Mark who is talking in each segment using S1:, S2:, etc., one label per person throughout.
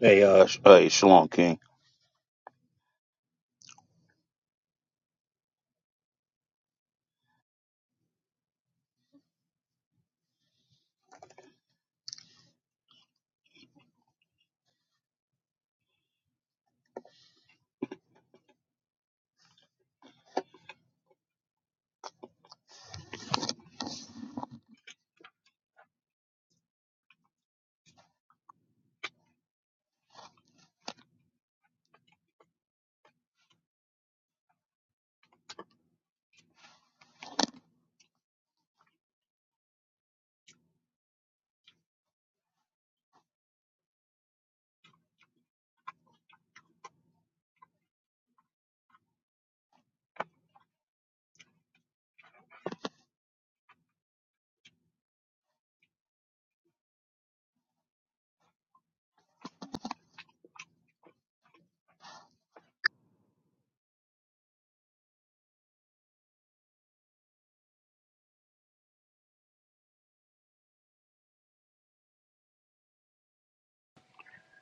S1: Hey, uh, sh- hey, Shalom King.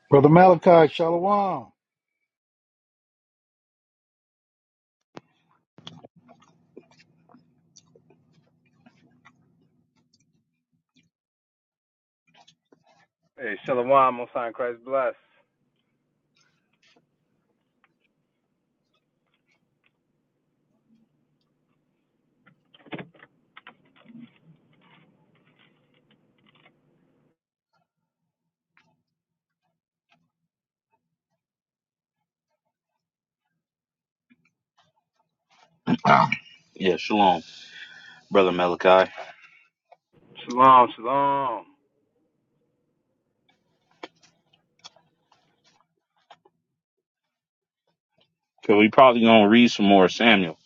S2: Brother Malachi, Shalom.
S3: Hey, Shalom, Most High in Christ bless.
S1: Yeah, Shalom, brother Malachi.
S3: Shalom, shalom.
S1: Cause we probably gonna read some more Samuel.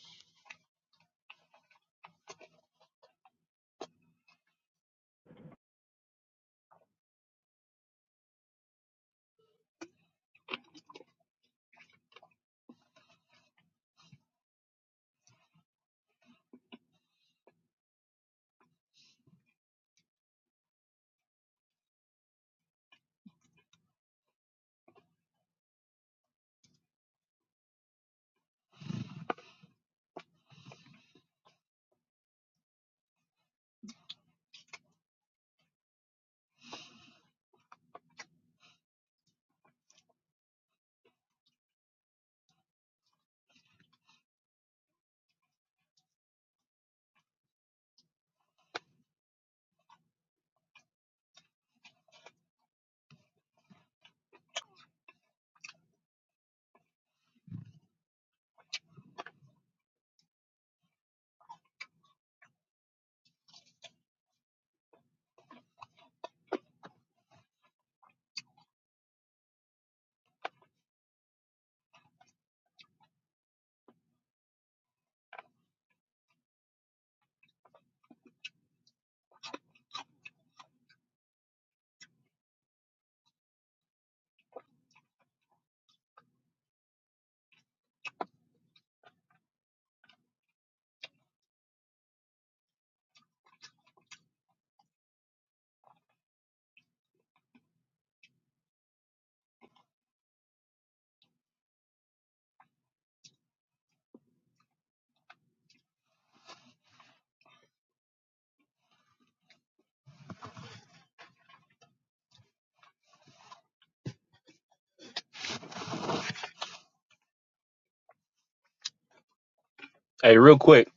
S1: Hey, real quick,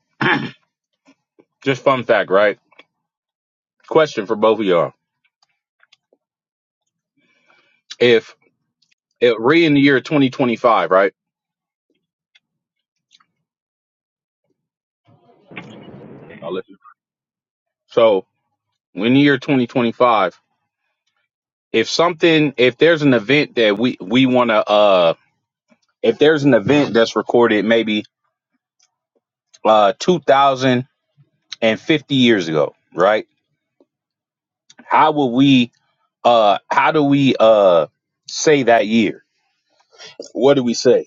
S1: just fun fact, right? Question for both of y'all: If it re in the year 2025, right? I'll listen. So in the year 2025, if something, if there's an event that we we wanna, uh, if there's an event that's recorded maybe uh 2,050 years ago, right? How will we, uh, how do we, uh, say that year? What do we say?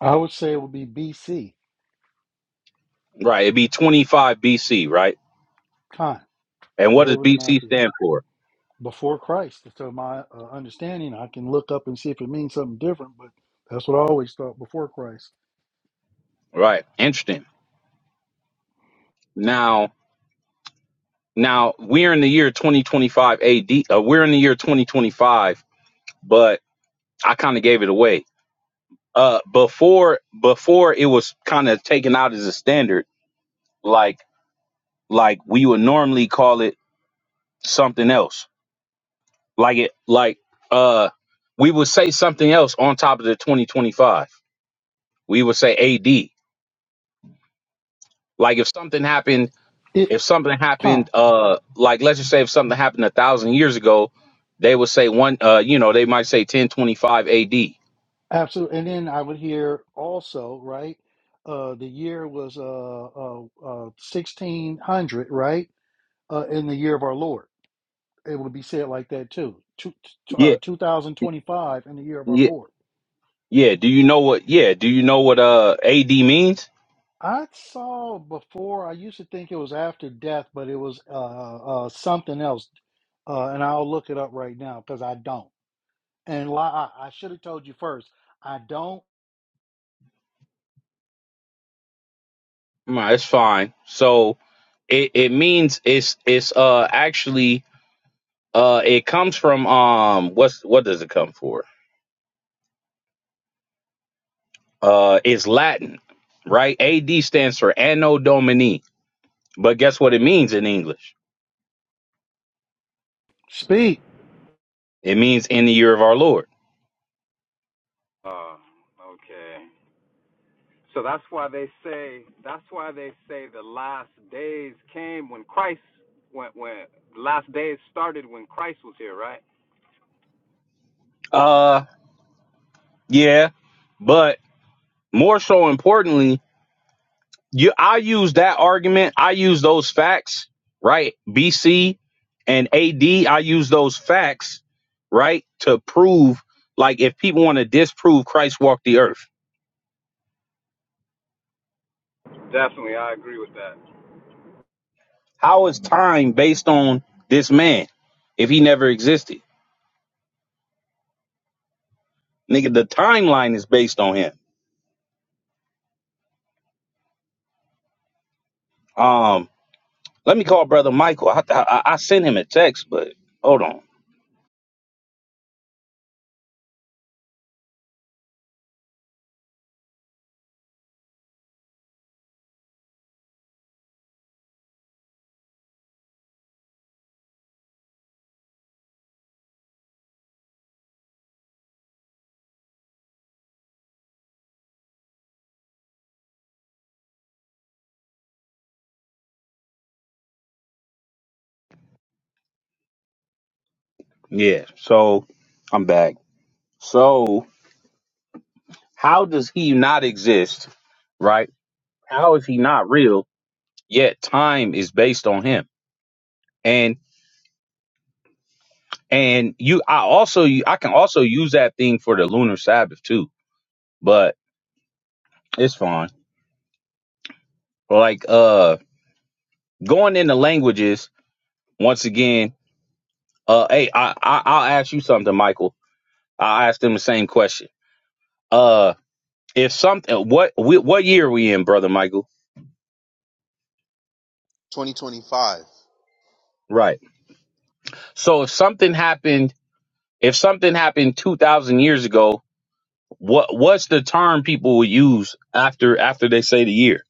S2: I would say it would be BC,
S1: Right. It'd be 25 BC, right?
S2: Con,
S1: And what does
S2: wherever the
S1: BC
S2: math is,
S1: stand for?
S2: before Christ. To my uh, understanding, I can look up and see if it means something different, but that's what I always thought before Christ.
S1: Right. Interesting. Now, now we're in the year 2025 AD. Uh, we're in the year 2025, but I kind of gave it away. Uh, before before it was kind of taken out as a standard, like like we would normally call it something else. Like it like uh we would say something else on top of the 2025. We would say AD. Like if something happened
S2: It,
S1: if something
S2: Con,
S1: happened uh like let's just say if something happened a thousand years ago they would say one uh you know they might say 1025 ad yeah
S2: absolutely. And then I would hear also, right? Uh, the year was uh, uh, uh, 1600, right? Uh, in the year of our Lord. It would be said like that too. Two, t- uh, 2025 in the year of our
S1: yeah
S2: Lord.
S1: yeah do you know what yeah do you know what uh ad means
S2: I saw before. I used to think it was after death, but it was uh, uh, uh, something else, uh, and I'll look it up right now because I don't. And li- I, I should have told you first. I don't
S1: nah, it's fine so it, it means it's it's uh actually uh it comes from um what's what does it come for uh it's latin right ad stands for anno domini but guess what it means in english
S2: speak.
S1: it means in the year of our lord
S3: Uh, okay. So that's why they say that's why they say the last days came when Christ when when the last days started when Christ was here, right?
S1: Uh. Yeah, but more so importantly, you I use that argument. I use those facts, right? BC and AD. I use those facts, right, to prove like if people want to disprove Christ walked the earth,
S3: Definitely, I agree with that.
S1: how is time based on this man if he never existed? Nigga, the timeline is based on him. Um, let me call brother Michael. I, I, I sent him a text, but hold on. Yeah, so I'm back. So How does he not exist? Right? How is he not real? Yet time is based on him. And and you I also I can also use that thing for the lunar sabbath too, but it's fine. Like uh going into languages once again, uh hey, I, I I'll ask you something, Michael. I'll ask them the same question. Uh if something what wh- what year are we in, brother Michael?
S4: 2025.
S1: Right. So if something happened if something happened 2000 years ago What what's the term people will use after after they say the year?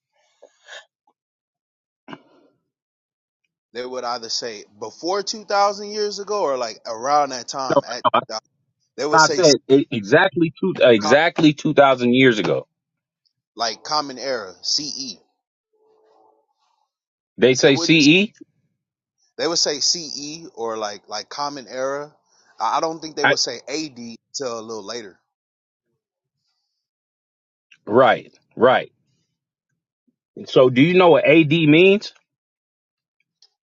S4: They would either say before 2,000 years ago or like around that time at 2000. They would
S1: I
S4: say
S1: said e- exactly two exactly two thousand years ago.
S4: like common era, CE.
S1: They
S4: They
S1: say
S4: wouldn't,
S1: CE.
S4: they would say CE or like, like common era. I don't think they would say AD till a little later.
S1: right, right. So do you know what AD means?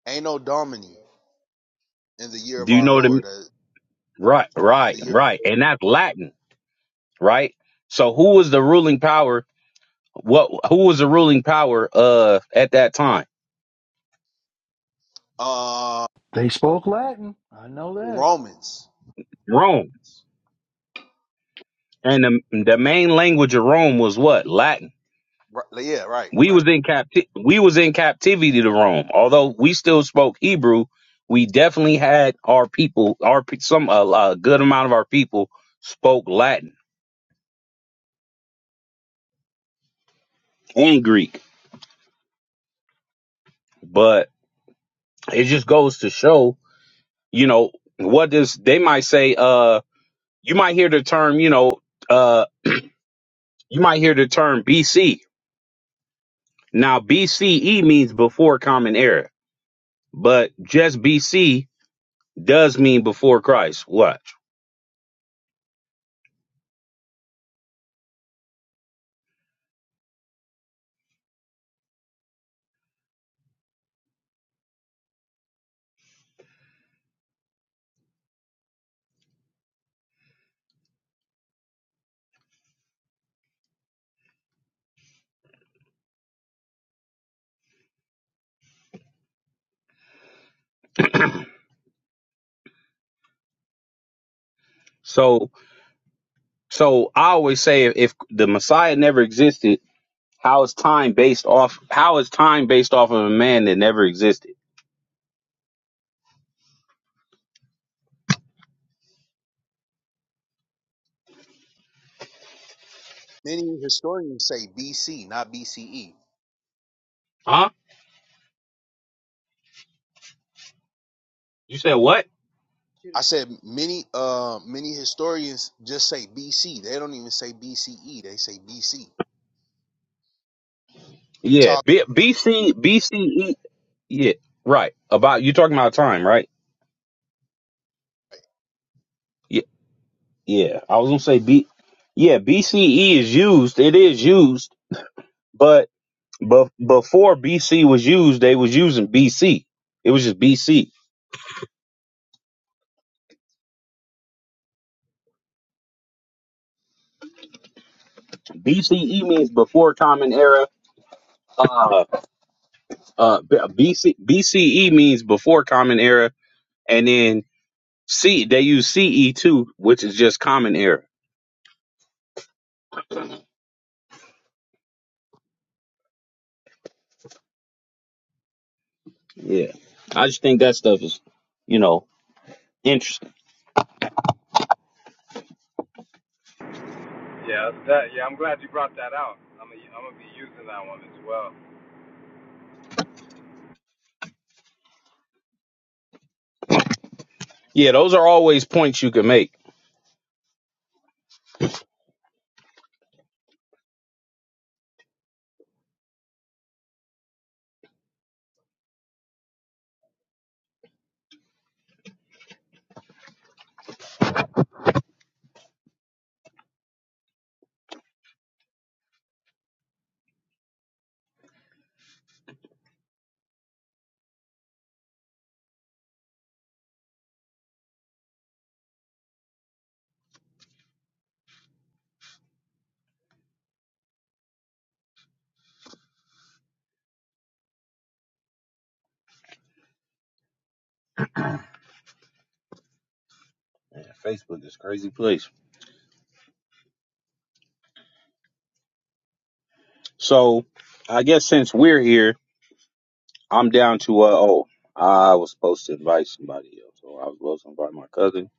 S4: Ain't no Domini in the year of
S1: Do you
S4: our
S1: know what it mean?
S4: Lord, uh,
S1: Right,
S4: in the
S1: right,
S4: year,
S1: right. And that's Latin, right? So who was the ruling power? What who was the ruling power uh at that time?
S4: uh,
S2: They spoke Latin. I know that.
S4: Romans.
S1: Rome. And the, the main language of Rome was what? Latin.
S4: Right, yeah, right,
S1: We
S4: right.
S1: was in capti- we was in captivity to Rome. Although we still spoke Hebrew, we definitely had our people, our pe- some a, a good amount of our people spoke Latin and Greek. But it just goes to show, you know, what does they might say. Uh, you might hear the term, you know, uh, you might hear the term BC. Now BCE means before Common Era, but just BC does mean before Christ. Watch so. So I always say if, if the Messiah never existed, how is time based off how is time based off of a man that never existed?
S4: Many historians say BC, not BCE.
S1: Huh? You said what?
S4: I said many uh many historians just say BC. They don't even say BCE. They say BC.
S1: Yeah,
S4: Talk.
S1: B, BC BCE yeah, right. About you talking about time, right? Yeah, yeah. I was going to say B Yeah, BCE is used. It is used, but but before BC was used, they was using BC. It was just B. C. B. C. E. means before common era. Uh, uh B C B C E means before common era and then C they use CE too, which is just common era. Yeah. I just think that stuff is, you know, interesting.
S3: Yeah, that's that yeah, I'm glad you brought that out. I'm gonna, I'm gonna be using that one as well.
S1: Yeah, those are always points you can make. Man, Facebook is a crazy place. So, I guess since we're here, I'm down to uh oh, I was supposed to invite somebody else. So I was supposed to invite my cousin,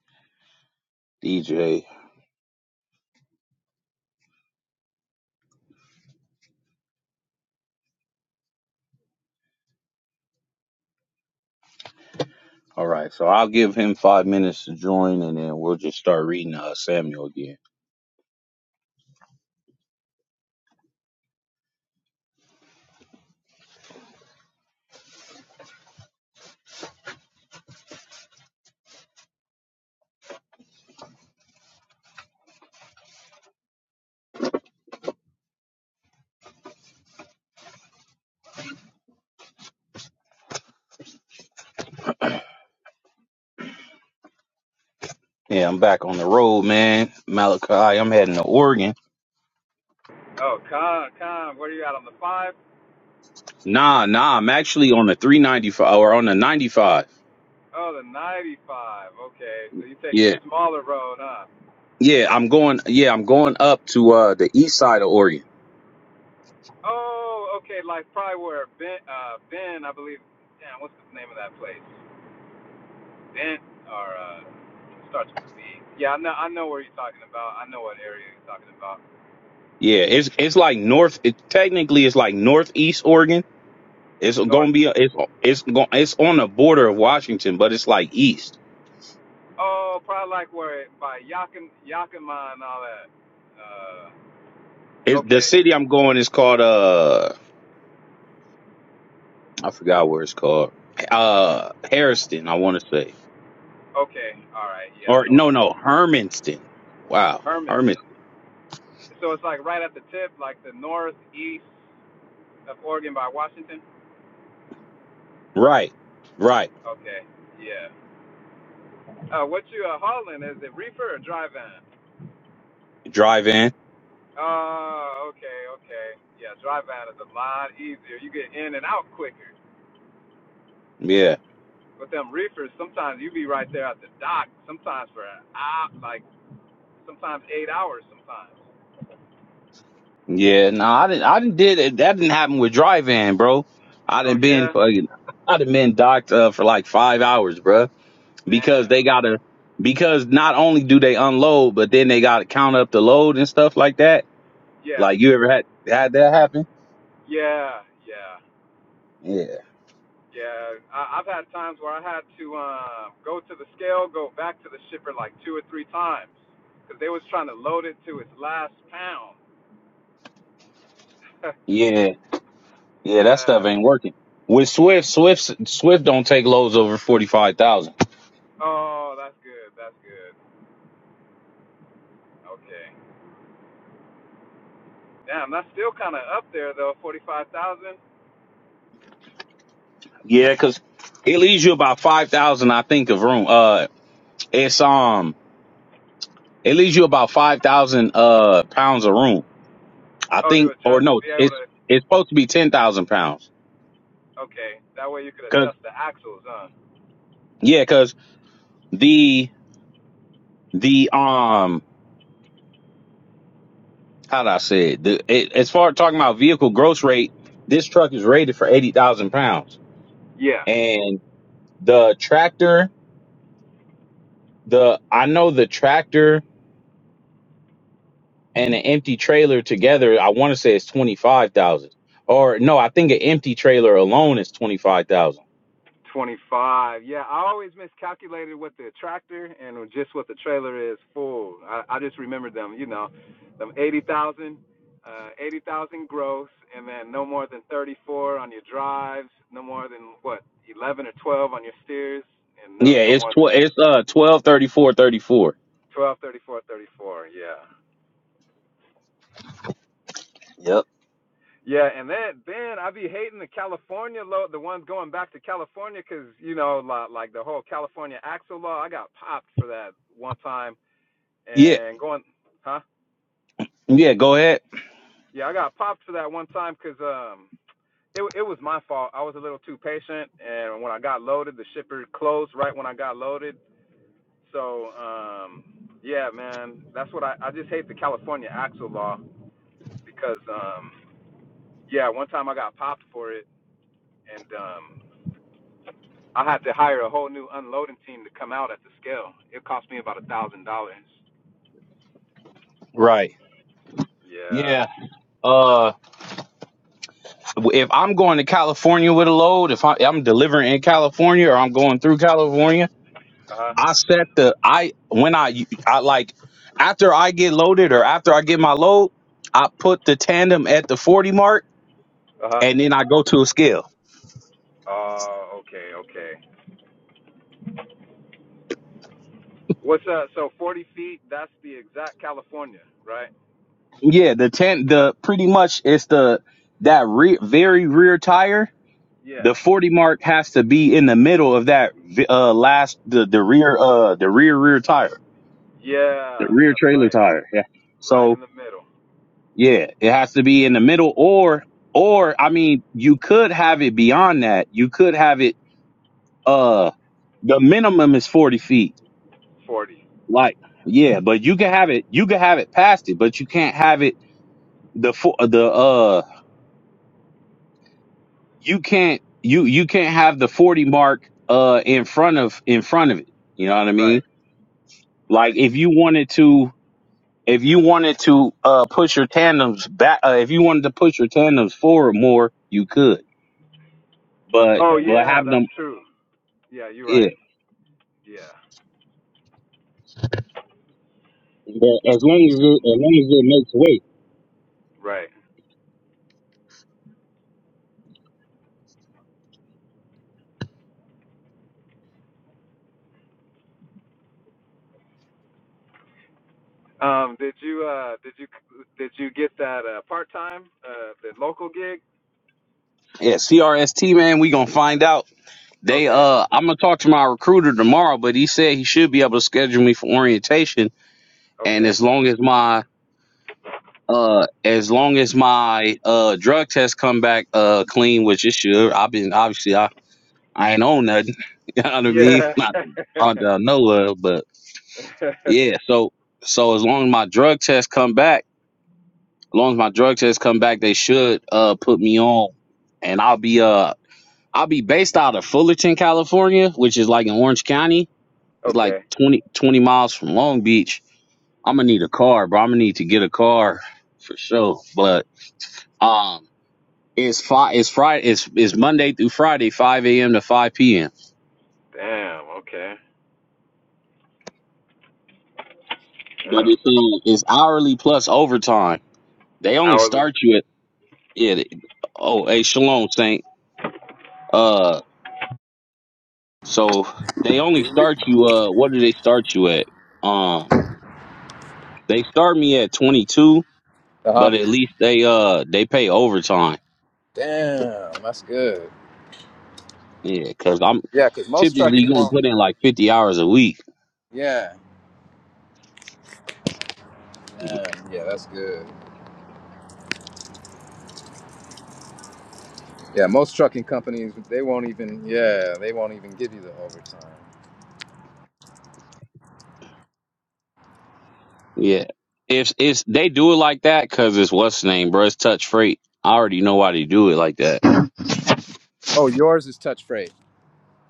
S1: DJ. All right, so I'll give him five minutes to join, and then we'll just start reading uh, Samuel again. Yeah, I'm back on the road, man. Malachi, I'm heading to Oregon.
S3: Oh, Con, Con, what are you at on the five?
S1: Nah, nah, I'm actually on the 395 or on the 95.
S3: Oh, the ninety-five. Okay, so you're taking
S1: Yeah.
S3: the smaller road, huh?
S1: Yeah, I'm going yeah, I'm going up to uh the east side of Oregon.
S3: Oh, okay, like probably where Ben, uh, Ben, I believe. Damn, what's the name of that place? Ben or uh, starts with a B. Yeah, I know, I know where you're talking about. I know what area you're talking about.
S1: Yeah, it's it's like north it technically it's like northeast Oregon. It's going
S3: North.
S1: to be it's it's going it's on the border of Washington, but it's like east.
S3: Oh, probably like where it- by Yakin, Yakima and all that. Uh,
S1: It's, the
S3: okay,
S1: city I'm going is called uh I forgot where it's called. Uh Harriston, I want to say.
S3: okay, all right, yeah, I
S1: Or
S3: know where
S1: no,
S3: that's
S1: no,
S3: at.
S1: Hermanston. Wow.
S3: Hermiston. So it's like right at the tip, like the northeast of Oregon by Washington.
S1: Right, right.
S3: Okay, yeah. Uh, what you uh, hauling? Is it reefer or dry van?
S1: Drive in.
S3: Uh, okay, okay. Yeah, drive out is a lot easier. You get in and out quicker.
S1: Yeah,
S3: With them reefers, sometimes you be right there at the dock, sometimes for an hour, like sometimes eight hours sometimes.
S1: yeah. No, I didn't. I didn't did it. That didn't happen with drive in, bro. I
S3: Oh,
S1: didn't been
S3: yeah?
S1: fucking. I done been docked uh, for like five hours, bro. Because they
S3: Damn.
S1: gotta. Because not only do they unload, but then they gotta count up the load and stuff like that.
S3: Yeah,
S1: Like you ever had had that happen?
S3: yeah, yeah,
S1: Yeah,
S3: yeah. I, I've had times where I had to uh, go to the scale, go back to the shipper like two or three times because they was trying to load it to its last pound.
S1: yeah, yeah. That stuff
S3: yeah.
S1: ain't working. With Swift, Swift, Swift don't take loads over forty five thousand.
S3: Oh, that's good. That's good. Okay. Damn, that's still kind of up there though, forty-five thousand.
S1: Yeah, because it leaves you about five thousand, I think, of room. Uh, It's um, it leaves you about five thousand uh pounds of room. I
S3: Oh, to
S1: think, or
S3: adjust to
S1: no,
S3: be able
S1: it's
S3: to.
S1: it's supposed to be ten thousand pounds.
S3: Okay, that way you could
S1: Cause
S3: adjust the axles, huh?
S1: yeah, cause the the um, how did I say it? The it, as far as talking about vehicle gross rate, this truck is rated for eighty thousand pounds,
S3: Yeah,
S1: and the tractor, the I know the tractor and an empty trailer together, I want to say it's twenty five thousand. Or no, I think an empty trailer alone is twenty five thousand
S3: twenty-five. Yeah, I always miscalculated what the tractor and just what the trailer is full. I, I just remembered them, you know, them eighty thousand, uh, eighty thousand gross, and then no more than thirty-four on your drives, no more than what eleven or twelve on your steers, and no
S1: Yeah,
S3: no
S1: it's
S3: more than
S1: tw- it's uh twelve thirty four thirty four.
S3: twelve, thirty-four, thirty-four. Yeah.
S1: Yep.
S3: Yeah, and then then I be hating the California law, the ones going back to California 'cause you know like, like the whole California axle law. I got popped for that one time,
S1: Yeah,
S3: and going, huh?
S1: yeah. Go ahead.
S3: Yeah, I got popped for that one time 'cause um, it it was my fault. I was a little too patient, and when I got loaded, the shipper closed right when I got loaded. So um, yeah, man, that's what I I just hate the California axle law because um, yeah, one time I got popped for it, and um. I had to hire a whole new unloading team to come out at the scale. It cost me about a thousand dollars.
S1: Right.
S3: Yeah.
S1: Yeah. Uh, if I'm going to California with a load, if I, I'm delivering in California or I'm going through California,
S3: Uh huh.
S1: I set the I when I I like after I get loaded or after I get my load, I put the tandem at the forty mark
S3: Uh huh.
S1: and then I go to a scale.
S3: Oh, uh, okay, okay. What's uh? So forty feet. That's the exact California, right?
S1: Yeah, the ten the pretty much it's the that re- very rear tire the
S3: Yeah.
S1: 40 mark has to be in the middle of that uh last the the rear uh the rear rear tire
S3: Yeah,
S1: the rear
S3: that's
S1: trailer
S3: right.
S1: tire yeah
S3: Right in
S1: so
S3: the middle.
S1: yeah it has to be in
S3: Yeah.
S1: the middle or or i mean you could have it beyond that you could have it uh the minimum is 40 feet
S3: Forty.
S1: like yeah but you can have it you can have it past it but you can't have it the fo- the uh you can't you you can't have the 40 mark uh in front of in front of it you know what i mean
S3: Right.
S1: Like
S3: Right.
S1: if you wanted to, if you wanted to uh, push your tandems back, uh, if you wanted to push your tandems forward more, you could. But
S3: Oh
S1: but
S3: yeah,
S1: have
S3: that's
S1: them,
S3: true. Yeah, you're
S1: yeah.
S3: right. Yeah.
S1: But as long as it, as long as it makes weight.
S3: Right. Um, did you uh did you did you get that uh part time uh the local gig?
S1: Yeah, CRST man, we gonna find out. They
S3: Okay.
S1: uh, I'm gonna talk to my recruiter tomorrow, but he said he should be able to schedule me for orientation. And
S3: Okay.
S1: as long as my uh, as long as my uh drug test come back uh clean, which it should, I've been obviously I ain't on nothing. you know what I mean?
S3: Yeah.
S1: Not on uh, no love, but yeah. So so as long as my drug tests come back, as long as my drug tests come back, they should uh put me on, and I'll be uh I'll be based out of Fullerton, California, which is like in Orange County. It's like
S3: okay.
S1: 20 20 miles from Long Beach. I'm gonna need a car, bro. I'm gonna need to get a car for sure. But um, it's fi- it's Friday, it's it's Monday through Friday, five a.m. to five p.m.
S3: Damn. Okay.
S1: But
S3: Damn.
S1: it's um, it's hourly plus overtime. They only
S3: Hourly.
S1: start you at it. Oh, hey, shalom, Saint. Uh, so they only start you. Uh, what do they start you at? Um, they start me at twenty two,
S3: Uh huh.
S1: but at least they uh they pay overtime.
S3: Damn, that's good.
S1: Yeah, cause I'm
S3: Yeah, because most
S1: typically
S3: trucking
S1: gonna
S3: won't.
S1: put in like fifty hours a week.
S3: Yeah, yeah, yeah, that's good. Yeah, most trucking companies they won't even. Yeah, they won't even give you the overtime.
S1: Yeah, if if they do it like that, cause it's what's the name, bro. It's touch freight. I already know why they do it like that.
S3: Oh, yours is touch freight.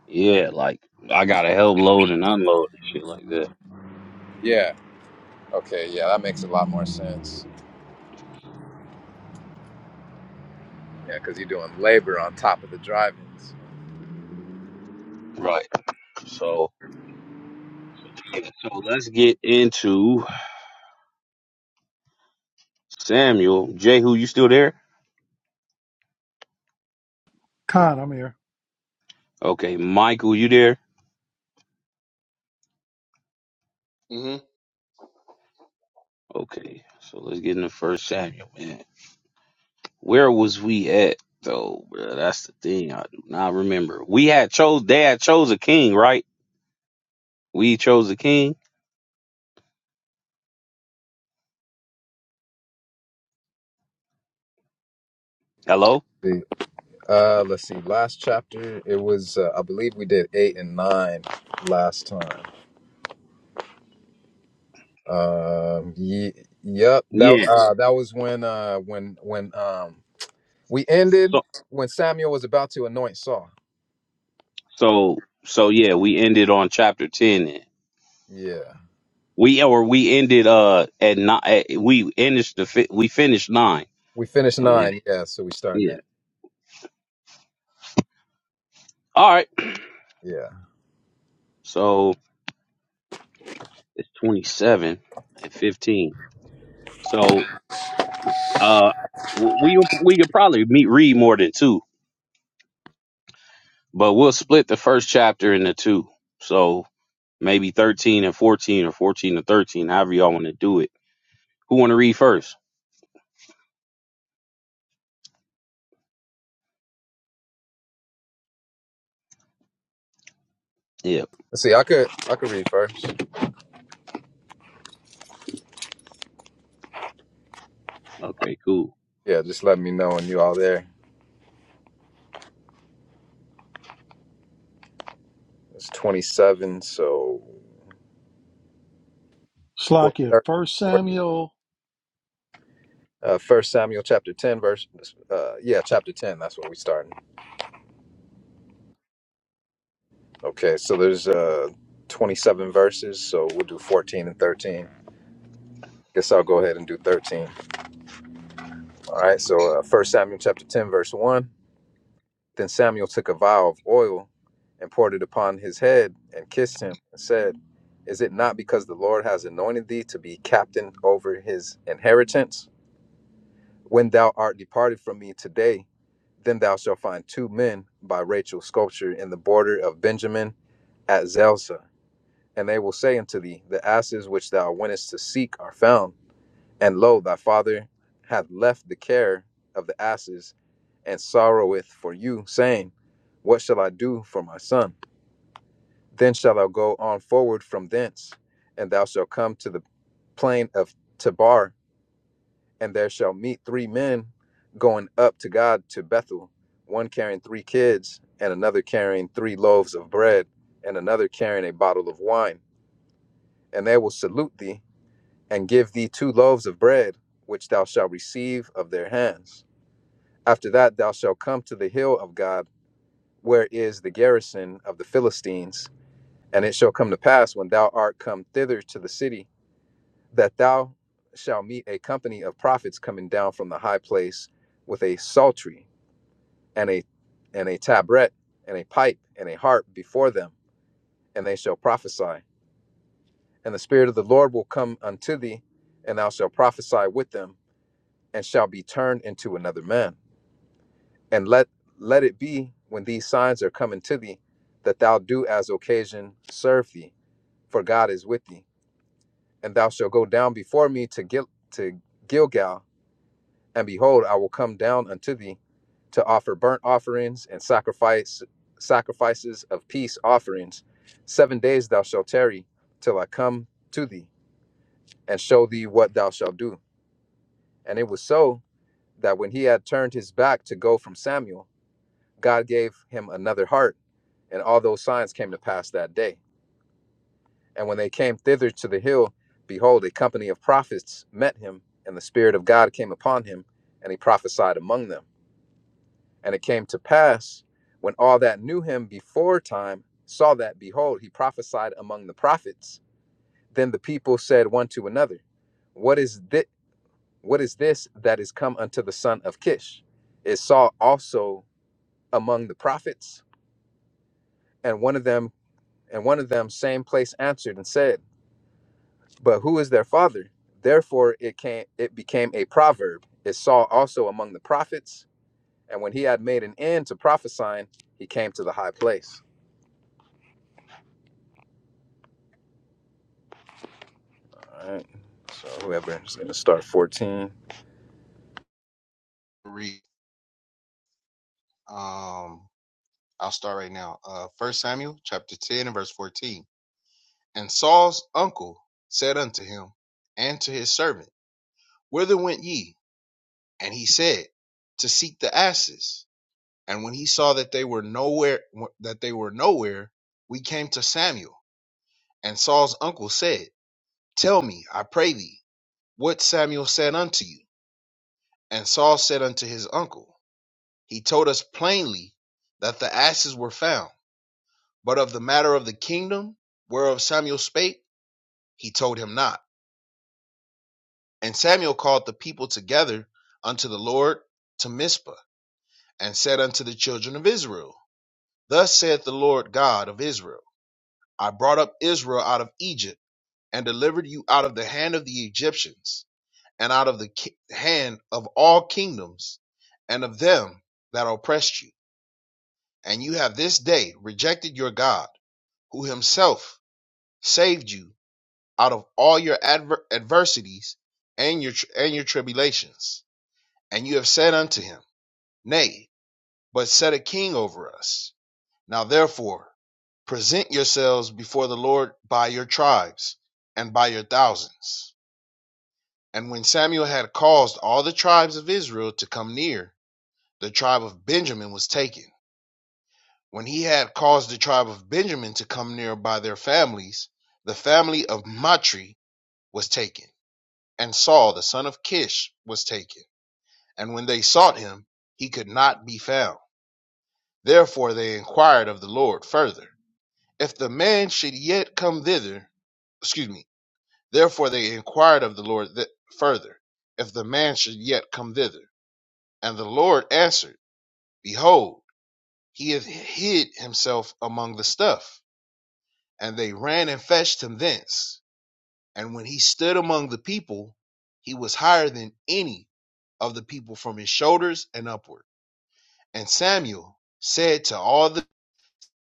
S1: Yeah, like I gotta help load and unload and shit like that.
S3: Yeah. Okay. Yeah, that makes a lot more sense. Yeah, because you're doing labor on top of the drivings.
S1: Right. So. So let's get into Samuel. Jehu, you still there?
S2: Con, I'm here.
S1: Okay, Michael, you there?
S4: hmm
S1: Okay, so let's get into First Samuel, man. Where was we at though, bruh? That's the thing. I do not remember. We had chose. They had chose a king, right? We chose a king. Hello.
S3: See, Uh, let's see. Last chapter, it was uh, I believe we did eight and nine last time. Um, ye- yep. That
S1: Yeah.
S3: uh, that was when uh when when um we ended
S1: So
S3: when Samuel was about to anoint Saul.
S1: so so yeah, we ended on chapter ten. Then.
S3: Yeah,
S1: We or we ended uh at not at, we ended the fi- we finished nine
S3: we finished
S1: and then
S3: nine. Yeah, so we starting
S1: yeah.
S3: that.
S1: All right.
S3: Yeah.
S1: So It's 27 and 15. So uh, w- we we could probably meet read more than two, but we'll split the first chapter into two. So maybe 13 and 14 or 14 to 13, however y'all want to do it. Who want to read first? Yeah.
S3: Let's see. I could I could read first.
S1: Okay, cool.
S3: Yeah, just let me know when you all there. It's twenty seven. So four,
S2: Slakia,
S3: thir-
S2: First
S3: four-
S2: Samuel.
S3: uh, First Samuel chapter ten verse. Uh, yeah, chapter ten. That's what we starting. Okay. So there's uh twenty seven verses. So we'll do fourteen and thirteen. Guess I'll go ahead and do thirteen. All right, so uh, 1 Samuel chapter 10, verse 1. Then Samuel took a vial of oil and poured it upon his head and kissed him and said, Is it not because the Lord has anointed thee to be captain over his inheritance? When thou art departed from me today, then thou shalt find two men by Rachel's sculpture in the border of Benjamin at Zelzah. And they will say unto thee, The asses which thou wentest to seek are found And lo, thy father hath left the care of the asses, and sorroweth for you, saying, What shall I do for my son? Then shalt thou go on forward from thence, and thou shalt come to the plain of Tabar, and there shall meet three men going up to God to Bethel, one carrying three kids, and another carrying three loaves of bread, and another carrying a bottle of wine. And they will salute thee, and give thee two loaves of bread, which thou shalt receive of their hands After that, thou shalt come to the hill of God, where is the garrison of the Philistines. And it shall come to pass, when thou art come thither to the city, that thou shalt meet a company of prophets coming down from the high place with a psaltery and a and a tabret and a pipe and a harp before them, and they shall prophesy. And the Spirit of the Lord will come unto thee, and thou shalt prophesy with them, and shall be turned into another man and let let it be when these signs are coming to thee that thou do as occasion serve thee for god is with thee and thou shalt go down before me to Gil- to gilgal and behold i will come down unto thee to offer burnt offerings and sacrifice sacrifices of peace offerings seven days thou shalt tarry till i come to thee and show thee what thou shalt do and it was so that when he had turned his back to go from samuel god gave him another heart And all those signs came to pass that day. And when they came thither to the hill, behold, a company of prophets met him, and the Spirit of God came upon him, and he prophesied among them. And it came to pass, when all that knew him before time saw that, behold, he prophesied among the prophets. Then the people said one to another, What is this? What is this that is come unto the son of Kish? Is Saul also among the prophets? And one of them, and one of them, same place answered and said. But who is their father? Therefore it came it became a proverb. It saw also among the prophets? And when he had made an end to prophesying, he came to the high place. All right. So whoever is gonna start 14.
S4: read. Um, I'll start right now. Uh, First Samuel chapter ten and verse fourteen. And Saul's uncle said unto him and to his servant, Whither went ye? And he said, To seek the asses. And when he saw that they were nowhere, that they were nowhere, we came to Samuel. And Saul's uncle said, Tell me, I pray thee. what Samuel said unto you. And Saul said unto his uncle, He told us plainly that the asses were found, but of the matter of the kingdom whereof Samuel spake, he told him not. And Samuel called the people together unto the Lord to Mizpah, and said unto the children of Israel, Thus saith the Lord God of Israel, I brought up Israel out of Egypt, and delivered you out of the hand of the Egyptians and out of the ki- hand of all kingdoms and of them that oppressed you. And you have this day rejected your God, who himself saved you out of all your adver- adversities and your, tr- and your tribulations. And you have said unto him, Nay, but set a king over us. Now therefore, present yourselves before the Lord by your tribes and by your thousands. And when Samuel had caused all the tribes of Israel to come near, the tribe of Benjamin was taken. When he had caused the tribe of Benjamin to come near by their families, the family of Matri was taken, and Saul the son of Kish was taken. And when they sought him, he could not be found. Therefore they inquired of the Lord further, if the man should yet come thither. Excuse me. Therefore they inquired of the Lord th- further, if the man should yet come thither. And the Lord answered, Behold, he hath hid himself among the stuff. And they ran and fetched him thence. And when he stood among the people, he was higher than any of the people from his shoulders and upward. And Samuel said to all the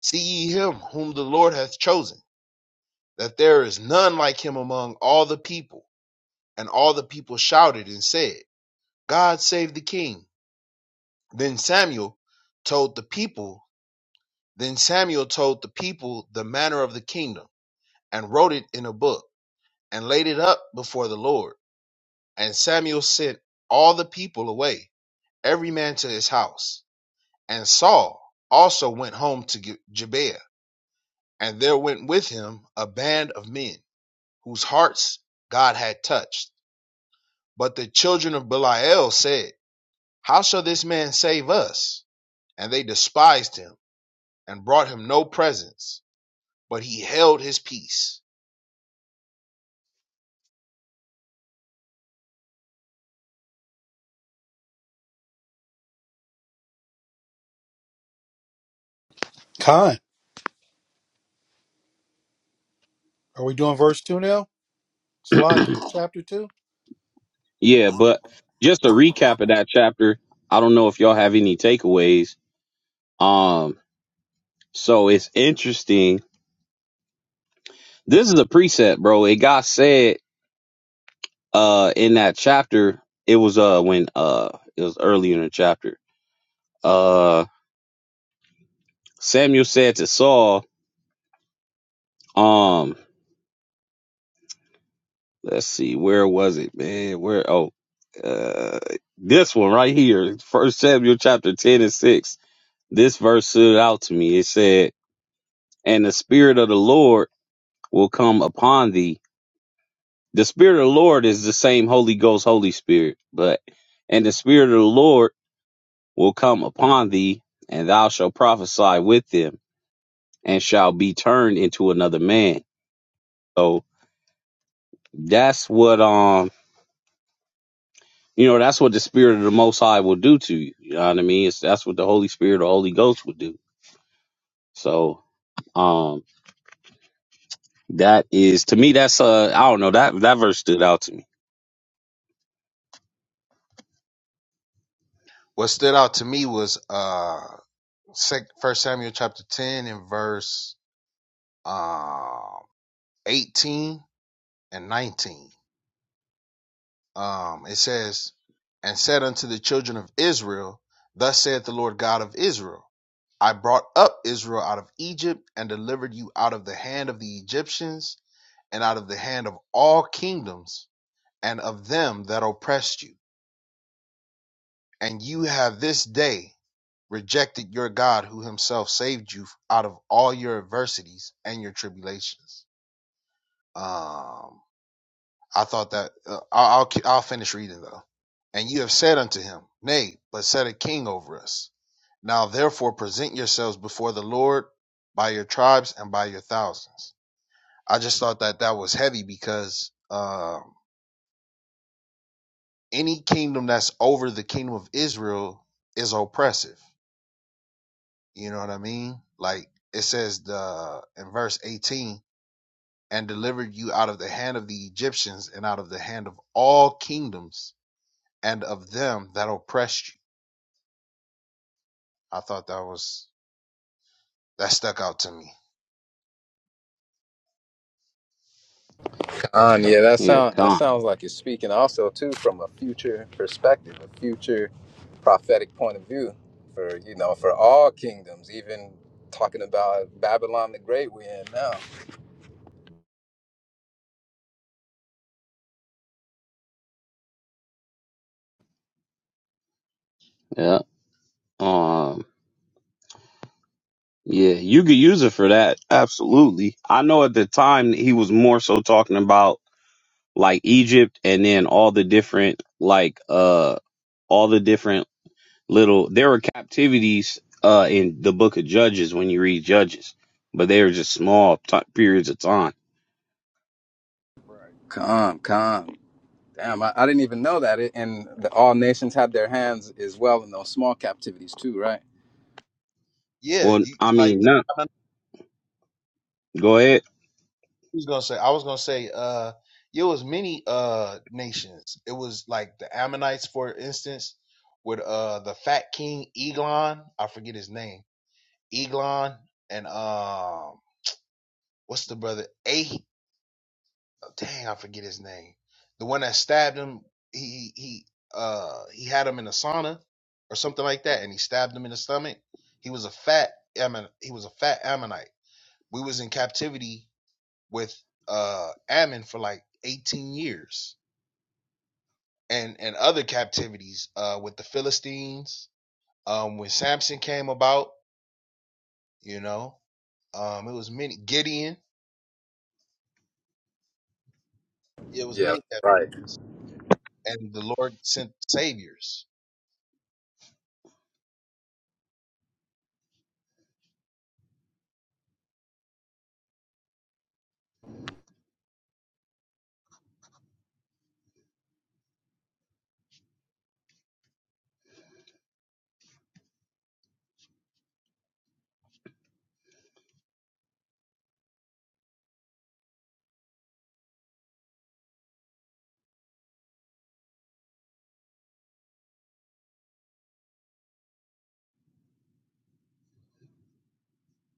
S4: See ye him whom the Lord hath chosen, that there is none like him among all the people. And all the people shouted and said, God save the king. Then Samuel told the people, then Samuel told the people the manner of the kingdom and wrote it in a book and laid it up before the Lord. And Samuel sent all the people away, every man to his house. And Saul also went home to Gi- Gibeah, and there went with him a band of men whose hearts God had touched. But the children of Belial said, How shall this man save us? And they despised him and brought him no presents, but he held his peace.
S2: Khan, are we doing verse 2 now? Salakia, chapter 2?
S1: yeah, but just a recap of that chapter. I don't know if y'all have any takeaways. Um, so it's interesting. This is a preset, bro. It got said uh in that chapter it was uh when uh it was early in the chapter uh samuel said to saul um let's see where was it man where oh uh this one right here first samuel chapter 10 and 6 this verse stood out to me it said and the spirit of the lord will come upon thee the spirit of the lord is the same holy ghost holy spirit but and the spirit of the lord will come upon thee and thou shalt prophesy with them and shall be turned into another man. So that's what um you know that's what the spirit of the Most High will do to you. You know what I mean? It's that's what the Holy Spirit, the Holy Ghost, will do. So um that is to me that's uh I don't know that that verse stood out to me.
S4: What stood out to me was uh First Samuel chapter 10 and verse um, 18 and 19. Um, it says, And said unto the children of Israel, Thus saith the Lord God of Israel, I brought up Israel out of Egypt and delivered you out of the hand of the Egyptians and out of the hand of all kingdoms and of them that oppressed you. And you have this day rejected your God who himself saved you out of all your adversities and your tribulations. Um, I thought that uh, I'll, I'll I'll finish reading though. And you have said unto him, Nay, but set a king over us. Now therefore present yourselves before the Lord by your tribes and by your thousands. I just thought that that was heavy because um, any kingdom that's over the kingdom of Israel is oppressive. You know what I mean? Like it says the in verse eighteen, and delivered you out of the hand of the Egyptians and out of the hand of all kingdoms and of them that oppressed you. I thought that was that stuck out to me.
S3: Khan, yeah, that
S1: Yeah,
S3: sound that
S1: come
S3: sounds like you're speaking also too from a future perspective, a future prophetic point of view for you know, for all kingdoms, even talking about Babylon the Great we're in now.
S1: yeah um. Yeah, you could use it for that. Absolutely. I know at the time he was more so talking about like Egypt and then all the different like uh all the different little there were captivities uh in the book of judges when you read judges but they were just small t- periods of time
S4: Right.
S3: Come, come. Damn, I, I didn't even know that. It, and the, all nations had their hands as well in those small captivities too, right?
S4: Yeah,
S1: well
S4: you
S1: i
S4: like
S1: mean
S4: the,
S1: no
S4: I don't know
S1: go ahead
S4: what was gonna say. I was gonna say uh it was many uh nations. It was like the Ammonites, for instance, with uh the fat king Eglon, I forget his name. Eglon and um what's the brother? Ah- dang, I forget his name. The one that stabbed him, he he uh he had him in a sauna or something like that, and he stabbed him in the stomach. He was a fat Ammon, he was a fat Ammonite. We was in captivity with uh Ammon for like 18 years and and other captivities uh with the Philistines. Um when Samson came about, you know, um it was many Gideon, yeah, it was
S3: Yeah,
S4: many cap-
S3: right.
S4: and the Lord sent saviors.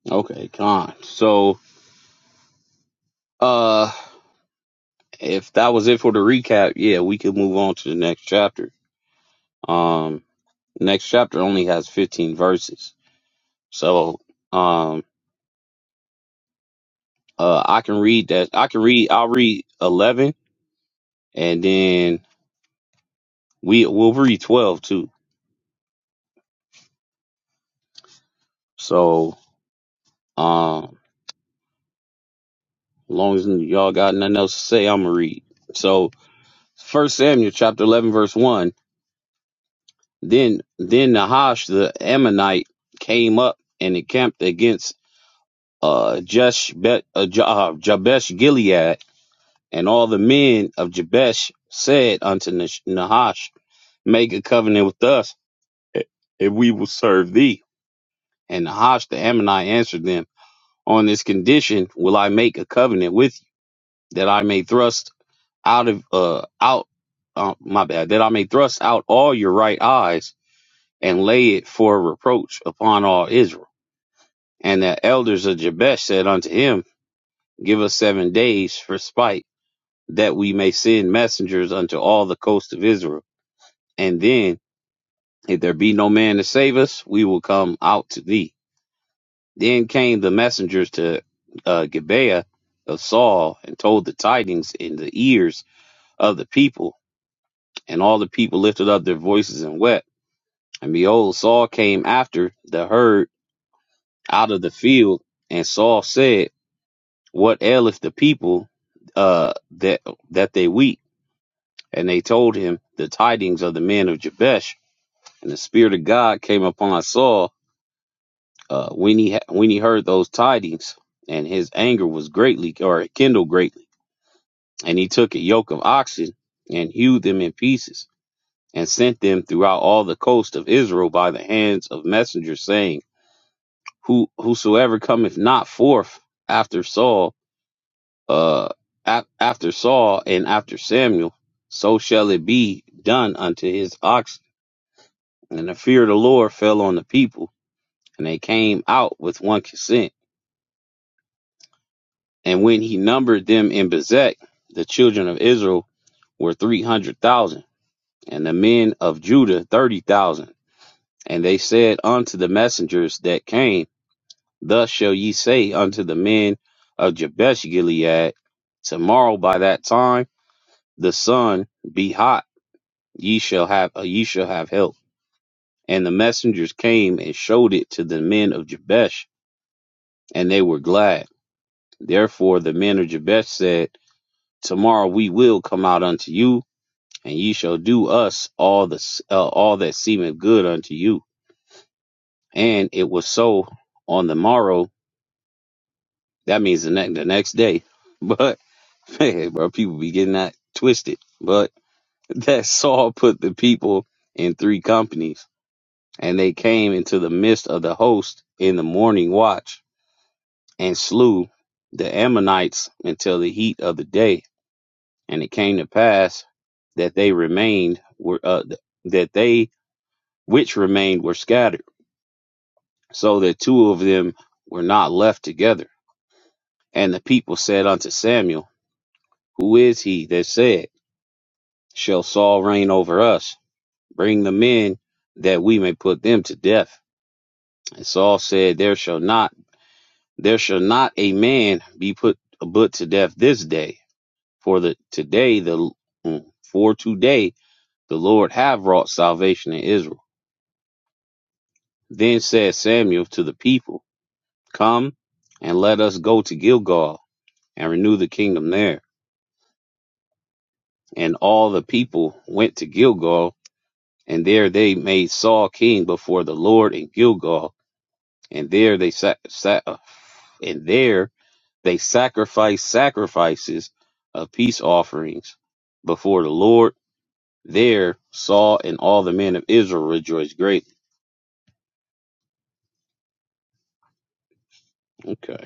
S1: okay con so uh if that was it for the recap yeah we could move on to the next chapter um next chapter only has 15 verses so um uh i can read that i can read i'll read 11 and then we we'll read 12 too so um. long as y'all got nothing else to say, I'm gonna read. So First Samuel chapter eleven verse one. Then then Nahash the Ammonite came up and encamped against uh, Jesh Bet, uh, Ja- uh, Jabesh Gilead, and all the men of Jabesh said unto Nash- Nahash, Make a covenant with us, a- and we will serve thee. And Nahash the Ammonite answered them, On this condition will I make a covenant with you, that I may thrust out of uh out uh, my bad that I may thrust out all your right eyes and lay it for a reproach upon all Israel. And the elders of Jabesh said unto him, Give us seven days for spite, that we may send messengers unto all the coast of Israel. And then, if there be no man to save us, we will come out to thee. Then came the messengers to uh, Gibeah of Saul and told the tidings in the ears of the people. And all the people lifted up their voices and wept. And behold, Saul came after the herd out of the field, and Saul said, What aileth the people uh, that that they weep? And they told him the tidings of the men of Jabesh. And the spirit of God came upon Saul uh, when he ha- when he heard those tidings, and his anger was greatly or kindled greatly. And he took a yoke of oxen and hewed them in pieces, and sent them throughout all the coast of Israel by the hands of messengers, saying who whosoever cometh not forth after Saul, uh, a- after Saul and after Samuel, so shall it be done unto his oxen. And the fear of the Lord fell on the people, and they came out with one consent. And when he numbered them in Bezek, the children of Israel were three hundred thousand, and the men of Judah thirty thousand. And they said unto the messengers that came, Thus shall ye say unto the men of Jabesh Gilead, Tomorrow by that time the sun be hot, ye shall have uh, ye shall have help. And the messengers came and showed it to the men of Jabesh, and they were glad. Therefore the men of Jabesh said, Tomorrow we will come out unto you, and ye shall do us all the s- uh, all that seemeth good unto you. And it was so on the morrow That means the next the next day. But man, bro, people be getting that twisted. But that Saul put the people in three companies, and they came into the midst of the host in the morning watch and slew the Ammonites until the heat of the day. And it came to pass that they remained were uh, that they which remained were scattered, so that two of them were not left together. And the people said unto Samuel, Who is he that said? shall Saul reign over us? Bring the men that we may put them to death. And Saul said, There shall not there shall not a man be put but to death this day, for the today the mm, for today the Lord have wrought salvation in Israel. Then said Samuel to the people, Come and let us go to Gilgal and renew the kingdom there. And all the people went to Gilgal, and there they made Saul king before the Lord in Gilgal and there they sa- sa- and there they sacrifice sacrifices of peace offerings before the Lord. There Saul and all the men of Israel rejoiced greatly. Okay,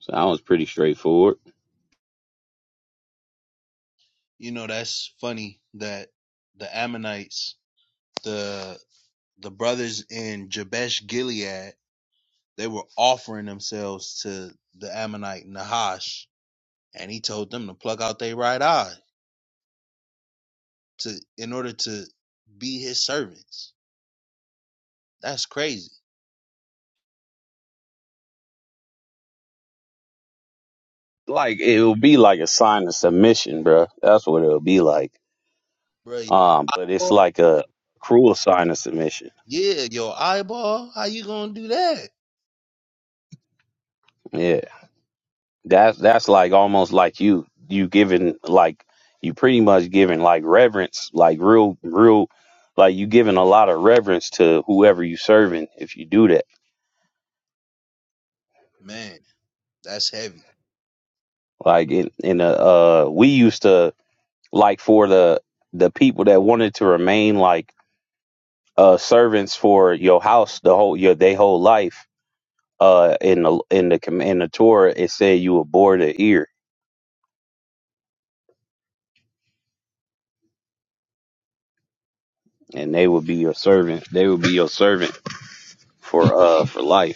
S1: so that was pretty straightforward.
S4: You know, that's funny that the Ammonites, the the brothers in Jabesh Gilead, they were offering themselves to the Ammonite Nahash, and he told them to pluck out their right eye to in order to be his servants. That's crazy,
S1: Like it'll be like a sign of submission, bro. That's what it'll be like.
S4: bro.
S1: Um, but it's like a cruel sign of submission.
S4: Yeah, your eyeball. How you gonna do that,
S1: Yeah. That's that's like almost like you you giving like you pretty much giving like reverence, like real real like you giving a lot of reverence to whoever you serving if you do that.
S4: man? That's heavy.
S1: Like in in a uh we used to like for the the people that wanted to remain like uh servants for your house the whole your they whole life uh in the in the comm- in the Torah it said you would bore the ear and they would be your servant they would be your servant for uh for life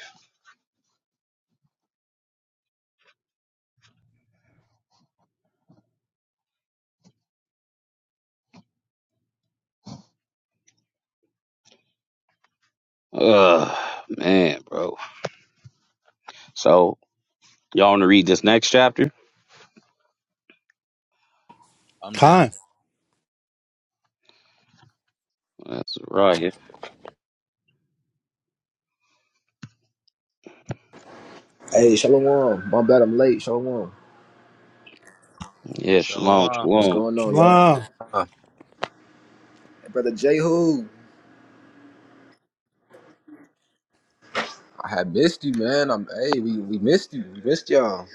S1: Ugh, man, bro. So, y'all want to read this next chapter?
S4: I'm down.
S2: Khan,
S1: That's right. here.
S5: Hey, Shalom. My bad, I'm late. Shalom.
S1: Yeah, shalom,
S4: Shalom.
S5: What's
S1: shalom.
S5: going on, y'all?
S2: shalom.
S3: Huh.
S5: Hey, brother Jehu. I had missed you, man. I'm. Hey, we, we missed you. We missed y'all.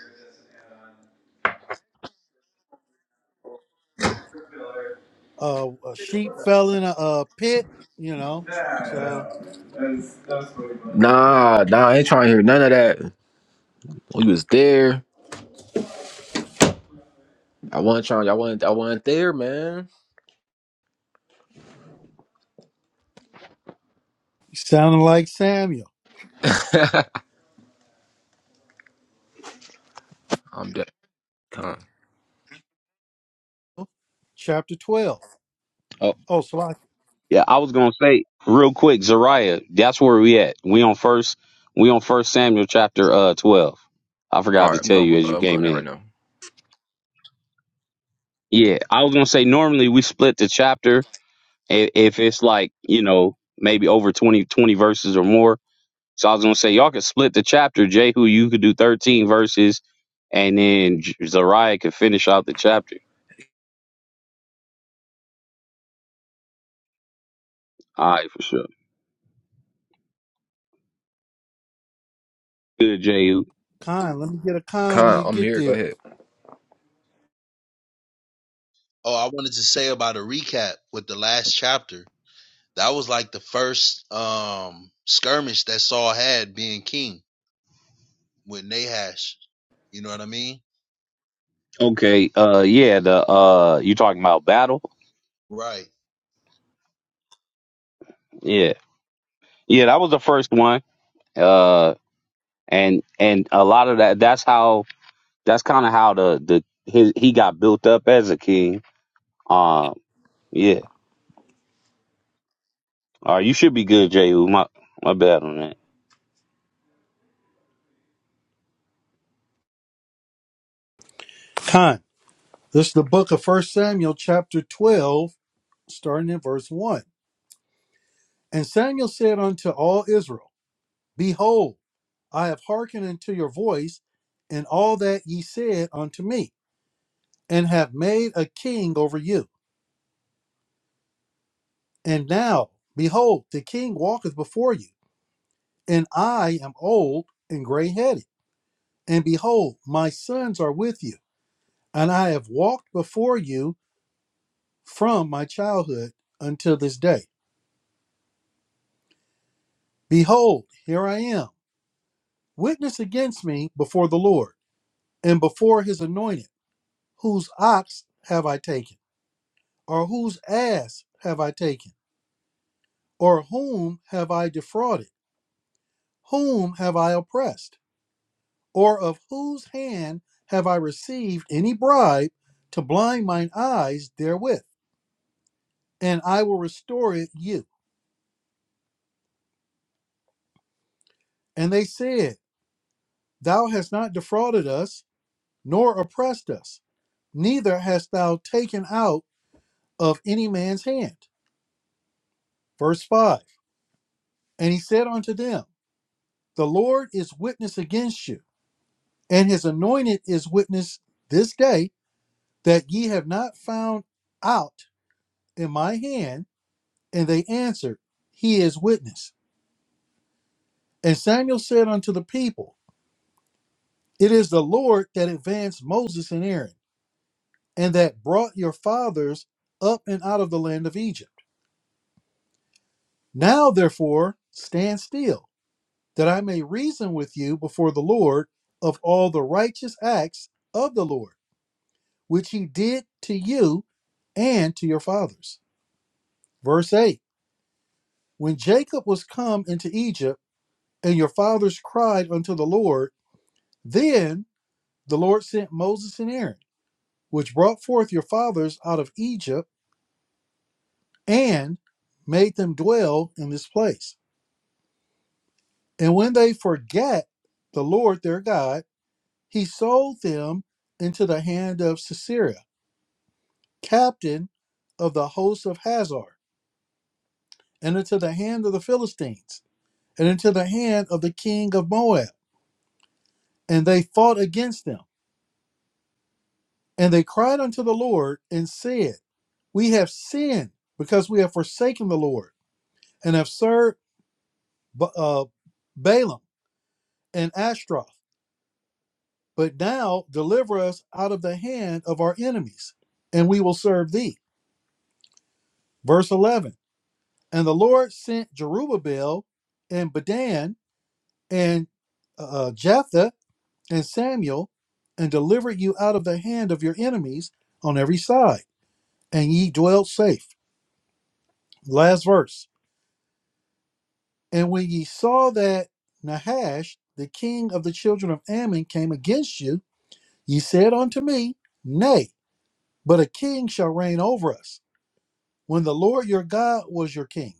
S2: Uh, a sheep fell in a, a pit, you know, so
S5: Nah, nah. I ain't trying to hear none of that. We was there. I wasn't trying. I wasn't. I wasn't there, man.
S2: sounding like Samuel.
S5: I'm dead. Con.
S2: Chapter 12.
S1: Oh,
S2: Oh, Salak
S1: yeah. I was gonna say real quick, Zariah. That's where we at. We on first. We on First Samuel chapter uh twelve. I
S5: All
S1: forgot
S5: right.
S1: to
S5: I'm
S1: tell you
S5: going.
S1: as
S5: Uh,
S1: you
S5: I'm going
S1: came
S5: there right
S1: in.
S5: now.
S1: Yeah, I was gonna say normally we split the chapter i- if it's like you know maybe over 20 20 verses or more. So I was gonna say y'all could split the chapter. Jehu, you could do thirteen verses, and then J- Zariah could finish out the chapter. All right, for sure. Good, Jehu.
S2: Khan, let me get a Khan when
S5: Con.
S2: you
S5: I'm
S2: get
S5: here. Go
S2: there.
S5: ahead.
S4: Oh, I wanted to say about a recap with the last chapter. That was like the first um skirmish that Saul had being king with Nahash. You know what I mean?
S1: Okay. Uh, yeah. The uh, you talking about battle?
S4: Right.
S1: Yeah, yeah. That was the first one. Uh, and and a lot of that. That's how. That's kind of how the the his, he got built up as a king. Um, yeah. All right, you should be good, Jehu. My my bad on that.
S2: Khan, this is the book of First Samuel, chapter 12, starting in verse 1. And Samuel said unto all Israel, Behold, I have hearkened unto your voice and all that ye said unto me, and have made a king over you. And now, behold, the king walketh before you, and I am old and gray headed. And behold, my sons are with you, and I have walked before you from my childhood until this day. Behold, here I am, witness against me before the Lord and before his anointed. Whose ox have I taken? Or whose ass have I taken? Or whom have I defrauded? Whom have I oppressed? Or of whose hand have I received any bribe to blind mine eyes therewith? And I will restore it you. And they said, Thou hast not defrauded us nor oppressed us, neither hast thou taken out of any man's hand. Verse 5 And he said unto them, The Lord is witness against you, and his anointed is witness this day that ye have not found out in my hand. And they answered, He is witness. And Samuel said unto the people, It is the Lord that advanced Moses and Aaron, and that brought your fathers up and out of the land of Egypt. Now, therefore, stand still that I may reason with you before the Lord of all the righteous acts of the Lord, which he did to you and to your fathers. Verse 8 When Jacob was come into Egypt, and your fathers cried unto the Lord, then the Lord sent Moses and Aaron, which brought forth your fathers out of Egypt, and made them dwell in this place. And when they forgat the Lord their God, he sold them into the hand of Sisera captain of the host of Hazar, and into the hand of the Philistines, and into the hand of the king of Moab. And they fought against them. And they cried unto the Lord and said, We have sinned because we have forsaken the Lord and have served uh, Balaam and Ashtaroth. But now deliver us out of the hand of our enemies, and we will serve thee. Verse 11 And the Lord sent Jerubbaal and Bedan. and uh, Jephthah and Samuel, and delivered you out of the hand of your enemies on every side, and ye dwelt safe. Last verse. And when ye saw that Nahash, the king of the children of Ammon, came against you, ye said unto me, Nay, but a king shall reign over us, when the Lord your God was your king.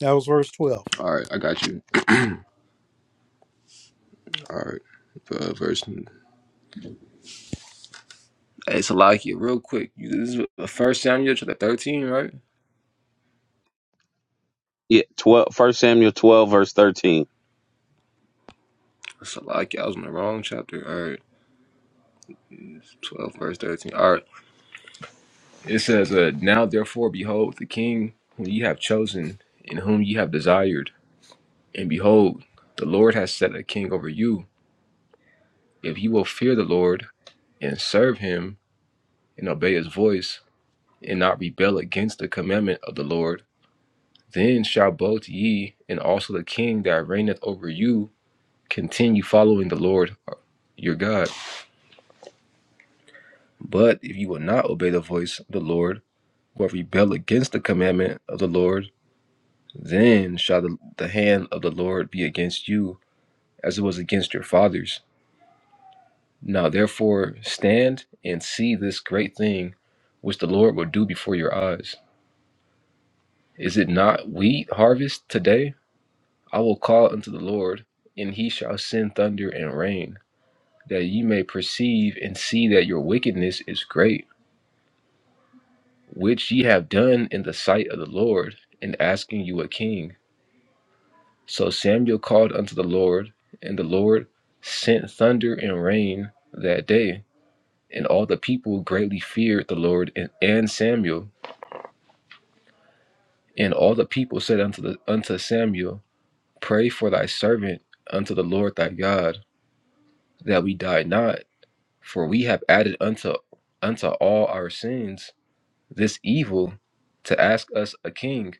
S2: That was verse 12.
S5: All right. I got you. All right. Uh, verse. Hey, Salakia, real quick. You, this is First Samuel chapter 13, right?
S1: Yeah, twelve. First Samuel twelve verse thirteen.
S5: Salakia, I was in the wrong chapter. All right, 12, verse 13. All right. It says, uh, Now therefore, behold, the king whom ye have chosen, and whom ye have desired. And behold, the Lord has set a king over you. If ye will fear the Lord, and serve him, and obey his voice, and not rebel against the commandment of the Lord, then shall both ye and also the king that reigneth over you continue following the Lord your God. But if you will not obey the voice of the Lord, or rebel against the commandment of the Lord, then shall the, the hand of the Lord be against you as it was against your fathers. Now therefore stand and see this great thing which the Lord will do before your eyes. Is it not wheat harvest today? I will call unto the Lord, and he shall send thunder and rain, that ye may perceive and see that your wickedness is great, which ye have done in the sight of the Lord, in asking you a king. So Samuel called unto the Lord, and the Lord sent thunder and rain that day. And all the people greatly feared the Lord and, and Samuel. And all the people said unto, the, unto Samuel, Pray for thy servant unto the Lord thy God, that we die not, for we have added unto unto all our sins this evil to ask us a king.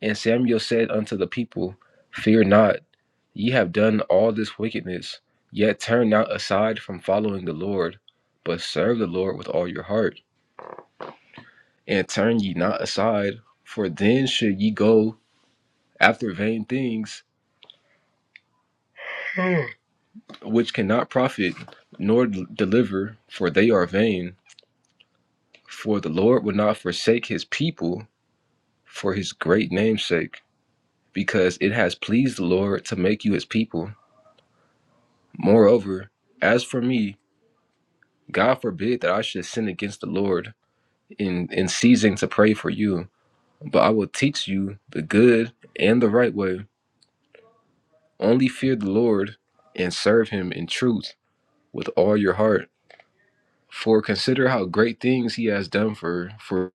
S5: And Samuel said unto the people, Fear not, ye have done all this wickedness, yet turn not aside from following the Lord, but serve the Lord with all your heart, and turn ye not aside, for then should ye go after vain things, which cannot profit nor d- deliver, for they are vain. For the Lord will not forsake his people for his great name's sake, because it has pleased the Lord to make you his people. Moreover, as for me, God forbid that I should sin against the Lord in, in ceasing to pray for you, but I will teach you the good and the right way. Only fear the Lord and serve him in truth with all your heart. For consider how great things he has done for for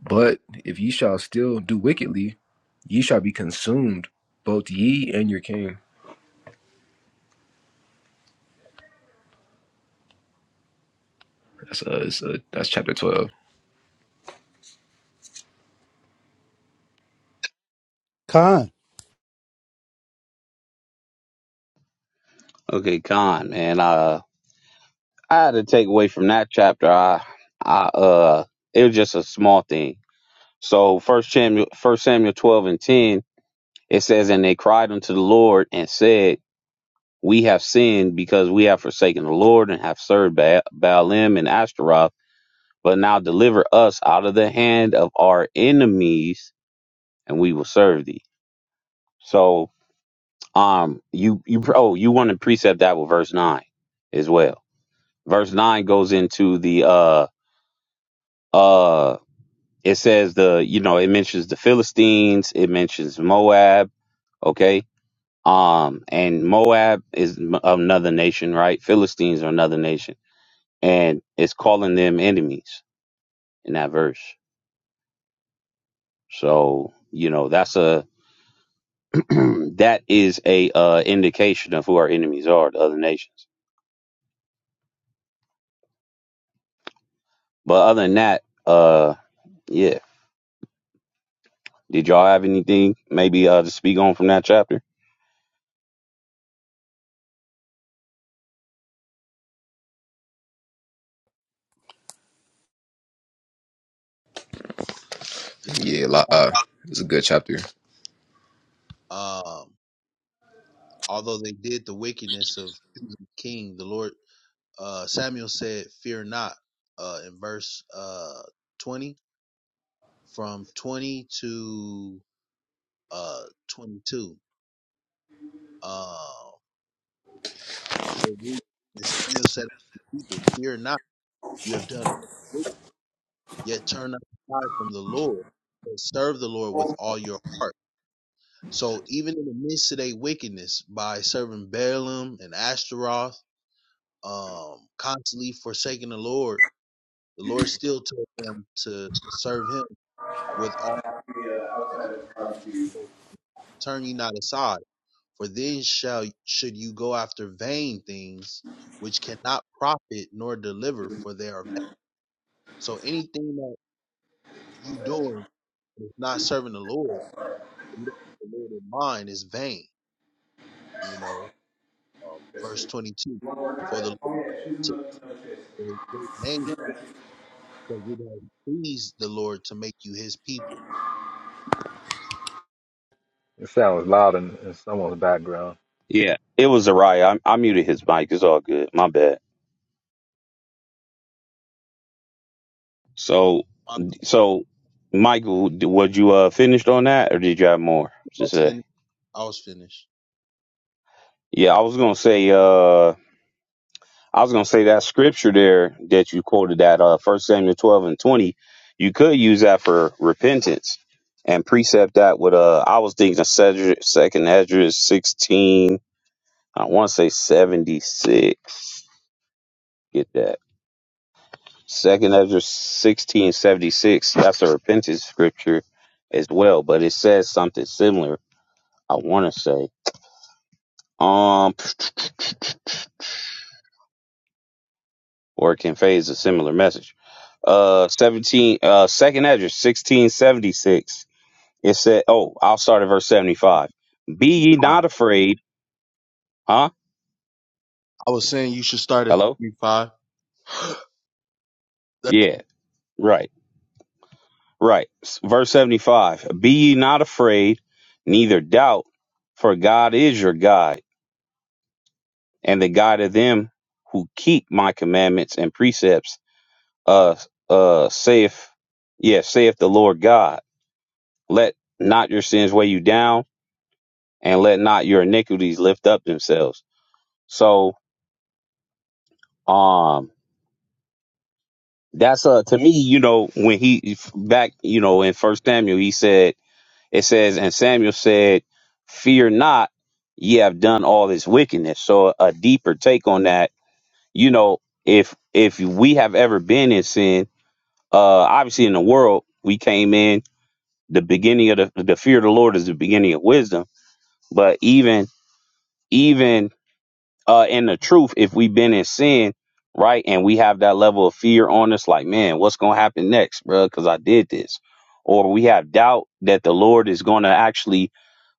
S5: but if ye shall still do wickedly, ye shall be consumed, both ye and your king. That's uh, it's, uh that's chapter twelve.
S2: Khan.
S1: Okay, Con man. Uh. I had to take away from that chapter. I, I, uh, it was just a small thing. So first Samuel, first Samuel twelve and ten, it says, and they cried unto the Lord and said, We have sinned because we have forsaken the Lord and have served ba- Baalim and Ashtaroth. But now deliver us out of the hand of our enemies, and we will serve thee. So, um, you you oh you want to precept that with verse nine as well. Verse nine goes into the uh uh it says the you know it mentions the philistines it mentions moab okay um and moab is m- another nation right philistines are another nation and it's calling them enemies in that verse so you know that's a that is a uh indication of who our enemies are the other nations but other than that uh yeah did y'all have anything maybe uh to speak on from that chapter
S5: Yeah, lo- uh, it's a good chapter.
S4: Um, although they did the wickedness of choosing king, the Lord uh Samuel said, Fear not, uh in verse uh twenty, from twenty to uh twenty two. Uh, and Samuel said people, Fear not, you have done yet turn not aside from the Lord, but serve the Lord with all your heart. So even in the midst of their wickedness, by serving Balaam and Ashtaroth, um, constantly forsaking the Lord, the Lord still told them to serve Him with all heart. Turn ye not aside, for then shall should you go after vain things which cannot profit nor deliver, for they are vain. So anything that you doing is not serving the Lord, the Lord in mind is vain You know, um,
S5: You
S4: verse 22
S5: want to work on
S4: For the
S5: it? Oh
S4: Lord
S5: yeah, she's in
S4: took
S5: the no chase.
S4: a great
S5: She's
S4: name
S5: in that chase.
S4: because it has pleased the Lord to make you his people.
S3: It sounds loud in, in someone's background.
S1: yeah it was a I, I muted his mic it's all good my bad so
S4: I
S1: So, Michael, d- was you uh finished on that, or did you have more to
S4: was
S1: say?
S4: finished. I was finished.
S1: Yeah, I was gonna say. Uh, I was gonna say that scripture there that you quoted, that uh, First Samuel twelve and twenty. You could use that for repentance and precept that with uh. I was thinking of Cedric, Second Ezra sixteen. I want to say seventy six. Get that. Second Ezra sixteen seventy six. That's a repentance scripture as well, but it says something similar. I want to say. um, or it can phase a similar message. Uh, 17, uh, second address, 1676. It said, oh, I'll start at verse 75. Be ye
S4: All right.
S1: not afraid. Huh?
S4: I was saying you should start at
S1: Hello?
S4: 35. That's
S1: Yeah, right, right. S- Verse 75. Be ye not afraid, neither doubt, for God is your guide and the guide of them who keep my commandments and precepts. Uh, uh, saith, yeah, saith the Lord God. Let not your sins weigh you down and let not your iniquities lift up themselves. So, um, that's uh to me, you know, when he back, you know, in First Samuel, he said, it says, and Samuel said, "Fear not, ye have done all this wickedness." So, a deeper take on that, you know, if if we have ever been in sin, uh, obviously in the world we came in the beginning of the the fear of the Lord is the beginning of wisdom, but even even. uh in the truth if we've been in sin right and we have that level of fear on us like man what's gonna happen next bro because i did this or we have doubt that the lord is gonna actually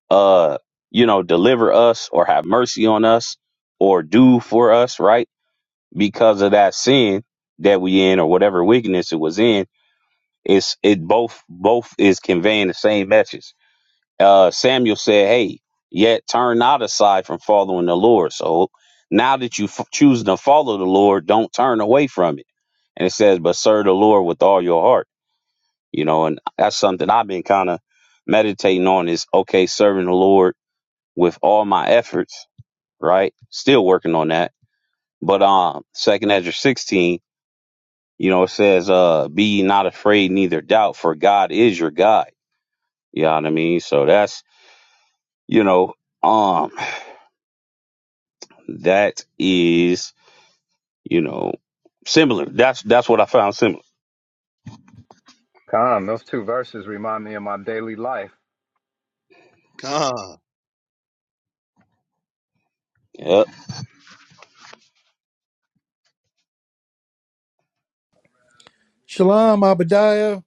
S1: uh you know deliver us or have mercy on us or do for us right because of that sin that we in or whatever wickedness it was in it's it both both is conveying the same message uh, Samuel said, "Hey, yet turn not aside from following the Lord." So now that you f- choose to follow the Lord, don't turn away from it. And it says, "But serve the Lord with all your heart." You know, and that's something I've been kind of meditating on. Is okay, serving the Lord with all my efforts, right? Still working on that. But um, Second Ezra sixteen, you know, it says, "Uh, be ye not afraid, neither doubt, for God is your guide." You know what I mean? So that's you know, um That is, you know, similar. That's that's what I found similar.
S3: Come, those two verses remind me of my daily life.
S4: God.
S1: Yep.
S2: Shalom, Abadiah.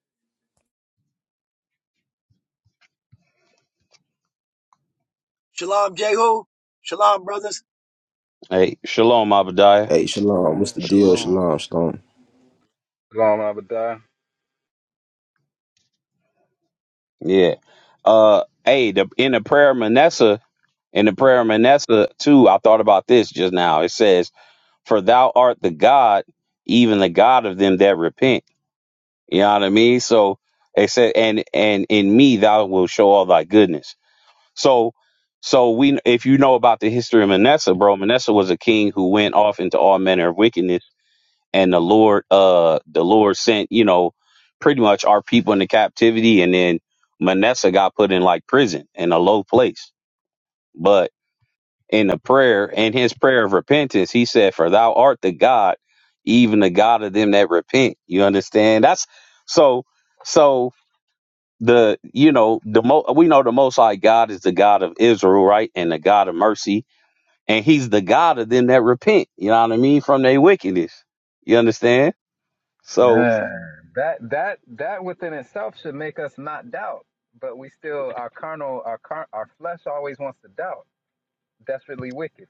S6: Shalom, Jehu. Shalom, brothers.
S1: Hey, shalom, Abadiah.
S5: Hey, Shalom. What's the
S1: Let's
S5: deal?
S1: see.
S4: Shalom.
S5: Shalom, Shalom.
S3: Long Abadiah.
S1: Yeah. Uh, hey, the in the prayer of Manasseh, in the prayer of Manasseh too. I thought about this just now. It says, "For thou art the God, even the God of them that repent." You know what I mean? So it said, "And and in me thou wilt show all thy goodness." So. So we, if you know about the history of Manasseh, bro, Manasseh was a king who went off into all manner of wickedness and the Lord uh the Lord sent, you know, pretty much our people into captivity and then Manasseh got put in like prison in a low place. But in the prayer, in his prayer of repentance, he said, For thou art the God, even the God of them that repent. You understand? That's so so the you know the mo we know the most high God is the God of Israel, right? And the God of mercy. And he's the God of them that repent. You know what I mean? From their wickedness. You understand? So
S3: Man, that that that within itself should make us not doubt, but we still our carnal our car, our flesh always wants to doubt. Desperately wicked.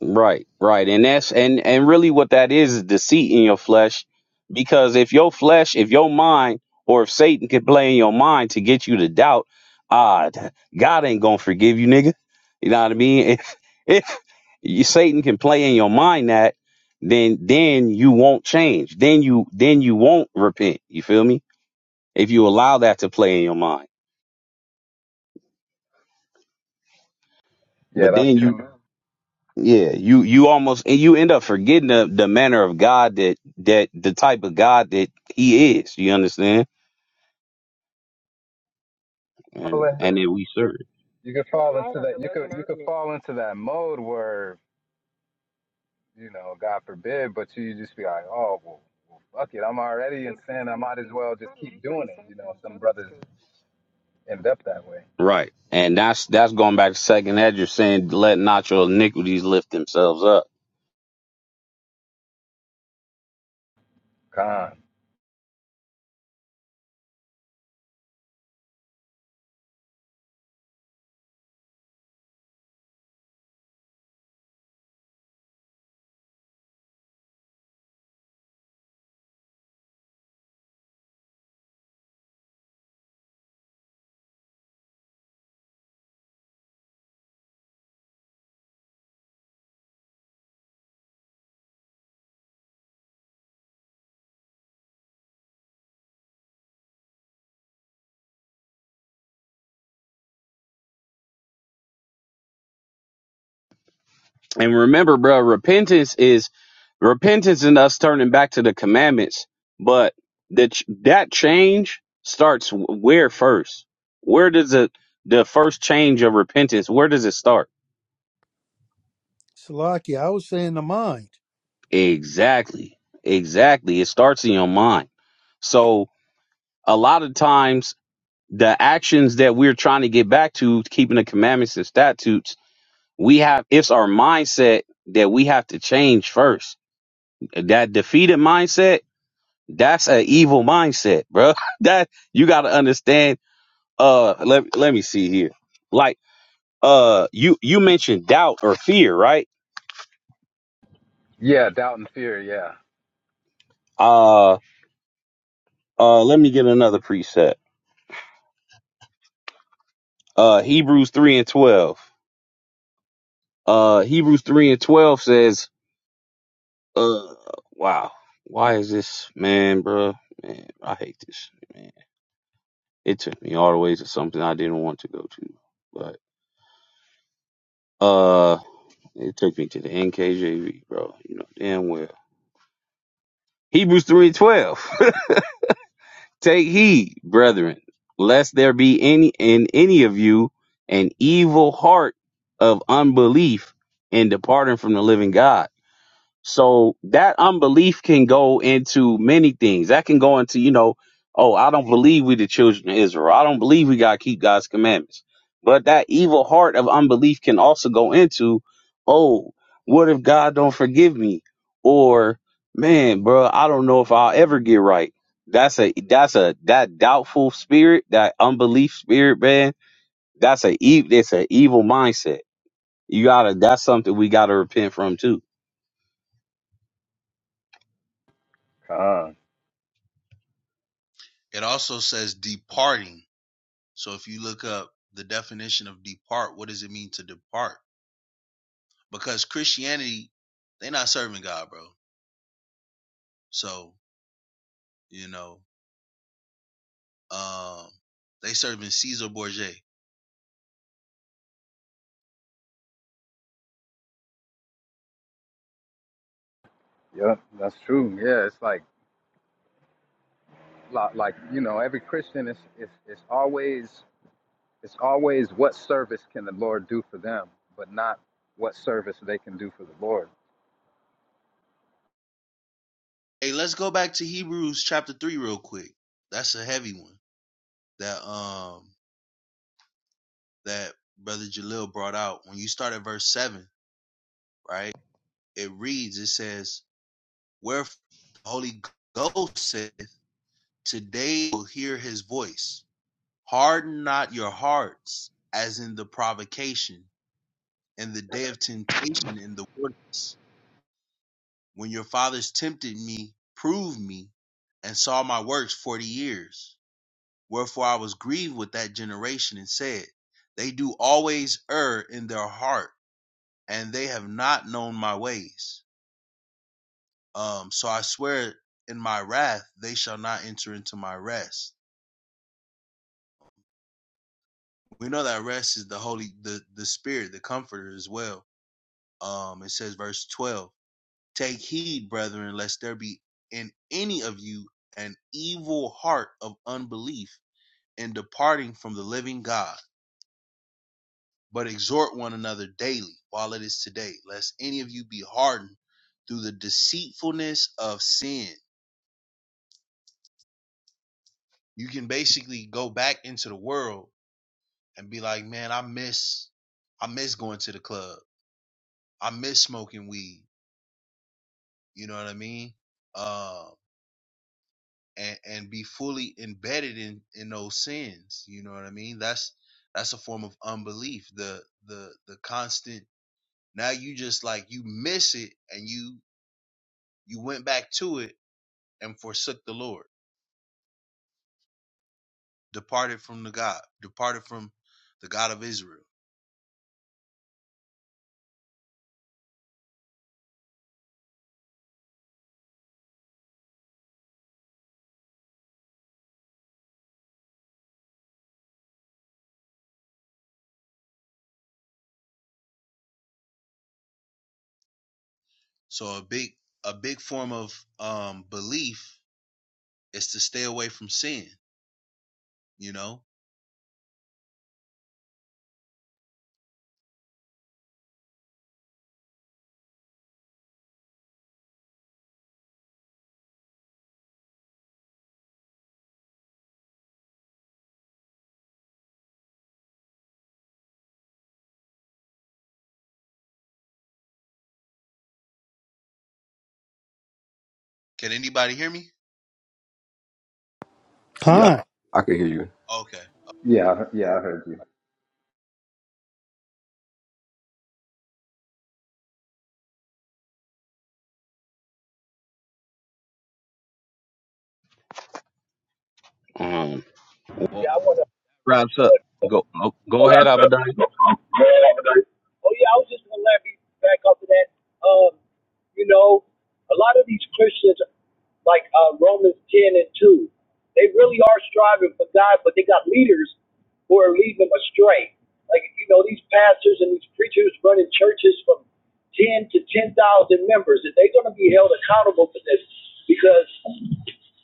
S1: Right, right. And that's and and really what that is is deceit in your flesh because if your flesh, if your mind or if Satan can play in your mind to get you to doubt, ah, th- God ain't going to forgive you, nigga. You know what I mean? If if you, Satan can play in your mind that then then you won't change. Then you then you won't repent. You feel me? If you allow that to play in your mind.
S3: Yeah,
S1: But
S3: that's
S1: then you
S3: true.
S1: Yeah, you you almost and you end up forgetting the, the manner of God that that the type of God that He is. You understand? And and that we serve.
S3: You could fall into that. You could you could fall into that mode where you know, God forbid, but you just be like, oh, well, well, fuck it, I'm already in sin. I might as well just keep doing it. You know, some brothers end up that way.
S1: Right. And that's that's going back to second that saying let not your iniquities lift themselves up.
S3: Con.
S1: And remember, bro, repentance is repentance and us turning back to the commandments. But that ch- that change starts wh- where first? Where does it the first change of repentance? Where does it start?
S2: Salakia. I was saying the mind.
S1: Exactly. Exactly. It starts in your mind. So a lot of times the actions that we're trying to get back to keeping the commandments and statutes, we have it's our mindset that we have to change first. That defeated mindset, that's an evil mindset, bro. That you got to understand uh let, let me see here. Like uh you you mentioned doubt or fear, right?
S3: Yeah, doubt and fear. Yeah.
S1: Uh uh let me get another preset. Uh Hebrews 3 and 12. Uh, Hebrews 3 and 12 says, uh, wow, why is this, man, bruh? Man, I hate this, man. It took me all the way to something I didn't want to go to, but, uh, it took me to the NKJV, bro. You know, damn well. Hebrews 3 and 12. Take heed, brethren, lest there be any in any of you an evil heart of unbelief in departing from the living God So that unbelief can go into many things. That can go into, you know, oh, I don't believe we the children of Israel. I don't believe we gotta keep God's commandments. But that evil heart of unbelief can also go into, oh, what if God don't forgive me? Or man, bro, I don't know if I'll ever get right. That's a that's a that doubtful spirit, that unbelief spirit, man. That's a ev- that's an evil mindset. You gotta that's something we gotta repent from too.
S3: Con.
S4: It also says departing. So if you look up the definition of depart, what does it mean to depart? Because Christianity, they're not serving God, bro. So, you know, um, they serving Caesar Borgia.
S3: Yep, that's true. Yeah, it's like, li- like you know, every Christian is, is, is always, it's always what service can the Lord do for them, but not what service they can do for the Lord.
S4: Hey, let's go back to Hebrews chapter three real quick. That's a heavy one that um that brother Jalil brought out. When you start at verse seven, right? It reads, it says, "Wherefore the Holy Ghost saith, Today will hear His voice. Harden not your hearts, as in the provocation and the day of temptation in the wilderness, when your fathers tempted me, proved me, and saw my works forty years." Wherefore I was grieved with that generation and said, They do always err in their heart, and they have not known my ways. Um, so I swear in my wrath they shall not enter into my rest. We know that rest is the holy the, the spirit, the comforter as well. Um, it says verse twelve, Take heed, brethren, lest there be in any of you an evil heart of unbelief in departing from the living God. but exhort one another daily while it is today, lest any of you be hardened through the deceitfulness of sin. You can basically go back into the world and be like, man, I miss, I miss going to the club. I miss smoking weed. You know what I mean? Uh, and, and be fully embedded in, in those sins. You know what I mean? That's, that's a form of unbelief. The, the, the constant, now you just like, you miss it and you, you went back to it and forsook the Lord, departed from the God, departed from the God of Israel. So a big a big form of um belief is to stay away from sin, you know? Can anybody hear me?
S5: Yeah,
S2: Khan.
S5: I can hear you.
S4: Okay.
S3: Yeah, I- yeah, I heard you.
S1: Um,
S6: Yeah, I wanna.
S1: wraps
S6: I
S1: up.
S6: wanna go,
S1: Go oh, go
S6: up
S1: ahead,
S6: there.
S1: Abadai.
S6: Go- go- go up there. Oh yeah, I was just gonna let me back up to that. Um, you know, a lot of these Christians, like uh, Romans ten and two, they really are striving for God, but they got leaders who are leading them astray. Like you know, these pastors and these preachers running churches from ten to ten thousand members, and they're gonna be held accountable for this because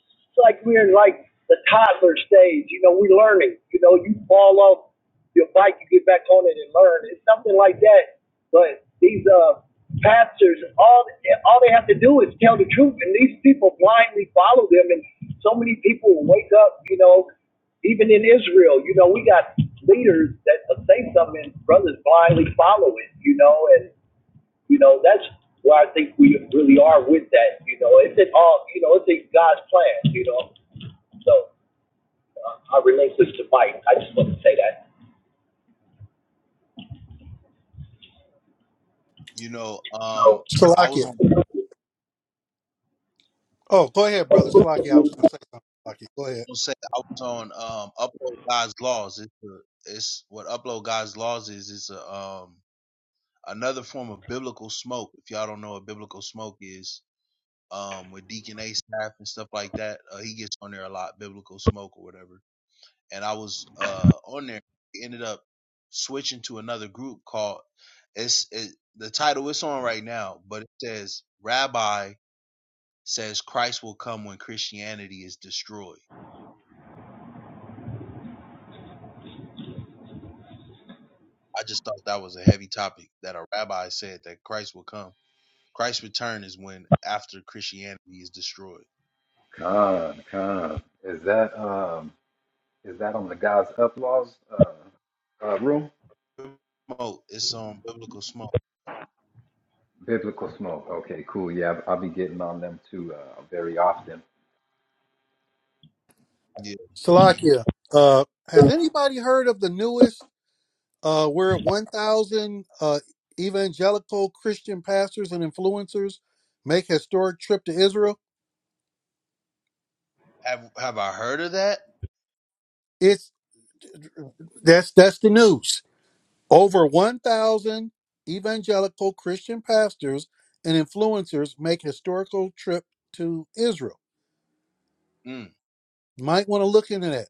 S6: It's like we're in like the toddler stage. You know, we're learning. You know, you fall off your bike, you get back on it and learn. It's something like that. But these uh pastors, all all they have to do is tell the truth, and these people blindly follow them. And so many people wake up. You know, even in Israel, you know, we got leaders that say something, and brothers blindly follow it. You know, and you know, that's where I think we really are with that. You know, it's in all, you know, it's in God's plan, you know. So uh, I relate this to Mike. I just want to say that.
S4: You know,
S6: You
S4: um
S6: know,
S4: I
S2: Salakia.
S4: was on
S2: Oh, go ahead, brother Salakia. I was going to say something. Salakia, go ahead.
S4: say I was on um upload God's laws. It's a, it's what upload God's laws is, it's a um another form of biblical smoke. If y'all don't know what biblical smoke is, um, with Deacon Asaph and stuff like that. Uh, he gets on there a lot, Biblical Smoke or whatever. And I was uh, on there, ended up switching to another group called it's it, the title it's on right now, but it says Rabbi says Christ will come when Christianity is destroyed. I just thought that was a heavy topic that a rabbi said that Christ will come. Christ's return is when after Christianity is destroyed.
S3: Con, con. Is that um? Is that on the God's uplaws uh, uh, room?
S4: Smoke, it's on biblical smoke.
S3: Biblical Smoke. Okay, cool. Yeah, I'll be getting on them too uh, very often.
S4: Yeah.
S2: Salakia, uh, has anybody heard of the newest? Uh, we're at one thousand uh, evangelical Christian pastors and influencers make historic trip to Israel.
S4: Have have I heard of that?
S2: It's that's that's the news. Over one thousand evangelical Christian pastors and influencers make historical trip to Israel.
S4: Mm.
S2: Might want to look into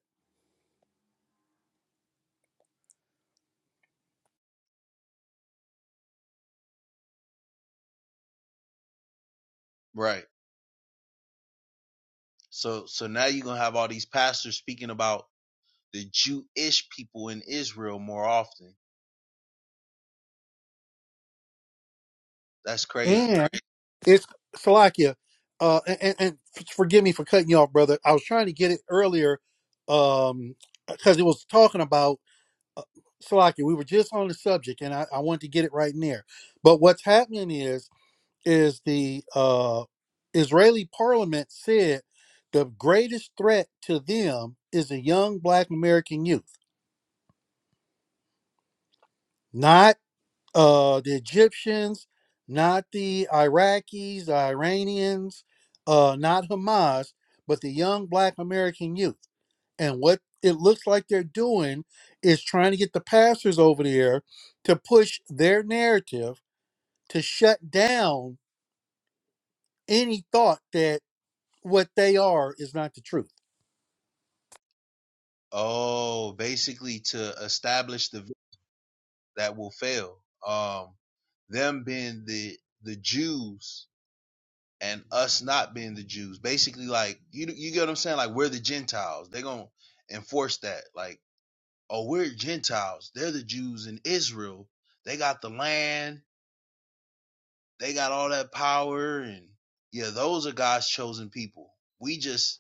S4: Right. So so now you're gonna have all these pastors speaking about the Jewish people in Israel more often. That's
S2: that.
S4: crazy.
S2: It's Salakia. Uh, and, and, and forgive me for cutting you off, brother. I was trying to get it earlier um, because it was talking about uh, Salakia. We were just on the subject, and I, I wanted to get it right in there. But what's happening is is the uh, Israeli Parliament said the greatest threat to them is a young Black American youth, not uh, the Egyptians, not the Iraqis, the Iranians, uh, not Hamas, but the young black American youth. And what it looks like they're doing is trying to get the pastors over there to push their narrative to shut down any thought that what they are is not the truth.
S4: Oh, basically to establish the that will fail. Um, them being the the Jews and us not being the Jews. Basically, like you you get what I'm saying? Like we're the Gentiles. They're gonna enforce that. Like oh, we're Gentiles. They're the Jews in Israel. They got the land. They got all that power and yeah, those are God's chosen people. We just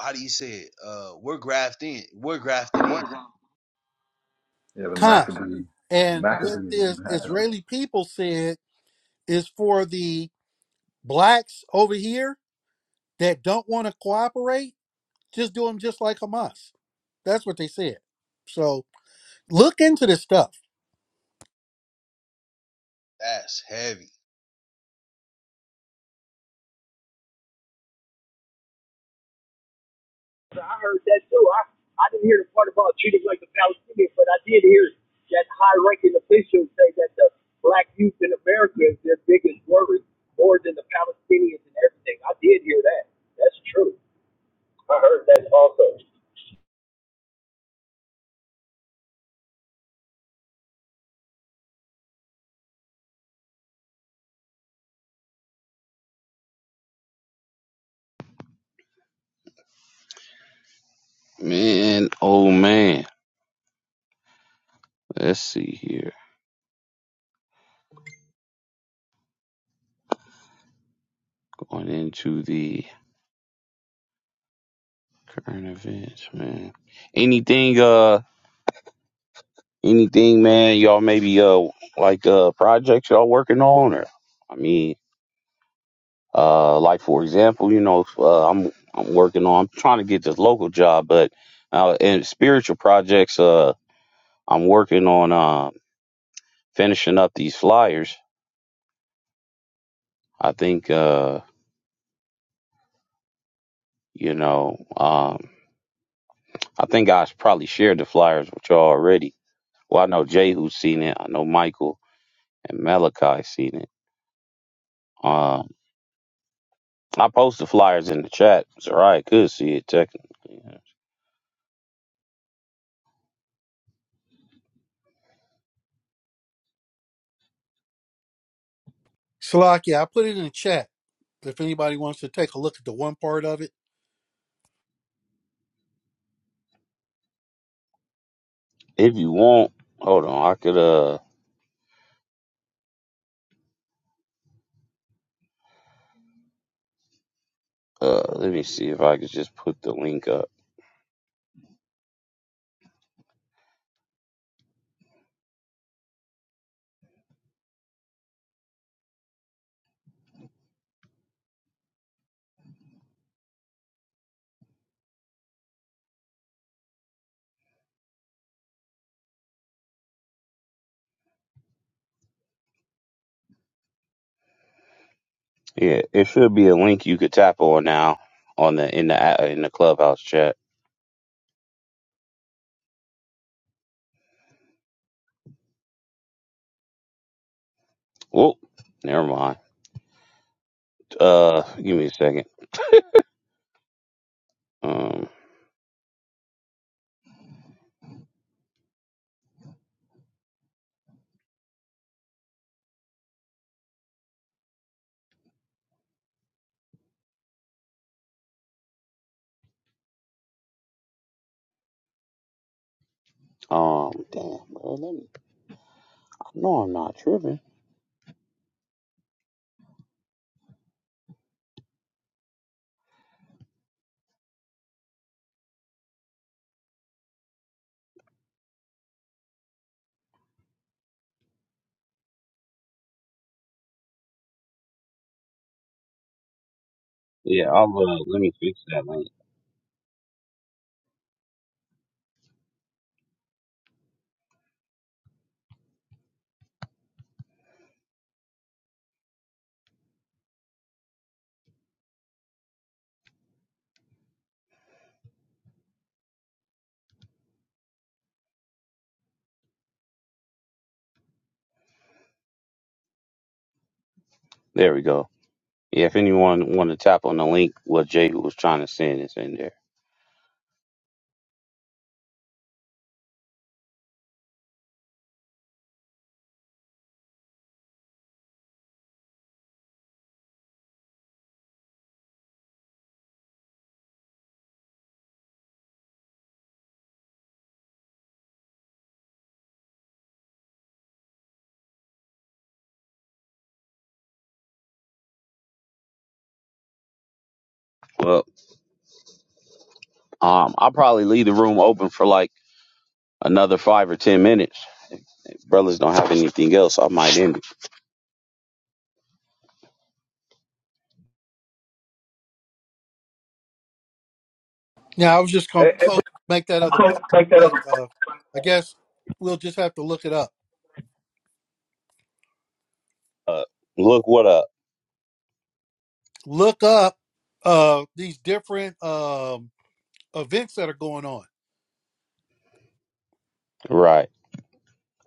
S4: how do you say it? Uh we're grafted in. We're grafted in.
S3: Yeah, the
S2: Con.
S3: Maccabees. The
S2: And what
S3: Maccabees.
S2: this Israeli people said is for the blacks over here that don't want to cooperate Just do them just like Hamas. That's what they said. So look into this stuff.
S4: That's heavy.
S6: I heard that too. I, I didn't hear the part about treating like a Palestinian, but I did hear that high ranking officials say that the black youth in America is their biggest worry, more than the Palestinians and everything. I did hear that. That's true. I heard that also.
S1: Man, oh man. Let's see here. Going into the current events, man. Anything uh anything, man, y'all maybe uh like uh projects y'all working on or I mean, uh like for example, you know, uh, I'm I'm working on I'm trying to get this local job, but uh in spiritual projects uh I'm working on um finishing up these flyers. I think uh you know. um. I think I probably shared the flyers with y'all already. Well, I know Jay who's seen it. I know Michael and Malachi seen it. Um, I posted flyers in the chat. Zariah could see it technically.
S2: Slovakia, I put it in the chat if anybody wants to take a look at the one part of it.
S1: If you want, hold on. I could uh uh let me see if I could just put the link up. Yeah, it should be a link you could tap on now on the in the a- in the clubhouse chat. Whoop, never mind. Uh, give me a second. Um, um, damn, bro. Let me. No, I'm not tripping. Yeah, I'll uh, let me fix that link. There we go. Yeah, if anyone want to tap on the link, what Jay was trying to send is in there. Well, um, I'll probably leave the room open for like another five or ten minutes. If brothers don't have anything else, I might end it.
S2: Now, I was just going to make that other part, but uh, I guess we'll just have to look it up.
S1: Uh, look what up.
S2: Look up uh, these different um, events that are going on.
S1: Right,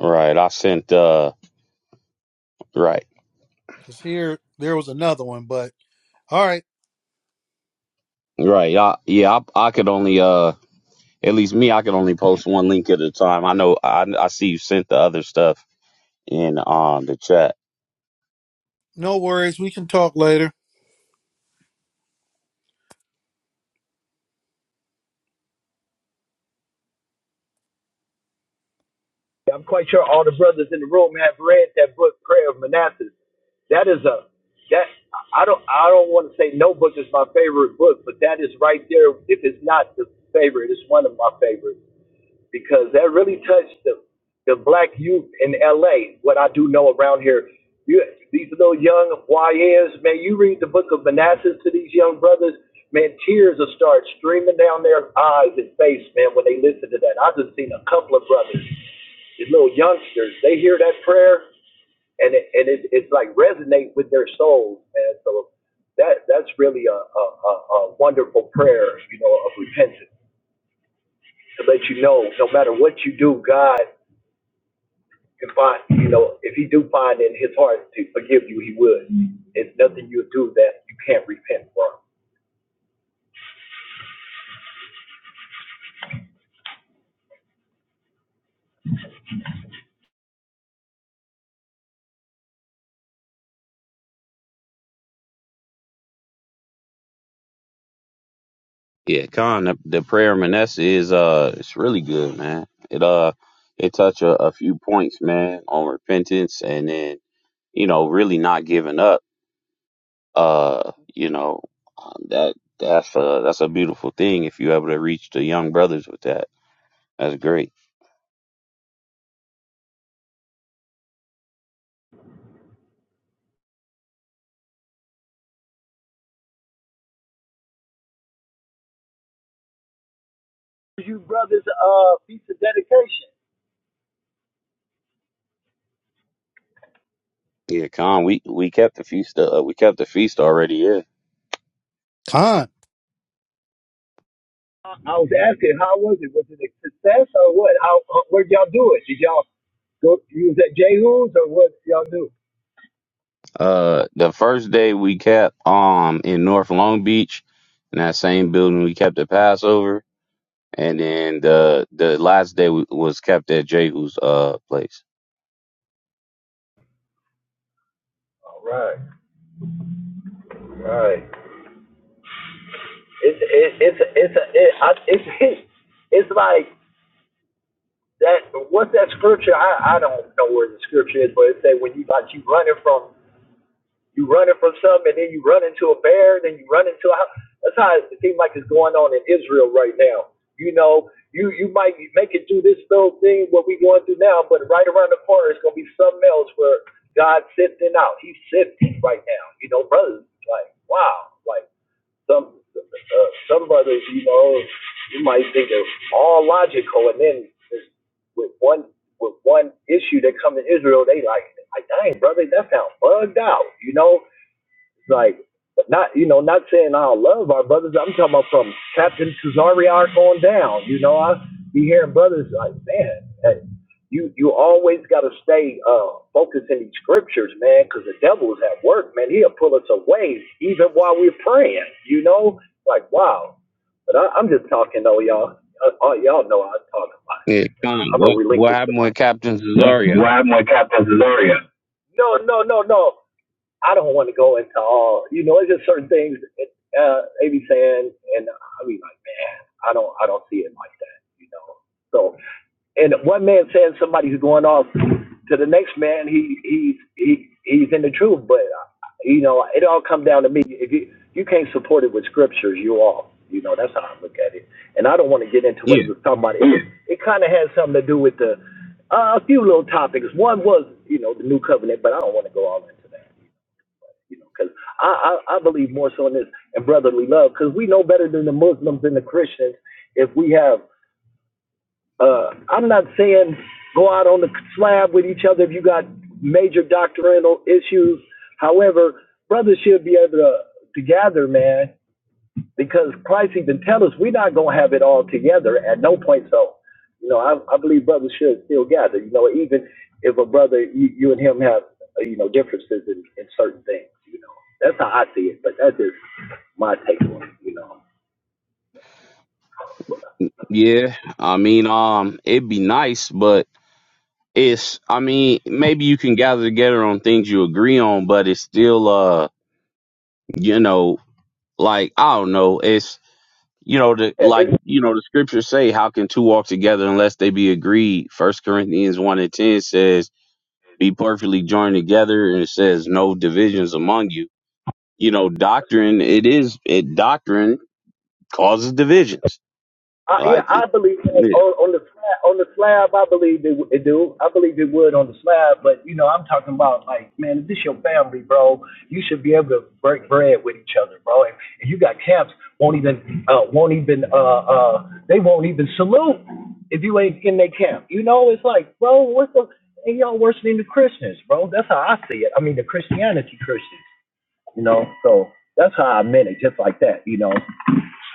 S1: right. I sent. Uh, right,
S2: Because here, there was another one, but all right,
S1: right. I, yeah, I, I could only. Uh, at least me, I could only post one link at a time. I know. I I see you sent the other stuff in um the chat.
S2: no worries. We can talk later.
S6: Yeah, I'm quite sure all the brothers in the room have read that book, Prayer of Manasseh. That is a that I don't I don't want to say no book is my favorite book, but that is right there. If it's not the favorite, it's one of my favorites because that really touched the, the black youth in LA. What I do know around here, you, these little young YNs, man, you read the book of Manassas to these young brothers, man, tears will start streaming down their eyes and face, man, when they listen to that. I've just seen a couple of brothers, these little youngsters, they hear that prayer and it, and it, it's like resonate with their souls, man. So that that's really a, a, a wonderful prayer, you know, of repentance to let you know no matter what you do, God you find, you know, if he do find in his heart to forgive you, he would. It's nothing you do that you can't repent from.
S1: Yeah, Khan, the, the prayer of Manasseh is uh, it's really good, man. It uh, it touch a, a few points, man, on repentance, and then you know, really not giving up. Uh, you know, um, that that's a that's a beautiful thing if you able to reach the young brothers with that. That's great.
S6: You brothers, uh, piece of dedication.
S1: Yeah, Khan, we we kept the feast. Uh, we kept the feast already. Yeah.
S2: Con.
S6: I was asking, how was it? Was it a success or what? How, how where'd y'all do it? Did y'all go? You was at Jehu's or what? did Y'all do?
S1: Uh, the first day we kept um in North Long Beach, in that same building we kept the Passover and then the the last day w- was kept at Jehu's uh place.
S6: All right, all right. It's it, it's it's a, it, I, it's it's it's like that. What's that scripture? I I don't know where the scripture is, but it said when you like you running from You running from something, and then you run into a bear, then you run into a. house. That's how it seems like it's going on in Israel right now. You know, you you might make it through this little thing what we are going through now, but right around the corner it's gonna be something else where God's sifting out. He's sifting right now. You know, brothers, like wow, like some uh, some brothers, you know, you might think they're all logical, and then with one with one issue that come to Israel, they like, like, dang, brother, that sounds bugged out, you know. Like, not you know, not saying I don't love our brothers. I'm talking about from Captain Tuzariark on down. You know, I be hearing brothers like, man, hey, you you always got to stay uh, focused in these scriptures, man, because the devil is at work, man. He'll pull us away even while we're praying. You know, like wow. But I, I'm just talking though, y'all. Uh, uh, y'all know I talk about.
S1: Yeah, Con,
S6: I'm a
S1: what what
S6: relinquish the
S1: happened with
S6: mic.
S1: Captain
S6: What,
S1: Cesario?
S6: what happened with Captain Freya? No, no, no, no. I don't want to go into all, you know, it's just certain things that, uh, they be saying, and I be like, man, I don't, I don't see it like that, you know. So, and one man saying somebody's going off to the next man, he, he's, he, he's in the truth, but uh, you know, it all come down to me. If you, you can't support it with scriptures, you all, you know, that's how I look at it. And I don't want to get into what
S1: Yeah,
S6: he was talking about. It, it kind of has something to do with the, uh, a few little topics. One was, you know, the new covenant, but I don't want to go all into that you know, because I, I I believe more so in this and brotherly love because we know better than the Muslims and the Christians if we have. Uh, I'm not saying go out on the slab with each other if you got major doctrinal issues. However, brothers should be able to to gather, man, because Christ even tell us we're not gonna have it all together at no point. So, you know, I, I believe brothers should still gather. You know, even if a brother you, you and him have uh, you know differences in, in certain things. You know, that's how I see it. But that's just my take on it. You know,
S1: yeah. I mean, um, it'd be nice, but it's. I mean, maybe you can gather together on things you agree on, but it's still, uh, you know, like I don't know. It's you know, the
S6: It- It's
S1: like you know, the scriptures say, "How can two walk together unless they be agreed?" First Corinthians one and ten says, "Be perfectly joined together," and it says, "No divisions among you." you know, doctrine, it is, it doctrine causes divisions.
S6: I, yeah,
S1: Like it,
S6: I believe that
S1: yeah,
S6: on, on the slab, on the slab. I believe it, w- it do. I believe it would on the slab, but you know, I'm talking about like, man, if this your family, bro, you should be able to break bread with each other, bro. And, and you got camps won't even uh, won't even uh, uh, they won't even salute if you ain't in their camp. You know, it's like, bro, what's the and y'all worse than the Christians, bro. That's how I see it. I mean, the Christianity Christians, you know. So that's how I meant it, just like that, you know.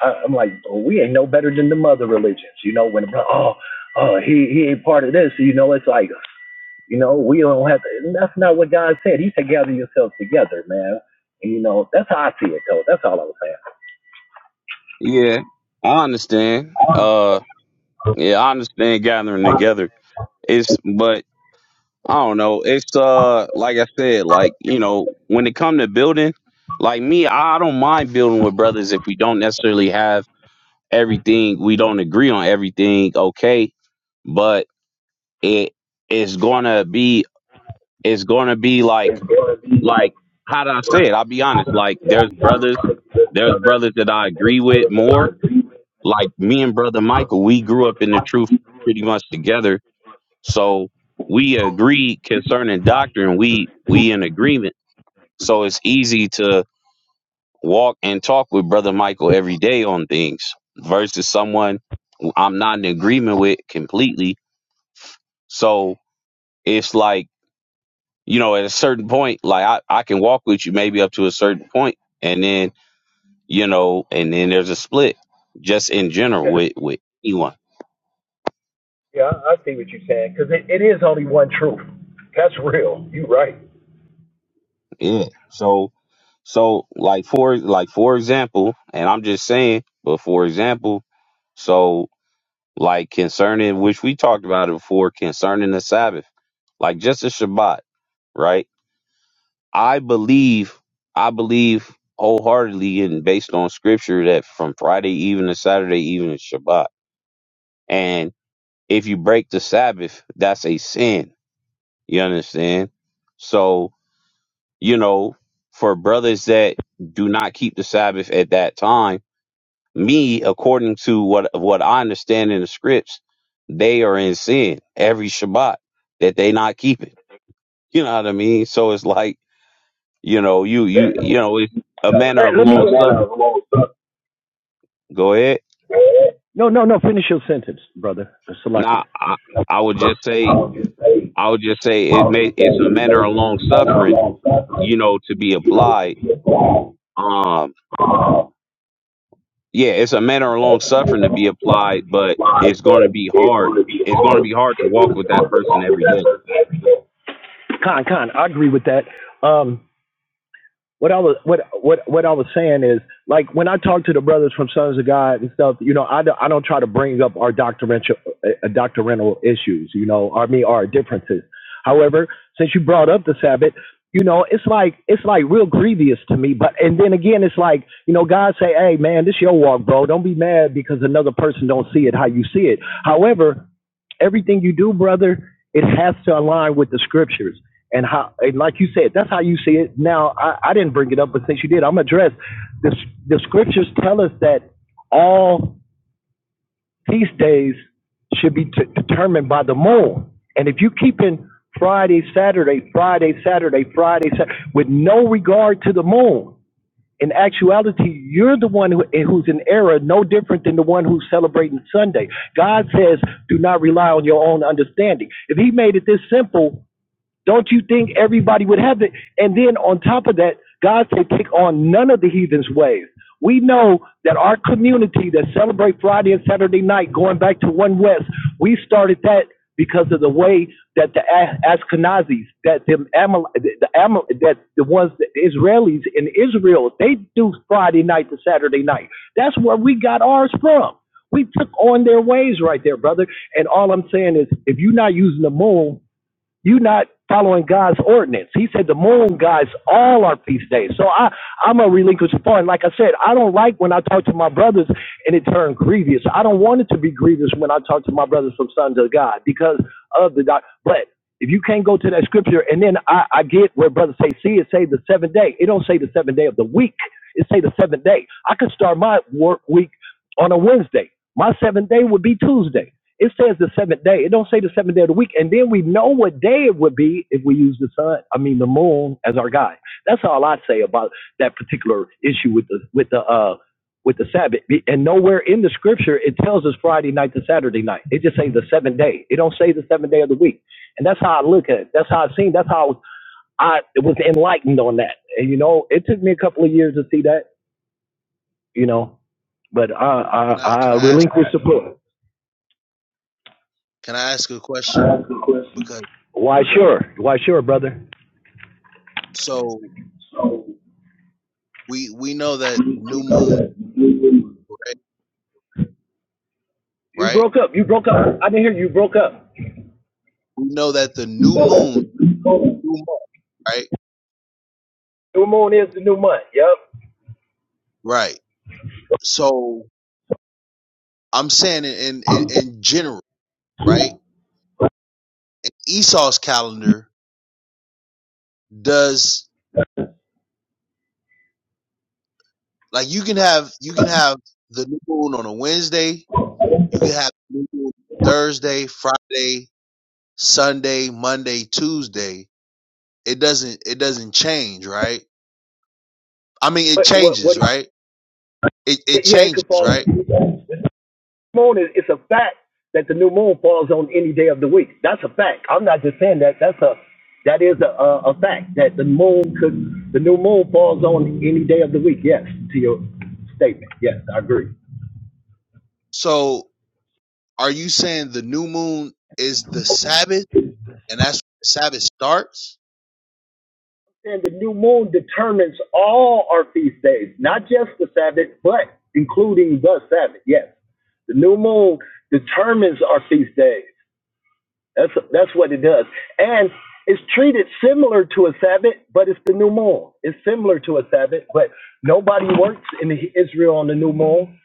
S6: I, am like, well, we ain't no better than the mother religions, you know. When the brother, oh, oh, he he ain't part of this, you know. It's like, you know, we don't have to. That's not what God said. He said, gather yourselves together, man. And, you know, that's how I see it, though. That's all I was saying.
S1: yeah, I understand. Uh, yeah, I understand gathering together. It's, but I don't know. It's, uh, like I said, like, you know, when it come to building, like me, I I don't mind building with brothers if we don't necessarily have everything, we don't agree on everything. Okay. But it, it's going to be, it's going to be like,
S6: It's like,
S1: like how did I say it? I'll be honest. Like there's brothers, there's brothers that I agree with more. Like me and brother Michael, we grew up in the truth pretty much together. So we agree concerning doctrine. We we in agreement. So it's easy to walk and talk with brother Michael every day on things versus someone who I'm not in agreement with completely. So it's like, you know, at a certain point, like I, I can walk with you maybe up to a certain point and then you know, and then there's a split just in
S6: yeah,
S1: general with, with anyone.
S6: yeah, I see what you're saying, because it, it is only one truth. That's real. You're right.
S1: Yeah. So so like for like for example, and I'm just saying, but for example, so like concerning which we talked about it before, concerning the Sabbath, like just the Shabbat, right? I believe I believe wholeheartedly and based on scripture that from Friday even to Saturday even is Shabbat. And if you break the Sabbath, that's a sin You understand? So, you know, for brothers that do not keep the Sabbath at that time, me, according to what what I understand in the scripts, they are in sin every Shabbat that they not keep it. You know what I mean? So it's like, you know, you
S6: Let,
S1: you you know, it's a manner
S6: let,
S1: of
S6: let me.
S1: long sup. Go ahead.
S6: No, no, no. Finish your sentence, brother. uh, Salakia.
S1: Nah, I, I would
S6: I
S1: just say
S6: was just saying,
S1: I would just
S6: I
S1: say it
S6: was
S1: may
S6: just
S1: it's a manner
S6: saying,
S1: of
S6: he's
S1: long
S6: a man of
S1: suffering,
S6: long suffering.
S1: you know, to be
S6: you know, to
S1: applied
S6: be applied.
S1: uh,
S6: Uh,
S1: yeah, it's a manner of long
S6: but
S1: suffering to be
S6: going to
S1: applied,
S6: be
S1: but it's
S6: applied,
S1: going to
S6: but
S1: be
S6: it's
S1: hard.
S6: going to be
S1: It's going to
S6: hard.
S1: be hard to
S6: It's going to
S1: walk
S6: be
S1: with that
S6: hard to
S1: person
S6: walk with
S1: every
S6: that
S1: day.
S6: person every day. Con, con, I agree with that. Um, what I was what what what I was saying is like when I talk to the brothers from Sons of God and stuff, you know, I don't, I don't try to bring up our doctrinal uh, doctrinal issues, you know, or me our differences. However, since you brought up the Sabbath, you know, it's like it's like real grievous to me. But and then again, it's like you know, God say, hey man, this your walk, bro. Don't be mad because another person don't see it how you see it. However, everything you do, brother, it has to align with the scriptures and how and like you said, that's how you see it. Now I, I didn't bring it up, but since you did, I'm going to address the the scriptures tell us that all feast days should be t- determined by the moon, and if you keep in Friday, Saturday, Friday, Saturday, Friday, Saturday, with no regard to the moon. In actuality, you're the one who, who's in error, no different than the one who's celebrating Sunday. God says, do not rely on your own understanding. If He made it this simple, don't you think everybody would have it? And then on top of that, God said, take on none of the heathen's ways. We know that our community that celebrate Friday and Saturday night, going back to One West, we started that because of the way that the A- Ashkenazis, that them Amal, the Amal, that the ones the Israelis in Israel, they do Friday night to Saturday night. That's where we got ours from. We took on their ways right there, brother. And all I'm saying is, if you're not using the moon you are not following God's ordinance. He said the moon guides all our feast days. So I, I'm a relinquished foreign. Like I said, I don't like when I talk to my brothers and it turned grievous. I don't want it to be grievous when I talk to my brothers from Sons of God because of the doc. But if you can't go to that scripture and then I, I get where brothers say, see, it say the seventh day. It don't say the seventh day of the week. It say the seventh day. I could start my work week on a Wednesday. My seventh day would be Tuesday. It says the seventh day. It don't say the seventh day of the week. And then we know what day it would be if we use the sun, I mean the moon as our guide. That's all I say about that particular issue with the with the uh with the Sabbath. And nowhere in the scripture it tells us Friday night to Saturday night. It just says the seventh day. It don't say the seventh day of the week. And that's how I look at it. That's how I seen that's how I was enlightened on that. And you know, it took me a couple of years to see that, you know. But I I,
S4: Can I
S6: I
S4: can I ask
S6: relinquished the book.
S4: can I ask a
S6: I
S4: question?
S6: ask a question.
S4: Because
S6: Why sure? Why sure, brother?
S4: so
S6: So
S4: we we know that the
S6: we,
S4: new
S6: we know
S4: moon
S6: that
S4: right?
S6: You
S4: right?
S6: broke up. You broke up. I didn't hear you. You broke up.
S4: We know that the
S6: we
S4: new
S6: know that
S4: moon
S6: new moon,
S4: new moon, right?
S6: is the new month. Yep.
S4: Right. So I'm saying in in, in in general, right? In Esau's calendar does Like you can have you can have the new moon on a Wednesday. You can have new moon Thursday, Friday, Sunday, Monday, Tuesday. It doesn't it doesn't change, right? I mean, it
S6: But what what
S4: changes, right? It
S6: he,
S4: it
S6: yeah, it could
S4: changes,
S6: fall
S4: right?
S6: new moon is it's a fact that the new moon falls on any day of the week. That's a fact. I'm not just saying that. That's a that is a a, a fact that the moon could the new moon falls on any day of the week. Yes, to your statement. Yes, I agree.
S4: So, are you saying the new moon is the Sabbath, and that's when the Sabbath starts?
S6: And the new moon determines all our feast days, not just the Sabbath, but including the Sabbath. Yes, the new moon determines our feast days. That's that's what it does, and it's treated similar to a Sabbath, but it's the new moon. It's similar to a Sabbath, but nobody works in Israel on the new moon.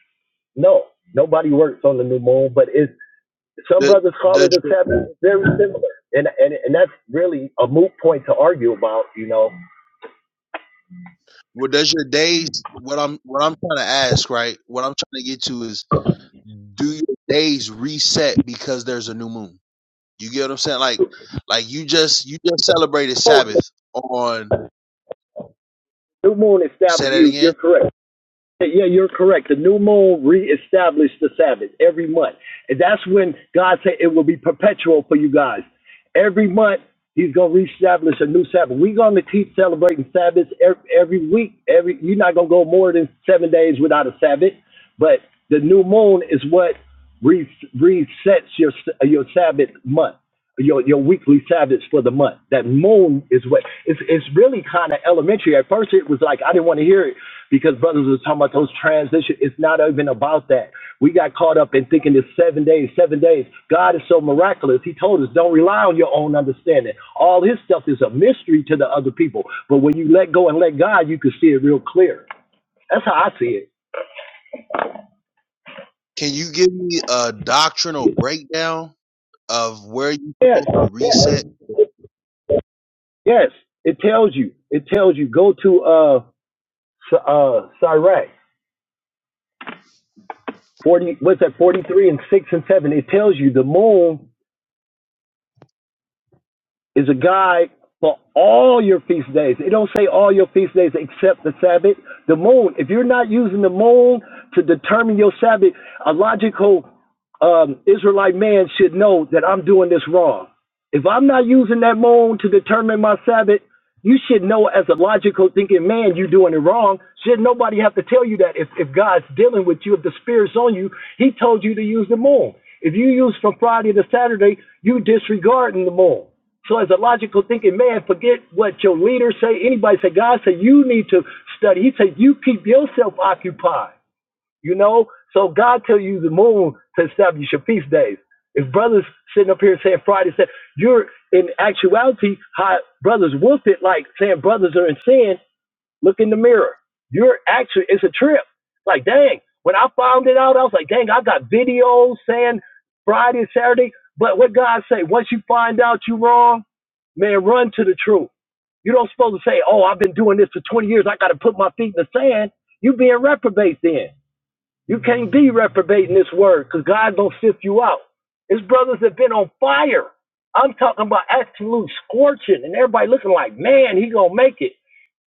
S6: No, nobody works on the new moon, but it's some
S4: The
S6: brothers call
S4: does
S6: it a
S4: your
S6: Sabbath. It's Very similar, and and and that's really a moot point to argue about, you know
S4: well, does your days what I'm what I'm trying to ask, right? What I'm trying to get to is do your days reset because there's a new moon? You get what I'm saying? Like, like you just you just celebrated Sabbath on.
S6: New moon
S4: Say
S6: established
S4: that
S6: you.
S4: again.
S6: You're correct. Yeah, you're correct. The new moon reestablished the Sabbath every month, and that's when God said it will be perpetual for you guys. Every month He's gonna reestablish a new Sabbath. We're gonna keep celebrating Sabbaths every, every week. Every you're not gonna go more than seven days without a Sabbath, but the new moon is what re- resets your your Sabbath month your your weekly Sabbaths for the month. That moon is what it's it's really kind of elementary. At first, it was like I didn't want to hear it because brothers was talking about those transitions. It's not even about that. We got caught up in thinking it's seven days, seven days. God is so miraculous. He told us don't rely on your own understanding. All His stuff is a mystery to the other people. But when you let go and let God, you can see it real clear. That's how I see it.
S4: Can you give me a doctrinal breakdown of where you
S6: Yes,
S4: supposed to reset?
S6: yes. It tells you. It tells you. Go to uh S- uh Sirach. 40, what's that, 43 and 6 and 7. It tells you the moon is a guide for all your feast days. It don't say all your feast days except the Sabbath. The moon, if you're not using the moon to determine your Sabbath, a logical um, Israelite man should know that I'm doing this wrong. If I'm not using that moon to determine my Sabbath, you should know as a logical thinking man you're doing it wrong. Should nobody have to tell you that if, if God's dealing with you, if the Spirit's on you, He told you to use the moon. If you use from Friday to Saturday, you disregarding the moon. So as a logical thinking man, forget what your leaders say, anybody say. God said you need to study. He said you keep yourself occupied. You know. So God tell you the moon to establish your feast days. If brothers sitting up here saying Friday, said you're in actuality, how brothers wolfed it, like saying brothers are in sin. Look in the mirror. You're actually, it's a trip. Like, dang, when I found it out, I was like, dang, I got videos saying Friday, Saturday. But what God say, once you find out you are wrong, man, run to the truth. You don't supposed to say, oh, I've been doing this for 20 years. I got to put my feet in the sand. You being reprobate then. You can't be reprobating this word because God going to sift you out. His brothers have been on fire. I'm talking about absolute scorching and everybody looking like, man, he going to make it.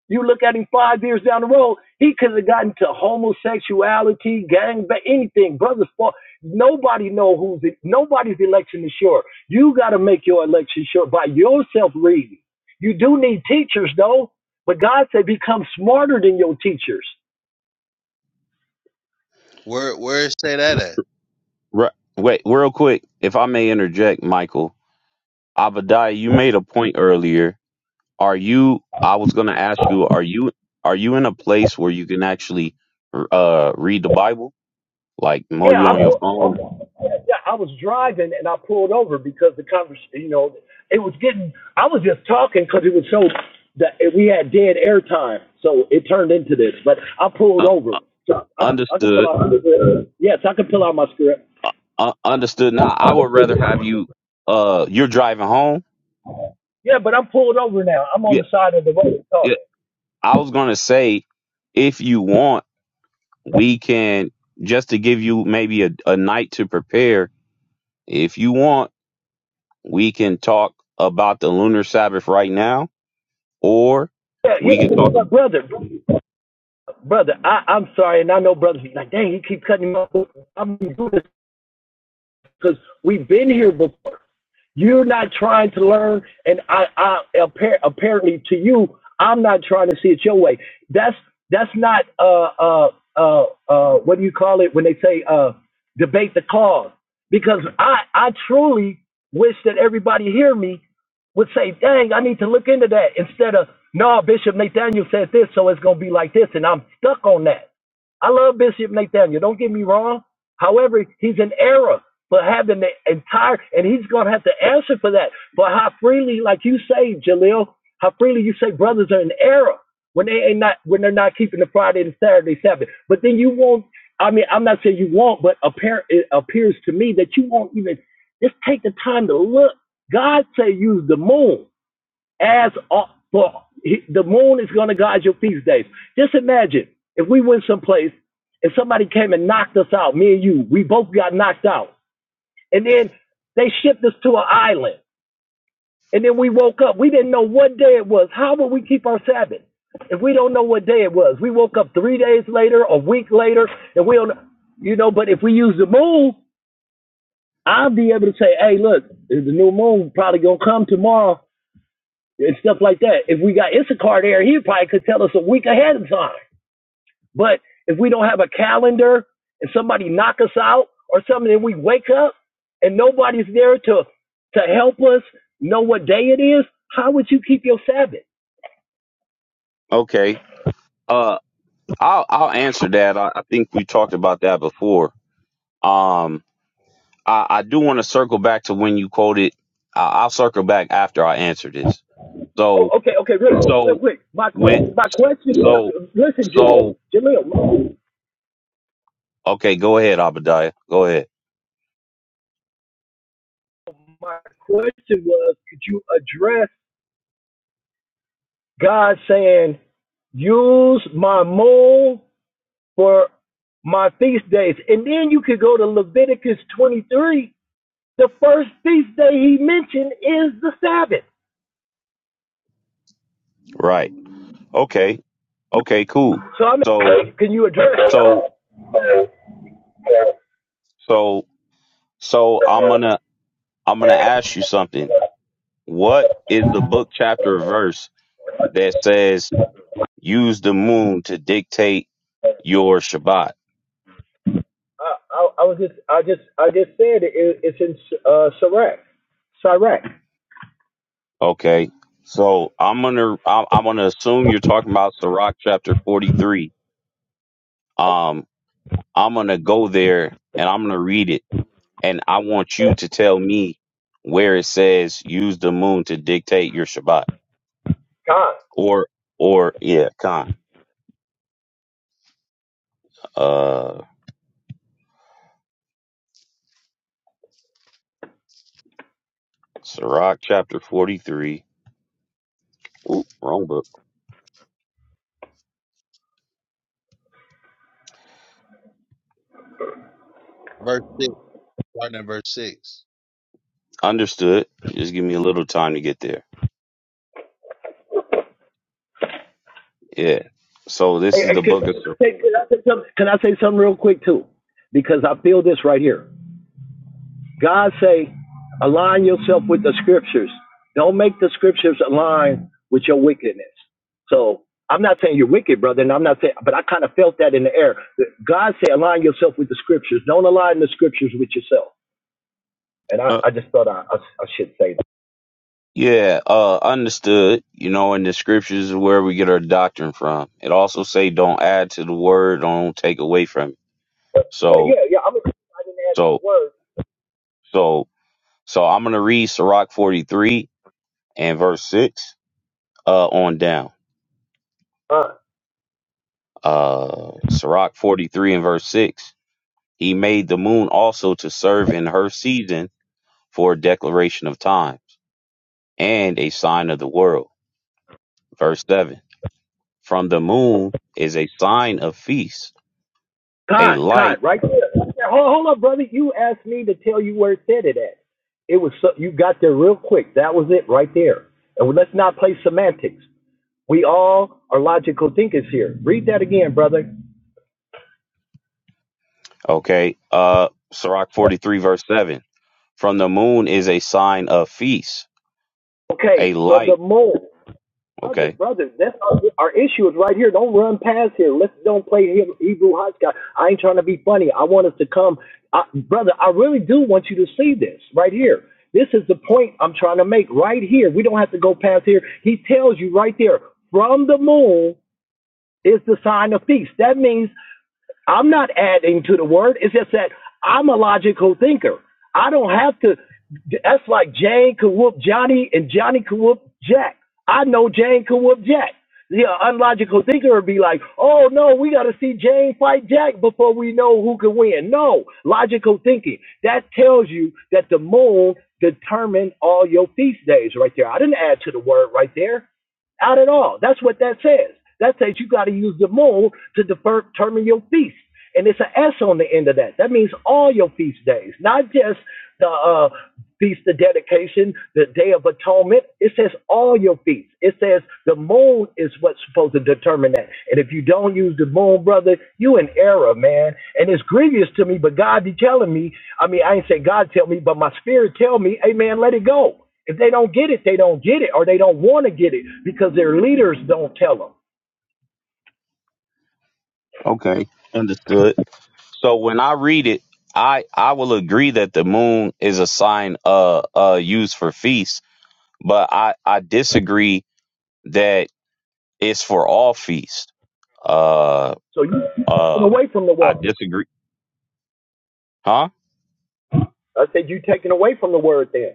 S6: You look at him five years down the road, he could have gotten to homosexuality, gang, ba- anything. Brothers, fall. nobody know who's it. nobody's election is sure. You got to make your election sure by yourself reading. You do need teachers though, but God said become smarter than your teachers.
S4: Where where say that at?
S1: Right. Wait, real quick, if I may interject, Michael, Abadiah, you made a point earlier. Are you? I was going to ask you. Are you? Are you in a place where you can actually uh, read the Bible, like
S6: Yeah,
S1: maybe
S6: I
S1: on your phone?
S6: pull, yeah, I was driving and I pulled over because the conversation, you know, it was getting. I was just talking because it was so that we had dead air time, so it turned into this. But I pulled
S1: Uh,
S6: over, so I could, I could pull
S1: understood.
S6: out. My script. Yes, I could pull out my script.
S1: Uh, understood. Nah, I would rather have you. Uh, you're driving home.
S6: Yeah, but I'm pulled over now. I'm on
S1: Yeah.
S6: the side of the road
S1: Yeah.
S6: talking.
S1: I was going to say, if you want. we can just to give you maybe a, a night to prepare if you want we can talk about the lunar sabbath right now or
S6: Yeah,
S1: we can
S6: yeah,
S1: talk
S6: but
S1: ab-
S6: brother, brother, I, I'm sorry, and I know brothers be like, dang, you keep cutting me off. I'm doing this because we've been here before. You're not trying to learn, and I, I apparently to you, I'm not trying to see it your way. That's that's not uh uh uh uh what do you call it when they say uh debate the cause? Because I I truly wish that everybody hear me would say, dang, I need to look into that instead of no, Bishop Nathaniel said this, so it's gonna be like this, and I'm stuck on that. I love Bishop Nathaniel. Don't get me wrong. However, he's an error for having the entire, and he's going to have to answer for that. For how freely, like you say, Jalil, how freely you say brothers are in error when they ain't not when they're not keeping the Friday and Saturday Sabbath. But then you won't. I mean, I'm not saying you won't, but appear, it appears to me that you won't even just take the time to look. God say use the moon as a- for the moon is going to guide your feast days. Just imagine if we went someplace and somebody came and knocked us out, me and you, we both got knocked out and then they shipped us to an island. And then we woke up. We didn't know what day it was. How would we keep our Sabbath if we don't know what day it was? We woke up three days later, a week later, and we don't, you know, but if we use the moon, I'll be able to say, hey, look, the new moon probably going to come tomorrow and stuff like that. If we got Issachar there, he probably could tell us a week ahead of time. But if we don't have a calendar and somebody knock us out or something, and we wake up and nobody's there to to help us know what day it is, how would you keep your Sabbath?
S1: okay uh i'll i'll answer that i, I think we talked about that before um i i do want to circle back to when you quoted I, i'll circle back after i answer this
S6: Oh,
S1: so
S6: okay, okay, real, real
S1: so
S6: quick. My
S1: when
S6: my question was,
S1: so
S6: listen, Jaleel,
S1: so
S6: Jaleel,
S1: okay go ahead abadiah go ahead
S6: my question was, could you address God saying, use my moon for my feast days? And then you could go to Leviticus 23 The first feast day he mentioned is the Sabbath.
S1: right okay okay cool
S6: So I
S1: So.
S6: mean, can you address? it?
S1: So so so I'm gonna I'm gonna ask you something. What is the book chapter or verse that says use the moon to dictate your Shabbat?
S6: I, I, I was just, I just, I just said it. it it's in uh, Sirach. Sirach.
S1: Okay. So I'm gonna I'm, I'm gonna assume you're talking about Sirach chapter 43. Um, I'm gonna go there and I'm gonna read it, and I want you to tell me where it says use the moon to dictate your Shabbat,
S6: God.
S1: or or yeah, Khan. Sirach chapter 43. Ooh, wrong book.
S4: Verse six, starting at verse six.
S1: Understood. Just give me a little time to get there. Yeah. So
S6: Hey,
S1: this is the
S6: hey,
S1: book of Sirach.
S6: Can can I say something can I say something real quick too? Because I feel this right here. God say, align yourself with the scriptures. Don't make the scriptures align with your wickedness. So I'm not saying you're wicked, brother, and I'm not saying, but I kind of felt that in the air. God say, align yourself with the scriptures. Don't align the scriptures with yourself. And I,
S1: Uh,
S6: I just thought I, I, I should say that.
S1: yeah, uh, understood. You know, in the scriptures is where we get our doctrine from. It also say don't add to the word, don't take away from it.
S6: Yeah, yeah,
S1: So,
S6: yeah. I'm
S1: so, so, so I'm going to read Sirach 43 and verse 6, uh, on down.
S6: a, uh,
S1: Uh, Sirach 43 and verse 6. He made the moon also to serve in her season for a declaration of times and a sign of the world. Verse 7 From the moon is a sign of feast, a
S6: God, God,
S1: light.
S6: right there. Yeah, Hold, hold up, brother. You asked me to tell you where it said it at. It was so, you got there real quick. That was it right there. And let's not play semantics. We all are logical thinkers here. Read that again, brother.
S1: Okay. Uh, Sirach 43, verse 7. From the moon is a sign of feast,
S6: Okay,
S1: a
S6: from the
S1: light.
S6: mole. Brother,
S1: Okay.
S6: brother, that's our, our issue is right here. Don't run past here. Let's don't play He- Hebrew hotchkiss. I ain't trying to be funny. I want us to come. I, brother, I really do want you to see this right here. This is the point I'm trying to make right here. We don't have to go past here. He tells you right there, from the moon is the sign of peace. That means I'm not adding to the word. It's just that I'm a logical thinker. I don't have to. That's like Jane could whoop Johnny and Johnny could whoop Jack. I know Jane could whoop Jack. The uh, unlogical thinker would be like, oh no, we got to see Jane fight Jack before we know who can win. No, logical thinking. That tells you that the moon determined all your feast days right there. I didn't add to the word right there. Out at all. That's what that says. That says you got to use the moon to determine your feast. And it's an S on the end of that. That means all your feast days, not just the uh, feast of dedication, the day of atonement. It says all your feasts. It says the moon is what's supposed to determine that. And if you don't use the moon, brother, you in error, man. And it's grievous to me, but God be telling me, I mean, I ain't say God tell me, but my spirit tell me, hey, man, let it go. If they don't get it, they don't get it, or they don't want to get it because their leaders don't tell them.
S1: Okay. Understood. So when I read it, I, I will agree that the moon is a sign uh uh used for feast, but I, I disagree that it's for all feast uh.
S6: So you taking
S1: Uh,
S6: away from the
S1: I
S6: word.
S1: disagree. Huh?
S6: I said you taking away from the word There.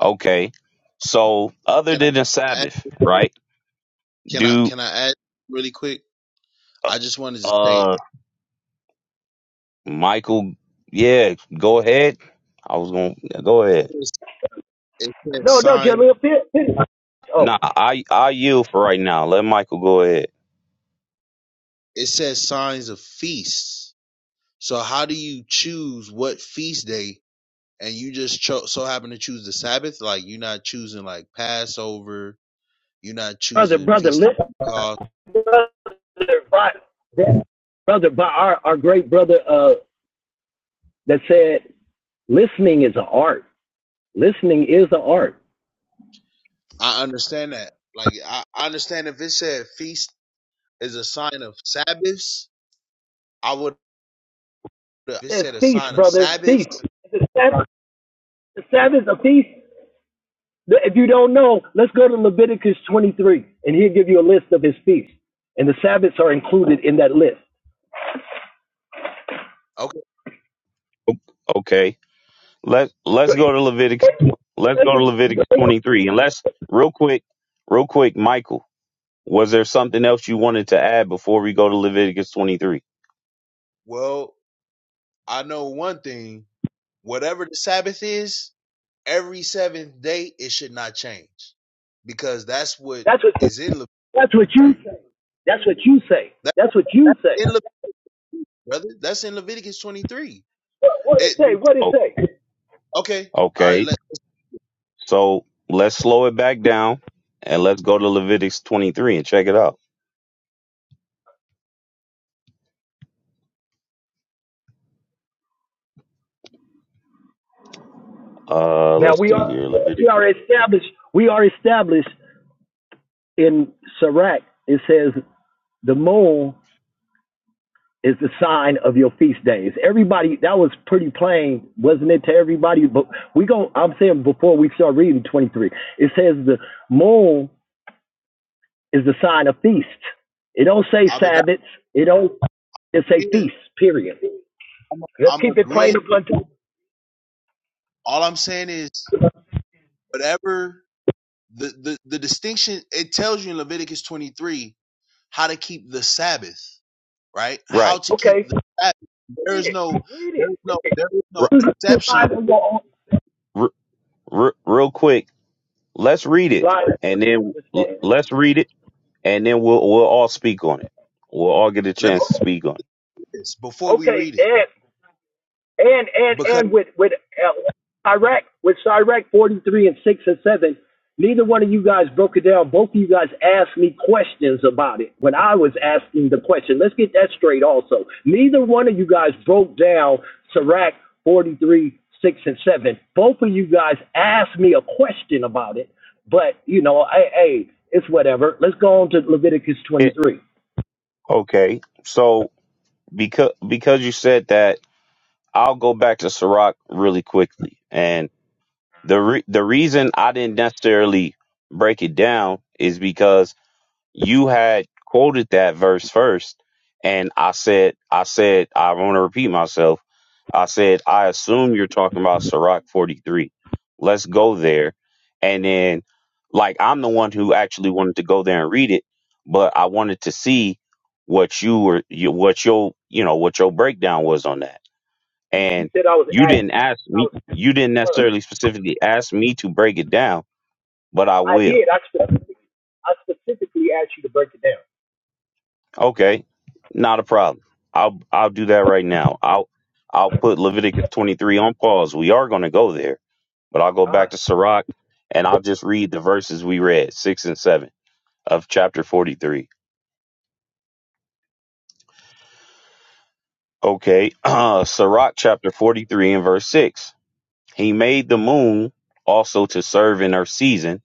S1: Okay. So other
S4: Can
S1: than the
S4: I
S1: Sabbath,
S4: add,
S1: right?
S4: can I
S1: Do
S4: can I add really quick? I just wanted to say
S1: uh Michael? Yeah, go ahead. I was gonna yeah, go ahead.
S4: it says
S6: No, no,
S4: sign
S6: Jaleel Pitt. Pitt-
S1: Nah,
S6: Oh,
S1: I I yield for right now. Let Michael go ahead.
S4: it says signs of feasts. So how do you choose what feast day and you just cho- so happen to choose the Sabbath, like you're not choosing like Passover, you're not
S6: brother,
S4: choosing
S6: brother,
S4: Feast of
S6: listen,
S4: Pentecost.
S6: brother, by, brother, by our our great brother, uh, that said, listening is an art. Listening is an art.
S4: I understand that. Like I, I understand if it said feast is a sign of Sabbaths, I would. If it
S6: It's
S4: said a
S6: feast,
S4: sign of
S6: brother, feast.
S4: Sabbaths,
S6: Is the Sabbath, the Sabbath a feast? If you don't know, let's go to Leviticus 23, and he'll give you a list of his feasts, and the Sabbaths are included in that list.
S4: okay.
S1: Okay. Let Let's
S6: So you're
S1: go to Leviticus. tw- Let's go to
S6: thinking- you- know,
S1: Leviticus twenty three. And let's real quick, real quick, Michael. Was there something else you wanted to add before we go to Leviticus twenty three?
S4: Well, I know one thing. Whatever the Sabbath is, every seventh day it should not change because that's what
S6: that's what
S4: is in
S6: that's
S4: Leviticus
S6: what you
S4: 23.
S6: say. That's what you say.
S4: That's
S6: That's what you say.
S4: in Leviticus, brother. That's in Leviticus 23.
S6: What, what it
S4: It, the
S6: say? What it
S1: Oh,
S6: say?
S4: Okay. All right.
S1: okay.
S4: Let
S1: So let's slow it back down and let's go to Leviticus 23 and check it out. Uh,
S6: Now
S1: let's
S6: we
S1: see
S6: are
S1: here,
S6: we
S1: Leviticus.
S6: are established. We are established in Sirach. It says the mole is the sign of your feast days. Everybody, that was pretty plain, wasn't it, to everybody? But we go. I'm saying before we start reading 23, it says the moon is the sign of feast. It don't say
S4: I'm, a,
S6: Sabbaths. It don't. It say feast. Period.
S4: I'm,
S6: Let's
S4: I'm
S6: keep it plain
S4: agreeing.
S6: and blunt.
S4: All I'm saying is whatever the, the, the distinction, it tells you in Leviticus 23 how to keep the Sabbath, right? How
S1: Right.
S4: to keep
S6: Okay,
S4: the Sabbath. There
S6: read
S4: is
S6: it.
S4: no,
S6: Read
S4: there
S6: it.
S4: is no, there is no
S1: R-
S6: Read it.
S4: exception.
S1: r- r- real quick, let's read it and then l-
S6: understand.
S1: let's read it and then we'll we'll all speak on it. We'll all get a
S4: Let me
S1: chance to speak on
S4: do this before we
S6: Okay,
S4: read it
S6: Ed, and and
S4: because
S6: and with with uh, Iraq with Iraq 43 and 6 and 7 neither one of you guys broke it down both of you guys asked me questions about it when I was asking the question let's get that straight also neither one of you guys broke down Iraq 43 6 and 7 both of you guys asked me a question about it but you know I hey it's whatever let's go on to Leviticus
S1: it. it
S6: 23
S1: okay. So because because you said that, I'll go back to Sirach really quickly. And the re- the reason I didn't necessarily break it down is because you had quoted that verse first and i said i said i want to repeat myself i said i assume you're talking about sirach 43 let's go there and then like i'm the one who actually wanted to go there and read it but i wanted to see what you were you, what your you know what your breakdown was on that
S6: you
S1: and
S6: said I was
S1: you
S6: asking
S1: didn't ask
S6: I
S1: me
S6: was
S1: you didn't necessarily specifically ask me to break it down but i
S6: I
S1: will
S6: did I, spe- I specifically asked you to break it down
S1: Okay, not a problem. I'll I'll do that right now. I'll I'll put Leviticus 23 on pause. We are going to go there, but I'll go back
S6: Ah,
S1: to Sirach and I'll just read the verses we read, 6 and 7 of chapter 43. Okay, uh Sirach chapter 43 and verse 6. He made the moon also to serve in her season.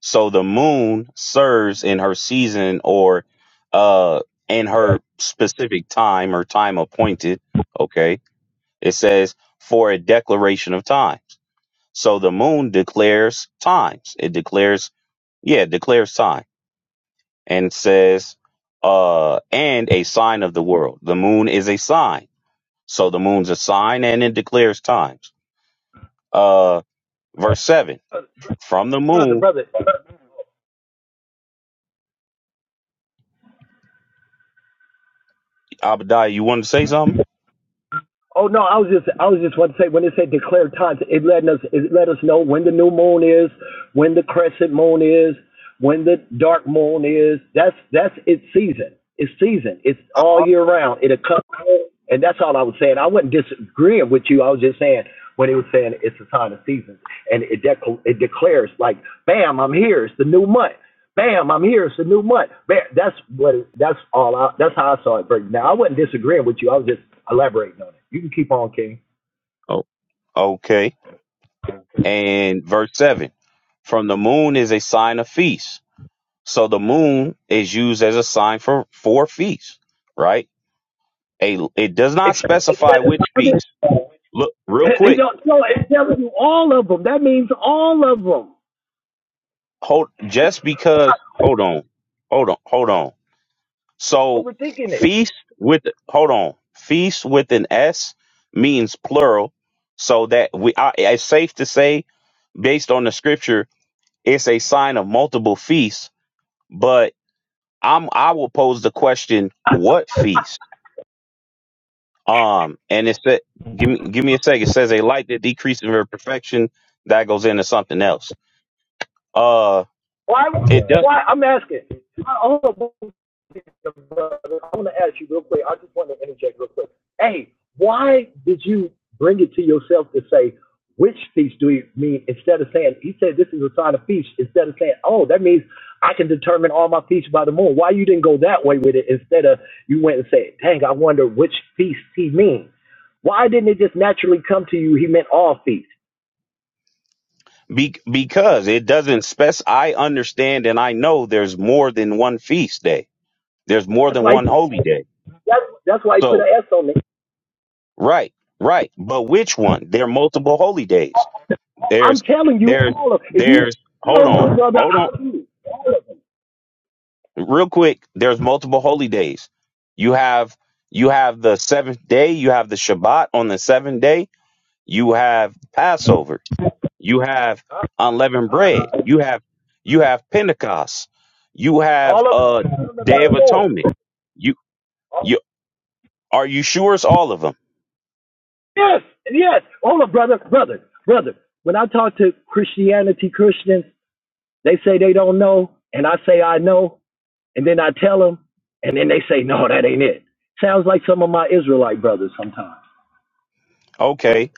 S1: So the moon serves in her season or uh in her specific time or time appointed, okay? It says, for a declaration of times. So the moon declares times. It declares, yeah, it declares time and says, uh, and a sign of the world. The moon is a sign. So the moon's a sign and it declares times. Uh, verse seven,
S6: uh,
S1: from the
S6: brother,
S1: moon,
S6: brother.
S1: Abadiah, you wanted to say something?
S6: Oh no, I was just, I was just want to say when it said declare times, it let us, it let us know when the new moon is, when the crescent moon is, when the dark moon is. That's that's its season. It's season. It's
S4: I
S6: all
S4: also
S6: year round. It'll come, and that's all I was saying. I wasn't disagreeing with you. I was just saying when it was saying it's the time of seasons, and it dec- it declares like, bam, I'm here. It's the new month. Bam, I'm here. It's a new month. Bam. That's what. It, that's all. I, that's how I saw it. Break. Now I wasn't disagreeing with you. I was just elaborating on it. You can keep on, King.
S1: Oh, okay. And verse seven, from the moon is a sign of feast. So the moon is used as a sign for, for feast, right? a it does not
S6: Except,
S1: specify
S6: except it's
S1: which
S6: not this.
S1: feast. Look real
S6: It, it
S1: quick.
S6: don't, no, it's telling you all of them. That means all of them.
S1: Hold just because hold on. Hold on. Hold on. So
S6: Overthinking it.
S1: feast with hold on. Feast with an S means plural. So that we I, it's safe to say based on the scripture it's a sign of multiple feasts, but I'm I will pose the question what feast? Um and it said give me give me a second. It says a light that decreases in her perfection that goes into something
S6: Oh
S1: else. Uh,
S6: Why?
S1: it does
S6: Why? I'm asking. I, hold on, brother. I want to ask you real quick. I just want to interject real quick. Hey, why did you bring it to yourself to say which feast do you mean instead of saying he said this is a sign of feast instead of saying oh that means I can determine all my feasts by the moon. Why you didn't go that way with it instead of you went and said dang I wonder which feast he means. Why didn't it just naturally come to you? He meant all feast.
S1: be, because it doesn't spec. I understand and I know there's more than one feast day. There's more
S6: That's
S1: than
S6: why.
S1: one
S6: He,
S1: holy day.
S6: that's that's why he put an
S1: So
S6: S on it.
S1: right, right. But which one? There are multiple holy days.
S6: I'm
S1: There's
S6: telling you
S1: there's
S6: all of if you
S1: there's
S6: you
S1: hold
S6: don't
S1: on,
S6: know brother,
S1: hold on,
S6: I'll do all of them.
S1: real quick. There's multiple holy days. You have you have the seventh day. You have the Shabbat on the seventh day. You have Passover. You have unleavened
S6: Uh,
S1: bread.
S6: uh,
S1: You have you have Pentecost. You have
S6: all of
S1: uh Day of
S6: them.
S1: Atonement. You you are you sure it's all of them?
S6: Yes, yes, all of brother, brother, brother. When I talk to Christianity Christians, they say they don't know, and I say I know, and then I tell them, and then they say no, that ain't it. Sounds like some of my Israelite brothers sometimes.
S1: Okay,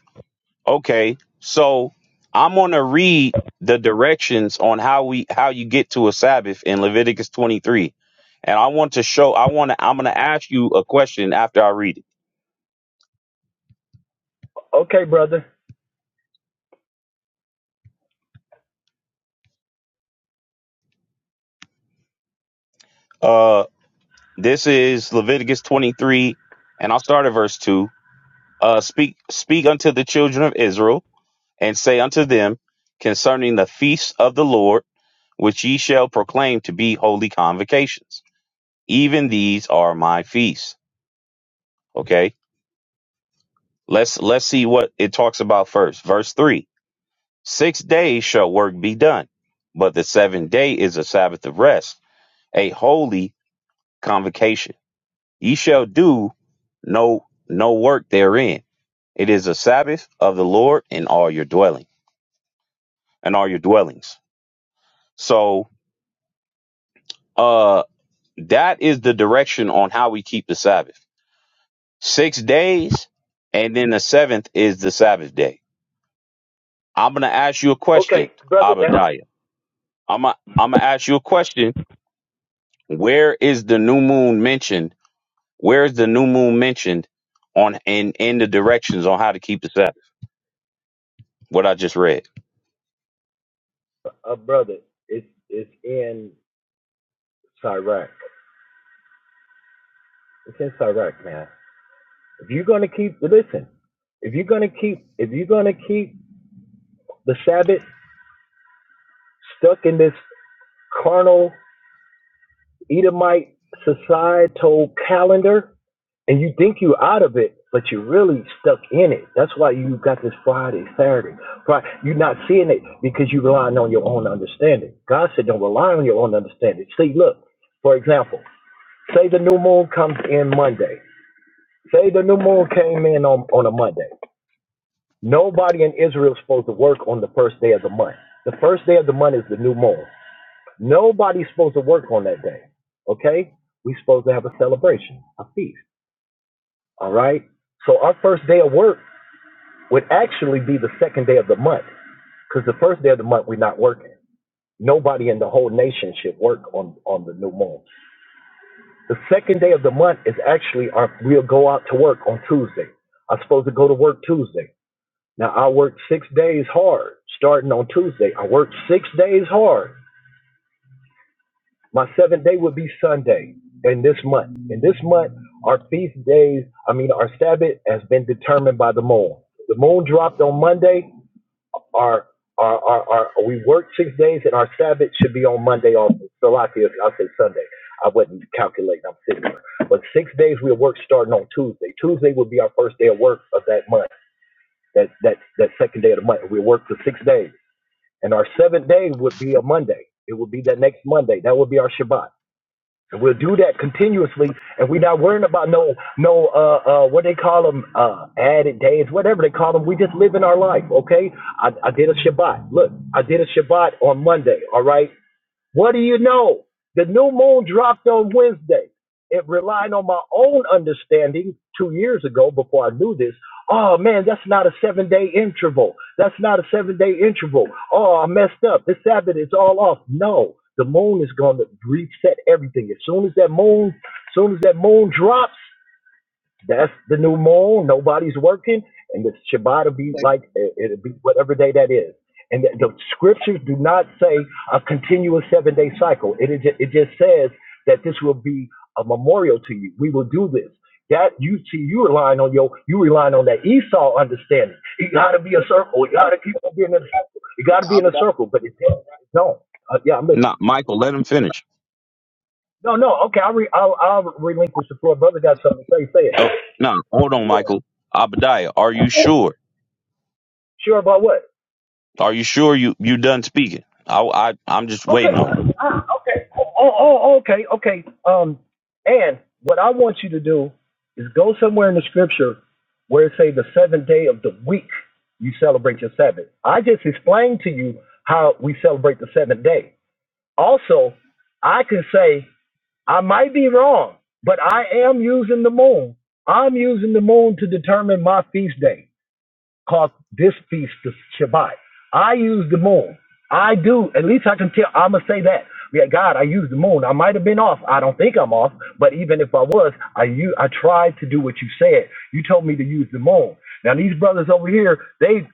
S1: okay. So I'm gonna read the directions on how we how you get to a Sabbath in Leviticus 23, and I want to show. I want to. I'm gonna ask you a question after I read it.
S6: Okay, brother.
S1: Uh, this is Leviticus 23, and I'll start at verse two. Uh, speak speak unto the children of Israel and say unto them concerning the feasts of the Lord, which ye shall proclaim to be holy convocations. Even these are my feasts. Okay. Let's let's see what it talks about first. Verse three. Six days shall work be done, but the seventh day is a Sabbath of rest, a holy convocation. Ye shall do no no work therein. It is a Sabbath of the Lord in all your dwelling and all your dwellings. So uh. That is the direction on how we keep the Sabbath. Six days, and then the seventh is the Sabbath day. I'm gonna ask you a question,
S6: Okay, brother. Now,
S1: Abadiah. I'm gonna, I'm gonna ask you a question. Where is the new moon mentioned? Where is the new moon mentioned on in in the directions on how to keep the Sabbath? What I just read.
S6: uh, brother, it's it's in Iraq. It's in Iraq, man. If you're gonna keep listen, if you're gonna keep if you're gonna keep the Sabbath stuck in this carnal Edomite societal calendar, and you think you are out of it, but you're really stuck in it. That's why you got this Friday, Saturday. Friday. You're not seeing it because you're relying on your own understanding. God said, don't rely on your own understanding. See, look, for example, say the new moon comes in Monday. Say the new moon came in on, on a Monday. Nobody in Israel is supposed to work on the first day of the month. The first day of the month is the new moon. Nobody's supposed to work on that day. Okay? We're supposed to have a celebration, a feast. All right? So our first day of work would actually be the second day of the month because the first day of the month we're not working. Nobody in the whole nation should work on, on the new moon. The second day of the month is actually our, we'll go out to work on Tuesday. I'm supposed to go to work Tuesday. Now I worked six days hard, starting on Tuesday. I worked six days hard. My seventh day would be Sunday in this month. In this month, our feast days, I mean our Sabbath has been determined by the moon. The moon dropped on Monday. Our our, our, our we worked six days and our Sabbath should be on Monday also. So I feel- I'll say Sunday. I wasn't calculating, I'm sitting here. But six days we'll work starting on Tuesday. Tuesday will be our first day of work of that month, that that that second day of the month. We'll work for six days. And our seventh day would be a Monday. It would be that next Monday. That would be our Shabbat. And we'll do that continuously. And we're not worrying about no, no, uh, uh, what they call them, uh, added days, whatever they call them. We just live in our life, okay? I, I did a Shabbat. Look, I did a Shabbat on Monday, all right? What do you know? The new moon dropped on Wednesday. It relied on my own understanding two years ago before I knew this. Oh man, that's not a seven day interval. That's not a seven day interval. Oh, I messed up. The Sabbath is all off. No, the moon is going to reset everything. As soon as that moon, as soon as that moon drops, that's the new moon. Nobody's working, and the Shabbat will be
S4: think
S6: like it- will be whatever day that is. And the, the scriptures do not say a continuous seven day cycle. It is it just says that this will be a memorial to you. We will do this. That you see, you relying on your you relying on that Esau understanding. It got to be a circle. It got to keep on being in a circle. It got to
S4: that
S6: be in
S4: Abu
S6: a
S4: Dhabi-
S6: circle. But it don't. Uh, yeah, I'm listening.
S1: Nah, Michael, let him finish.
S6: No, no. Okay, I'll, re- I'll I'll relinquish the floor. Brother got something to say. Say
S1: Oh,
S6: it.
S1: no, hold on, Michael. Abadiah, are you sure?
S6: Sure about what?
S1: Are you sure you you done speaking? I I I'm just
S6: Okay.
S1: waiting on you.
S6: Ah, okay. Oh, oh, oh, oh, okay, okay. Um, and what I want you to do is go somewhere in the scripture where it say the seventh day of the week you celebrate your Sabbath. I just explained to you how we celebrate the seventh day. Also, I can say I might be wrong, but I am using the moon. I'm using the moon to determine my feast day cause this feast the Shabbat. I use the moon. I do. At least I can tell. I'm gonna say that. Yeah, God, I used the moon. I might have been off. I don't think I'm off. But even if I was, I u- I tried to do what you said. You told me to use the moon. Now these brothers over here, they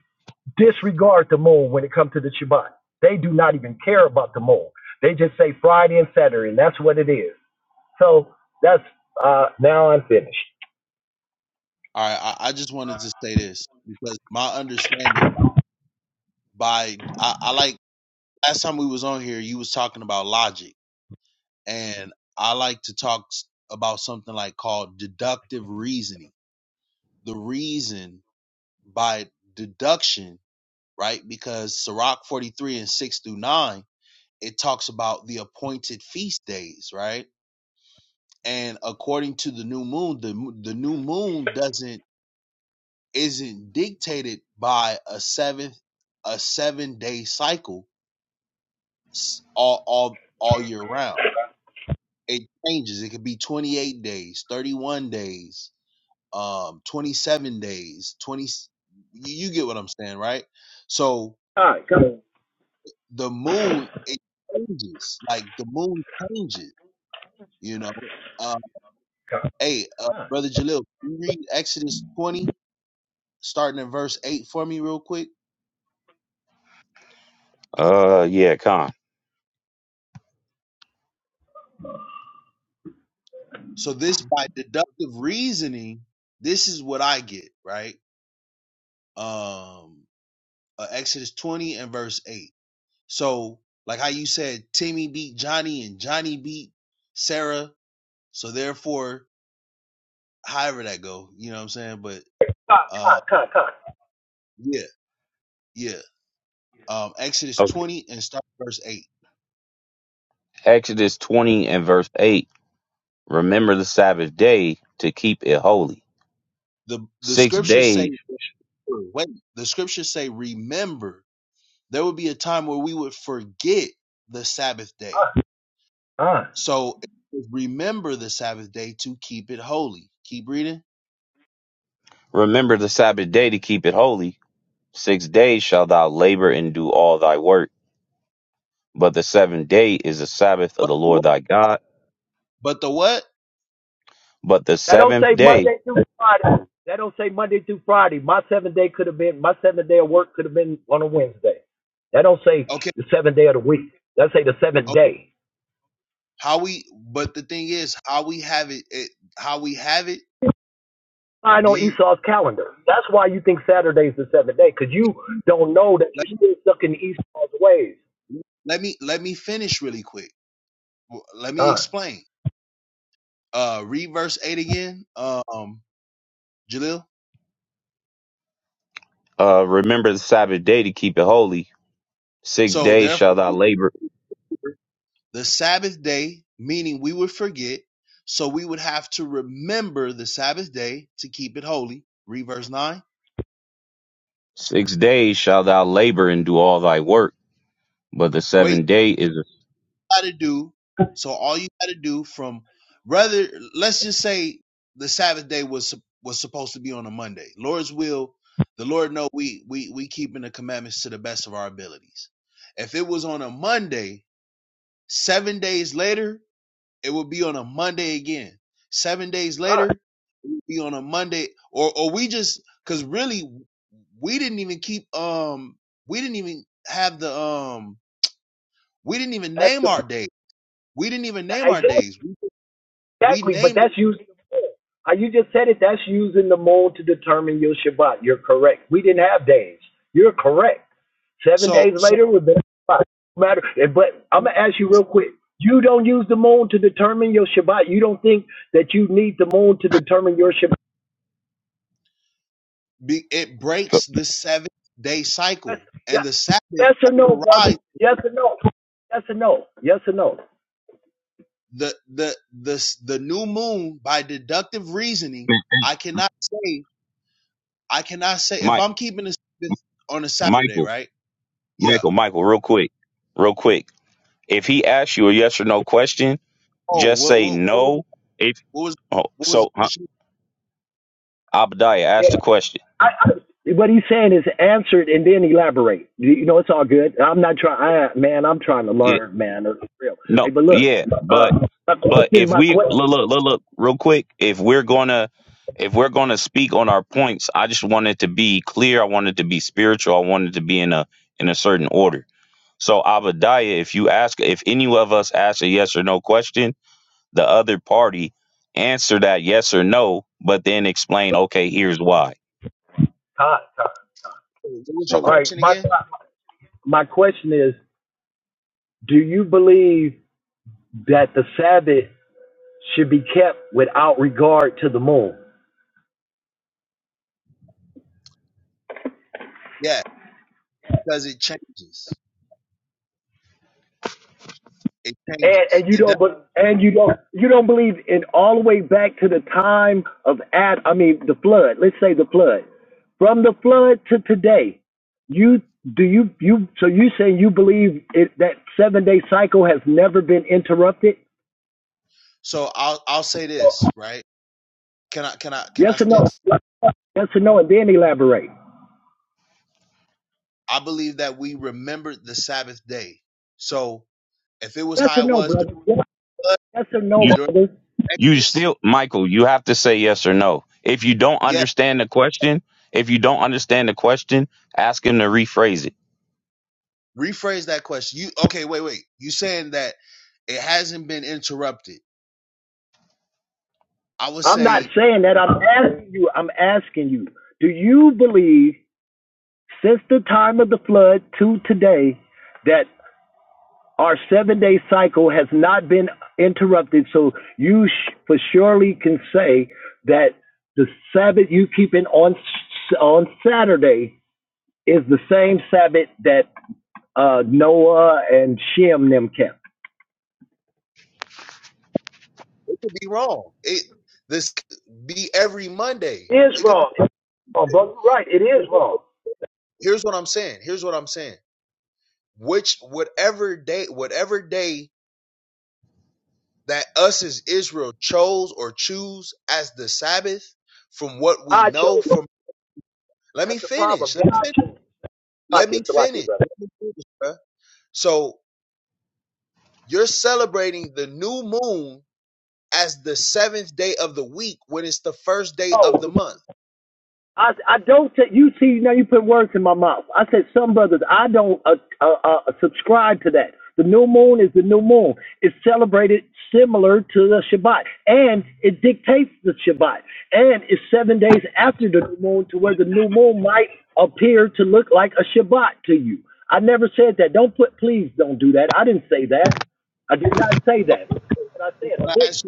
S6: disregard the moon when it comes to the Shabbat. They do not even care about the moon. They just say Friday and Saturday, and that's what it is. So that's uh now I'm finished.
S4: all right, I, I just wanted to say this because my understanding by I, I like last time we was on here, you was talking about logic and I like to talk about something like called deductive reasoning. The reason by deduction, right? Because Sirach 43 and 6 through 9, it talks about the appointed feast days, right? And according to the new moon, the the new moon doesn't isn't dictated by a seventh a seven day cycle all all all year round. It changes. It could be 28 days, 31 days, um 27 days 20 you, you get what i'm saying right so
S6: All right, come on.
S4: the moon it changes like the moon changes you know uh hey uh,
S6: Con,
S4: brother jalil can you read exodus 20 starting in verse 8 for me real quick
S1: Uh, yeah, Con.
S4: so this by deductive reasoning this is what i get right um uh, exodus 20 and verse 8 so like how you said timmy beat johnny and johnny beat sarah so therefore however that go. You know what I'm saying? But
S6: con,
S4: uh,
S6: con,
S4: yeah, yeah. Um, Exodus 20 and start at verse 8.
S1: Exodus 20 and verse 8 Remember the Sabbath day to keep it holy.
S4: The the
S1: Six
S4: scriptures say
S1: days,
S4: wait. The scriptures say remember. There would be a time where we would forget the Sabbath day.
S6: con, con.
S4: So remember the Sabbath day to keep it holy. Keep reading.
S1: remember the Sabbath day to keep it holy. Six days shalt thou labor and do all thy work. But the seventh day is the Sabbath of
S4: But
S1: the
S4: the
S1: Lord
S4: what?
S1: thy God.
S4: But the what?
S1: But the
S6: That don't
S1: seventh
S6: say
S1: day,
S6: Monday through Friday. That don't say Monday through Friday. My seventh day could have been my seventh day of work could have been on a Wednesday. That don't say
S4: Okay.
S6: the seventh day of the week. That say the seventh
S4: Okay.
S6: day.
S4: How we? But the thing is, how we have it. it how we have it?
S6: Sign
S4: Do
S6: on
S4: you?
S6: Esau's calendar. That's why you think Saturday's the seventh day, because you don't know that
S4: Let
S6: you're
S4: me,
S6: still stuck in Esau's ways.
S4: let me let me finish really quick Well, let me
S6: Uh,
S4: explain. Uh, read verse 8 again, um, Jalil.
S1: uh, remember the Sabbath day to keep it holy. Six
S4: So,
S1: days
S4: therefore,
S1: shalt thou labor.
S4: the Sabbath day, meaning we would forget, so we would have to remember the Sabbath day to keep it holy. Read verse 9.
S1: Six days shalt thou labor and do all thy work. But the
S4: Wait,
S1: seventh day is a.
S4: what you got to do? So, all you got to do from rather, let's just say the Sabbath day was was supposed to be on a Monday. Lord's will, the Lord know we we we keeping the commandments to the best of our abilities. If it was on a Monday, seven days later, It would be on a Monday again. Seven days
S6: uh,
S4: later, it would be on a Monday, or or we just because really we didn't even keep um we didn't even have the um we didn't even
S6: that's
S4: name
S6: the
S4: our days. We didn't even name our
S6: hey,
S4: days. We we
S6: Exactly, but
S4: named them.
S6: that's using the mold. How you just said it, that's using the mold to determine your Shabbat. You're correct. We didn't have days. You're correct. Seven days
S4: so so
S6: later would be Shabbat. No matter. But I'm gonna ask you real quick. You don't use the mold to determine your Shabbat. You don't think that you need the mold to determine your Shabbat.
S4: it breaks the seventh day
S6: Yes,
S4: cycle and
S6: yes,
S4: the Sabbath
S6: yes or no, brother.
S4: overrides
S6: Yes or no. Yes or no. Yes or no.
S4: the the the the new moon by deductive reasoning. I cannot say. I cannot say if
S1: Mike,
S4: I'm keeping the Sabbath on a Saturday,
S1: Michael,
S4: right? Yeah.
S1: Michael, Michael, real quick, real quick. If he asks you a yes or no question,
S4: Oh,
S1: just
S4: what
S1: say
S4: what what was
S1: no. If
S4: what was,
S1: oh,
S4: what was the
S1: so, huh?
S4: question?
S1: Abadiah
S6: Yeah.
S1: asked the question.
S6: I, I, what he's saying is answer it and then elaborate. You know, it's all good. I'm not trying, man. I'm trying to
S1: Yeah,
S6: learn, man. It's real.
S1: no,
S6: Hey, but look,
S1: yeah, but
S6: uh, my
S1: but
S6: question,
S1: if
S6: my
S1: we
S6: question,
S1: look, look, look, look, real quick, if we're gonna if we're gonna speak on our points, I just wanted to be clear. I wanted to be spiritual. I wanted to be in a in a certain order. So Abadiah, if you ask, if any of us ask a yes or no question, the other party answer that yes or no, but then explain. Okay, here's why.
S6: Todd, Todd.
S4: What was your
S1: So
S6: All right,
S4: question
S6: my
S4: again?
S6: my question is: Do you believe that the Sabbath should be kept without regard to the moon?
S4: Yeah, because it changes. It
S6: and,
S4: changes.
S6: and you
S4: It does.
S6: don't but and you don't you don't believe in all the way back to the time of Ad I mean the flood. Let's say the flood. From the flood to today, you do you you so you saying you believe it, that seven day cycle has never been interrupted?
S4: So I'll I'll say this, right? Can I can I can
S6: Yes
S4: I
S6: or
S4: say
S6: no?
S4: this?
S6: Yes or no, and then elaborate.
S4: I believe that we remembered the Sabbath day. So if it was
S6: Yes or
S4: how it
S6: no,
S4: was during
S6: brother? Yes
S4: flood,
S6: or no,
S1: you
S4: during
S6: brother?
S1: You
S4: Exodus,
S1: still, Michael, you have to say yes or no. If you don't
S4: yeah.
S1: understand the question, if you don't understand the question, ask him to rephrase it.
S4: Rephrase that question. You okay? Wait, wait. You saying that it hasn't been interrupted? I would
S6: I'm not
S4: say
S6: saying that. I'm asking you. I'm asking you. Do you believe since the time of the flood to today? that Our seven day cycle has not been interrupted, so you sh- for surely can say that the Sabbath you keeping on on Saturday is the same Sabbath that uh, Noah and Shem them kept.
S4: It could be wrong. It this could be every Monday.
S6: It is
S4: It could be.
S6: wrong. It's wrong, brother. You're right. It is wrong.
S4: Here's what I'm saying. Here's what I'm saying. Which whatever day, whatever day that us as Israel chose or choose as the Sabbath, from what we
S6: I
S4: know,
S6: chose.
S4: from let me
S6: That's the problem.
S4: finish. Let me
S6: God
S4: finish.
S6: chose. Like
S4: Let me
S6: it. So like it,
S4: finish.
S6: brother.
S4: Let me finish bruh. So you're celebrating the new moon as the seventh day of the week when it's the first day of
S6: Oh,
S4: the month.
S6: I I don't t- you see now you put words in my mouth. I said some brothers I don't uh, uh, uh, subscribe to that. The new moon is the new moon. It's celebrated similar to the Shabbat, and it dictates the Shabbat, and it's seven days after the new moon to where the new moon might appear to look like a Shabbat to you. I never said that. Don't put please don't do that. I didn't say that. I did not say
S4: Okay,
S6: that. What I
S4: can
S6: said I didn't.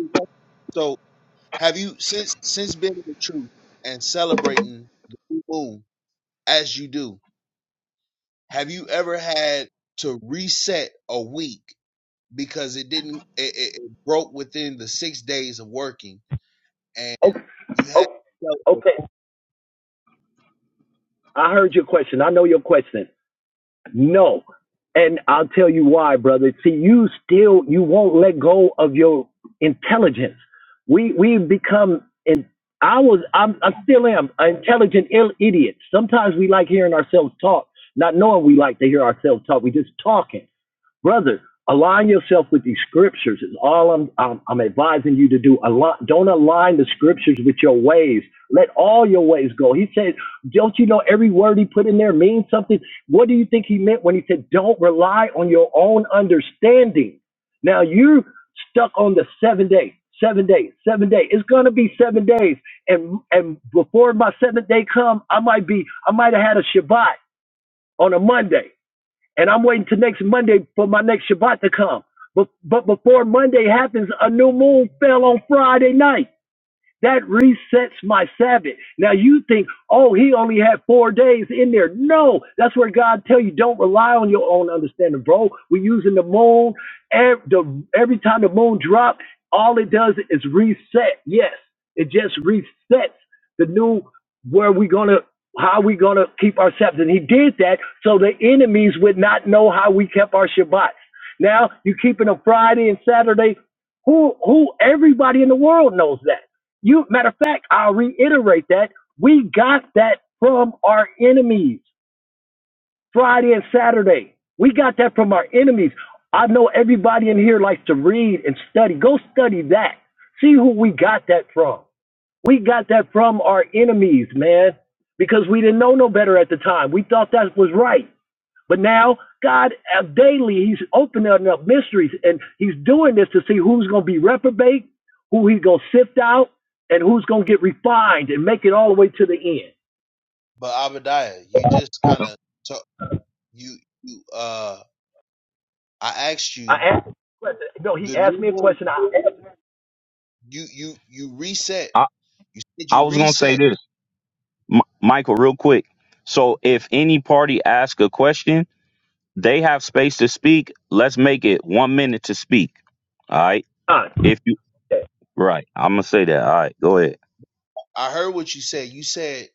S4: Have you since since being in the truth and celebrating the new moon as you do? Have you ever had to reset a week because it didn't it, it, it broke within the six days of working
S6: Okay,
S4: and you had
S6: okay,
S4: to celebrate?
S6: okay. I heard your question. I know your question. No. And I'll tell you why, brother. See, you still you won't let go of your intelligence. We we become and I was I'm I still am an intelligent Ill idiot. Sometimes we like hearing ourselves talk, not knowing we like to hear ourselves talk. We just talking brother, align yourself with these scriptures is all I'm, I'm, I'm advising you to do. Align, don't align the scriptures with your ways. Let all your ways go. He said, don't you know every word he put in there means something? What do you think he meant when he said, don't rely on your own understanding? Now you're stuck on the seven day, seven day, seven day. It's going to be seven days. And, and before my seventh day come, I might be, I might have had a Shabbat on a Monday and I'm waiting till next Monday for my next Shabbat to come. But but before Monday happens, a new moon fell on Friday night. That resets my Sabbath. Now you think, oh, he only had four days in there. No, that's where God tell you don't rely on your own understanding, bro. We're using the moon. Every, the, every time the moon drops, all it does is reset. Yes, it just resets the new where we gonna how we gonna keep our Sabbath. And he did that so the enemies would not know how we kept our Shabbats. Now you keeping a Friday and Saturday. Who who everybody in the world knows that. You matter of fact, I'll reiterate that we got that from our enemies. Friday and Saturday, we got that from our enemies. I know everybody in here likes to read and study. Go study that. See who we got that from. We got that from our enemies, man, because we didn't know no better at the time. We thought that was right. But now, God, uh, daily, He's opening up mysteries, and He's doing this to see who's going to be reprobate, who He's going to sift out, and who's going to get refined and make it all the way to the end.
S4: But Abadiah, you just kind of you you uh I asked
S6: I
S4: you
S6: asked him a question. No, He
S4: the
S6: asked
S4: new
S6: me a
S4: moon
S6: question. I answered
S4: you you you reset
S1: I,
S4: you said
S1: I
S4: you
S1: was going to say
S4: reset
S1: this, M- Michael, real quick. So if any party asks a question, they have space to speak. Let's make it one minute to speak. All right.
S6: honestly,
S1: If you, right. I'm going to say that. All right. Go ahead.
S4: I heard what you said you said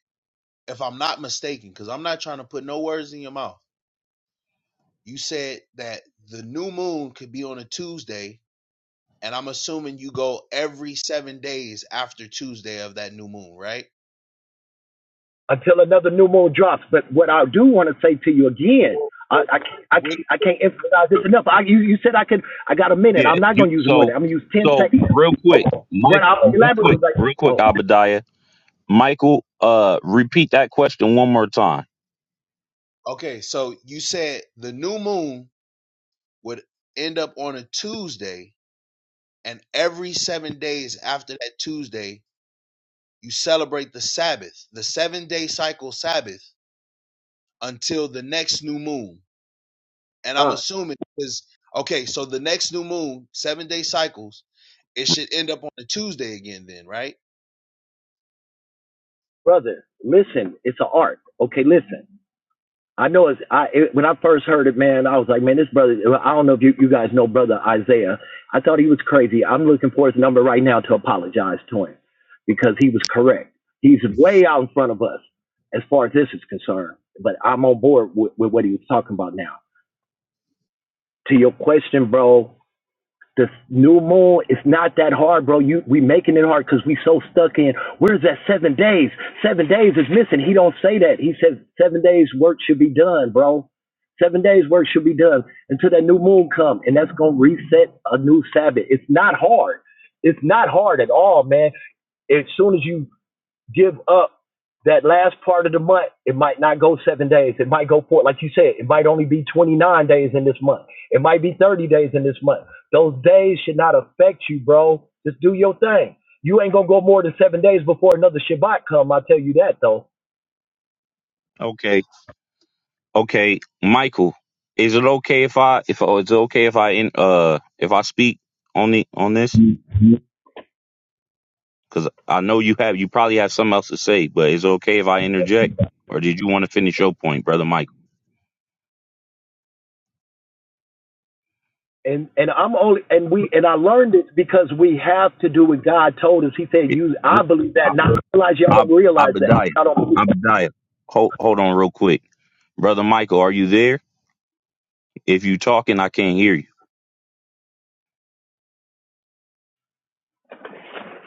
S4: if I'm not mistaken because I'm not trying to put no words in your mouth You said that the new moon could be on a Tuesday, and I'm assuming you go every seven days after Tuesday of that new moon, right?
S6: until another new moon drops. But what I do want to say to you again. I, I can't, I can't, I can't emphasize this enough. I, you, you said I could, I got a minute.
S1: Yeah.
S6: I'm not
S1: You,
S6: going to use a minute.
S1: so,
S6: I'm going to use 10
S1: so
S6: seconds.
S1: real quick,
S6: Okay. What
S1: Mike,
S6: I'll
S1: real quick,
S6: elaborate right now.
S1: real quick,
S6: Oh,
S1: Abadiah, Michael, uh, repeat that question one more time.
S4: Okay, so you said the new moon would end up on a Tuesday, and every seven days after that Tuesday, you celebrate the Sabbath, the seven day cycle Sabbath, until the next new moon. And I'm
S6: uh,
S4: assuming because okay, so the next new moon, seven day cycles, it should end up on a Tuesday again. Then, right?
S6: brother, listen, it's an art. Okay, listen. I know it's I it, when I first heard it, man, I was like, man, this brother. I don't know if you, you guys know brother Isaiah. I thought he was crazy. I'm looking for his number right now to apologize to him because he was correct. He's way out in front of us as far as this is concerned. But I'm on board with, with what he was talking about now. To your question, bro, the new moon is not that hard, bro. You we making it hard because we so stuck in. Where's that seven days? Seven days is missing. He don't say that. He says seven days work should be done, bro. Seven days work should be done until that new moon come, and that's gonna reset a new Sabbath. It's not hard. It's not hard at all, man. As soon as you give up that last part of the month. It might not go seven days. It might go four, like you said, it might only be 29 days in this month. It might be 30 days in this month. Those days should not affect you, bro. Just do your thing. You ain't gonna go more than seven days before another Shabbat come. I tell you that though.
S1: Okay. Okay, Michael, is it okay if I if oh, it's okay if I in uh if I speak on the on this? Because I know you have you probably have something else to say, but is it okay if I interject, or did you want to finish your point, brother Michael?
S6: And and I'm only and we and I learned it because we have to do what God told us. He said,
S1: It-
S6: "You." I
S1: re-
S6: believe that.
S1: I
S6: Not realize y'all
S1: I
S6: don't realize that.
S1: Abadiah,
S6: I don't
S1: Abadiah, hold hold on real quick, brother Michael, are you there? If you talking, I can't hear you.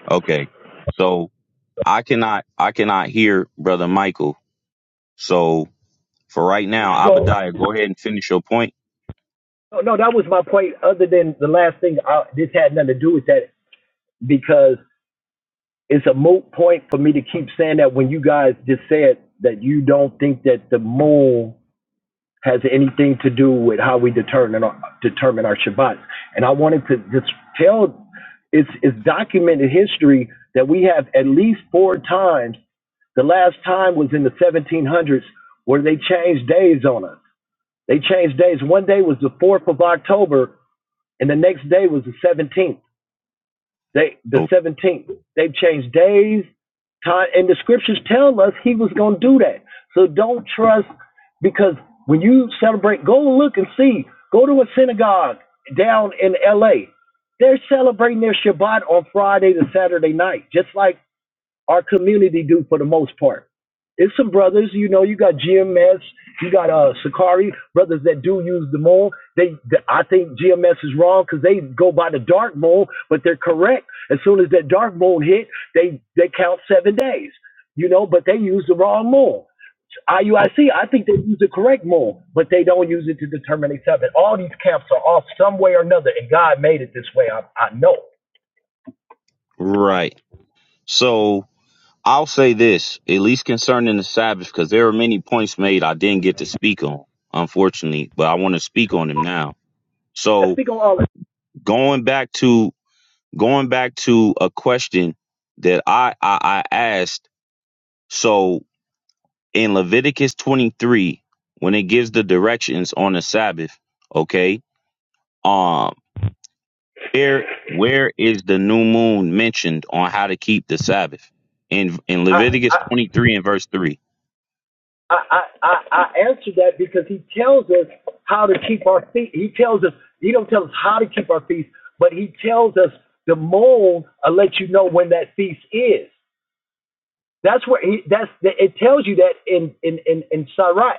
S1: Okay, so I cannot I cannot hear brother Michael. So for right now,
S6: go.
S1: Abadiah, go ahead and finish your point
S6: No, no, that was my point. Other than the last thing, I, this had nothing to do with that. because it's a moot point for me to keep saying that when you guys just said that you don't think that the moon has anything to do with how we determine our, determine our Shabbats, And I wanted to just tell it's, it's documented history that we have at least four times. The last time was in the 1700s where they changed days on us. They changed days. One day was the 4th of October, and the next day was the 17th. They the
S1: Oh,
S6: seventeenth. They've changed days, time, and the scriptures tell us he was going to do that. So don't trust because when you celebrate, go look and see. Go to a synagogue down in L.A. They're celebrating their Shabbat on Friday to Saturday night, just like our community do for the most part. It's some brothers, you know, you got GMS, you got uh Sakari, brothers that do use the moon. They, th- I think GMS is wrong because they go by the dark moon, but they're correct. As soon as that dark moon hit, they they count seven days, you know, but they use the wrong moon. IUIC, I
S1: oh,
S6: C, I think they use the correct moon, but they don't use it to determine a seven. All these camps are off some way or another, and God made it this way. I, I know.
S1: right. So I'll say this, at least concerning the Sabbath, because there are many points made I didn't get to speak on, unfortunately, but I want to speak on them now.
S6: And
S1: So
S6: speak on all that.
S1: going back to going back to a question that I, I, I asked. So in Leviticus 23, when it gives the directions on the Sabbath, okay, um, Where where is the new moon mentioned on how to keep the Sabbath? In in
S6: I,
S1: Leviticus
S6: I,
S1: 23 and verse 3.
S6: I, I, I, I answer that because he tells us how to keep our feet. He tells us, he don't tell us how to keep our feast, but he tells us the mold will let you know when that feast is. That's where he, that's, it tells you that in, in, in, in Sirach.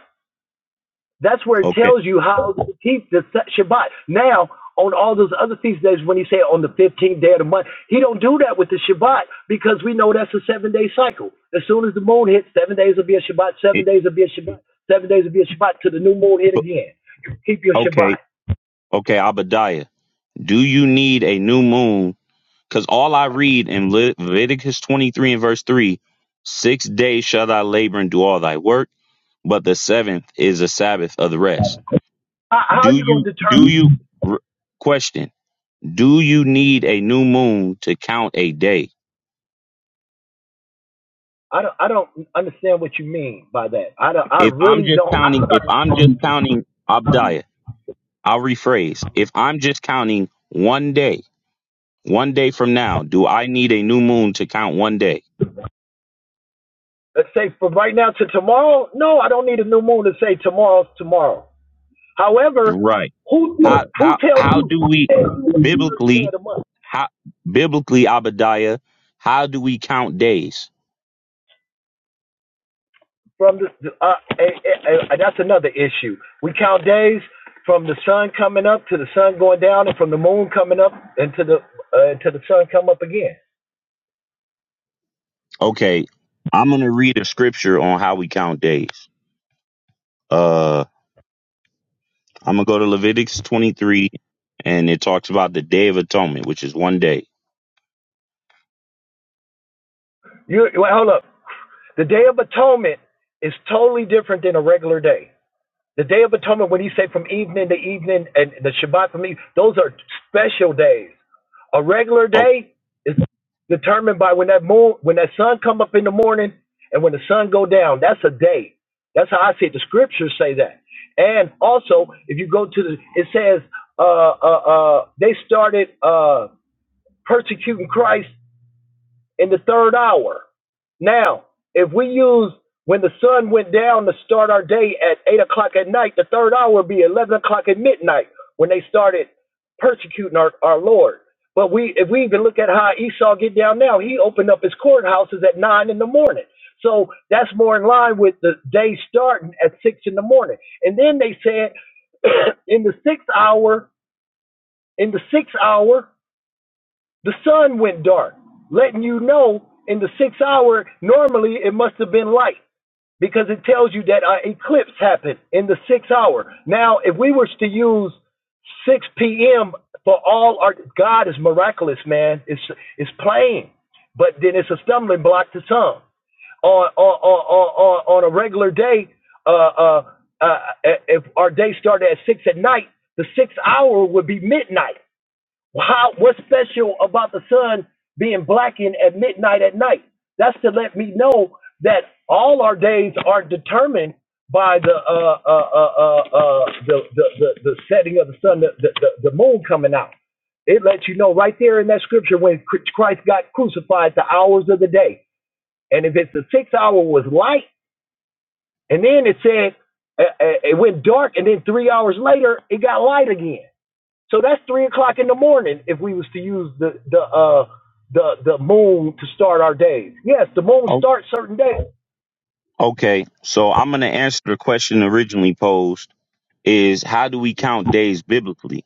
S6: That's where it
S1: Okay.
S6: tells you how to keep the Shabbat. Now, on all those other feast days, when he said on the 15th day of the month, he don't do that with the Shabbat because we know that's a seven-day cycle. As soon as the moon hits, seven days will be a Shabbat, seven
S1: It-
S6: days will be a Shabbat, seven days will be a Shabbat till the new moon hit
S1: but-
S6: again. You keep your
S1: okay.
S6: Shabbat.
S1: Okay, Abadiah. Do you need a new moon? Because all I read in Le- Leviticus 23 and verse 3, six days shall thy labor and do all thy work, but the seventh is a Sabbath of the rest.
S6: How, are
S1: Do
S6: you going
S1: you,
S6: to
S1: do
S6: determine?
S1: you, r- question, do you need a new moon to count a day?
S6: I don't, I don't understand what you mean by that. I don't, I
S1: If I'm
S6: really
S1: just
S6: don't. I
S1: counting, if
S6: started,
S1: I'm just counting Abdiah, I'll rephrase. If I'm just counting one day, one day from now, do I need a new moon to count one day?
S6: let's say from right now to tomorrow. No, I don't need a new moon to say tomorrow's tomorrow. However,
S1: Right.
S6: who
S1: How
S6: who
S1: how
S6: tells
S1: how
S6: you
S1: do we
S6: day of
S1: biblically
S6: the month
S1: how biblically Abadiah, how do we count days?
S6: from the uh, eh, eh, eh, that's another issue. We count days from the sun coming up to the sun going down, and from the moon coming up and to the uh, to the sun come up again.
S1: Okay, I'm gonna read a scripture on how we count days. Uh I'm gonna go to Leviticus 23 and it talks about the day of atonement, which is one day.
S6: You wait, hold up. The Day of Atonement is totally different than a regular day. The Day of Atonement, when you say from evening to evening, and the Shabbat from evening, those are special days. A regular
S1: Oh,
S6: day is determined by when that moon, when that sun come up in the morning and when the sun go down. That's a day. That's how I see it. The scriptures say that. And also, if you go to the, it says uh, uh, uh, they started uh, persecuting Christ in the third hour. Now, if we use when the sun went down to start our day at eight o'clock at night, the third hour would be eleven o'clock at midnight when they started persecuting our, our Lord. But we, if we even look at how Esau get down now, he opened up his courthouses at nine in the morning. So that's more in line with the day starting at six in the morning. And then they said in the sixth hour, in the sixth hour, the sun went dark, letting you know in the sixth hour, normally it must have been light because it tells you that an eclipse happened in the sixth hour. Now, if we were to use 6 p.m. for all our God is miraculous, man. It's it's plain, but then it's a stumbling block to some. On on on on, on a regular day, uh, uh, uh, if our day started at six at night, the sixth hour would be midnight. How, what's special about the sun being blackened at midnight at night? That's to let me know that all our days are determined by the uh, uh, uh, uh, uh, the, the, the the setting of the sun, the, the, the moon coming out. It lets you know right there in that scripture when Christ got crucified, the hours of the day. And if it's the sixth hour was light, and then it said uh, uh, it went dark, and then three hours later it got light again. So that's three o'clock in the morning if we was to use the the uh the the moon to start our days. Yes, the moon
S1: oh,
S6: starts certain days.
S1: Okay, so I'm going to answer the question originally posed is how do we count days biblically?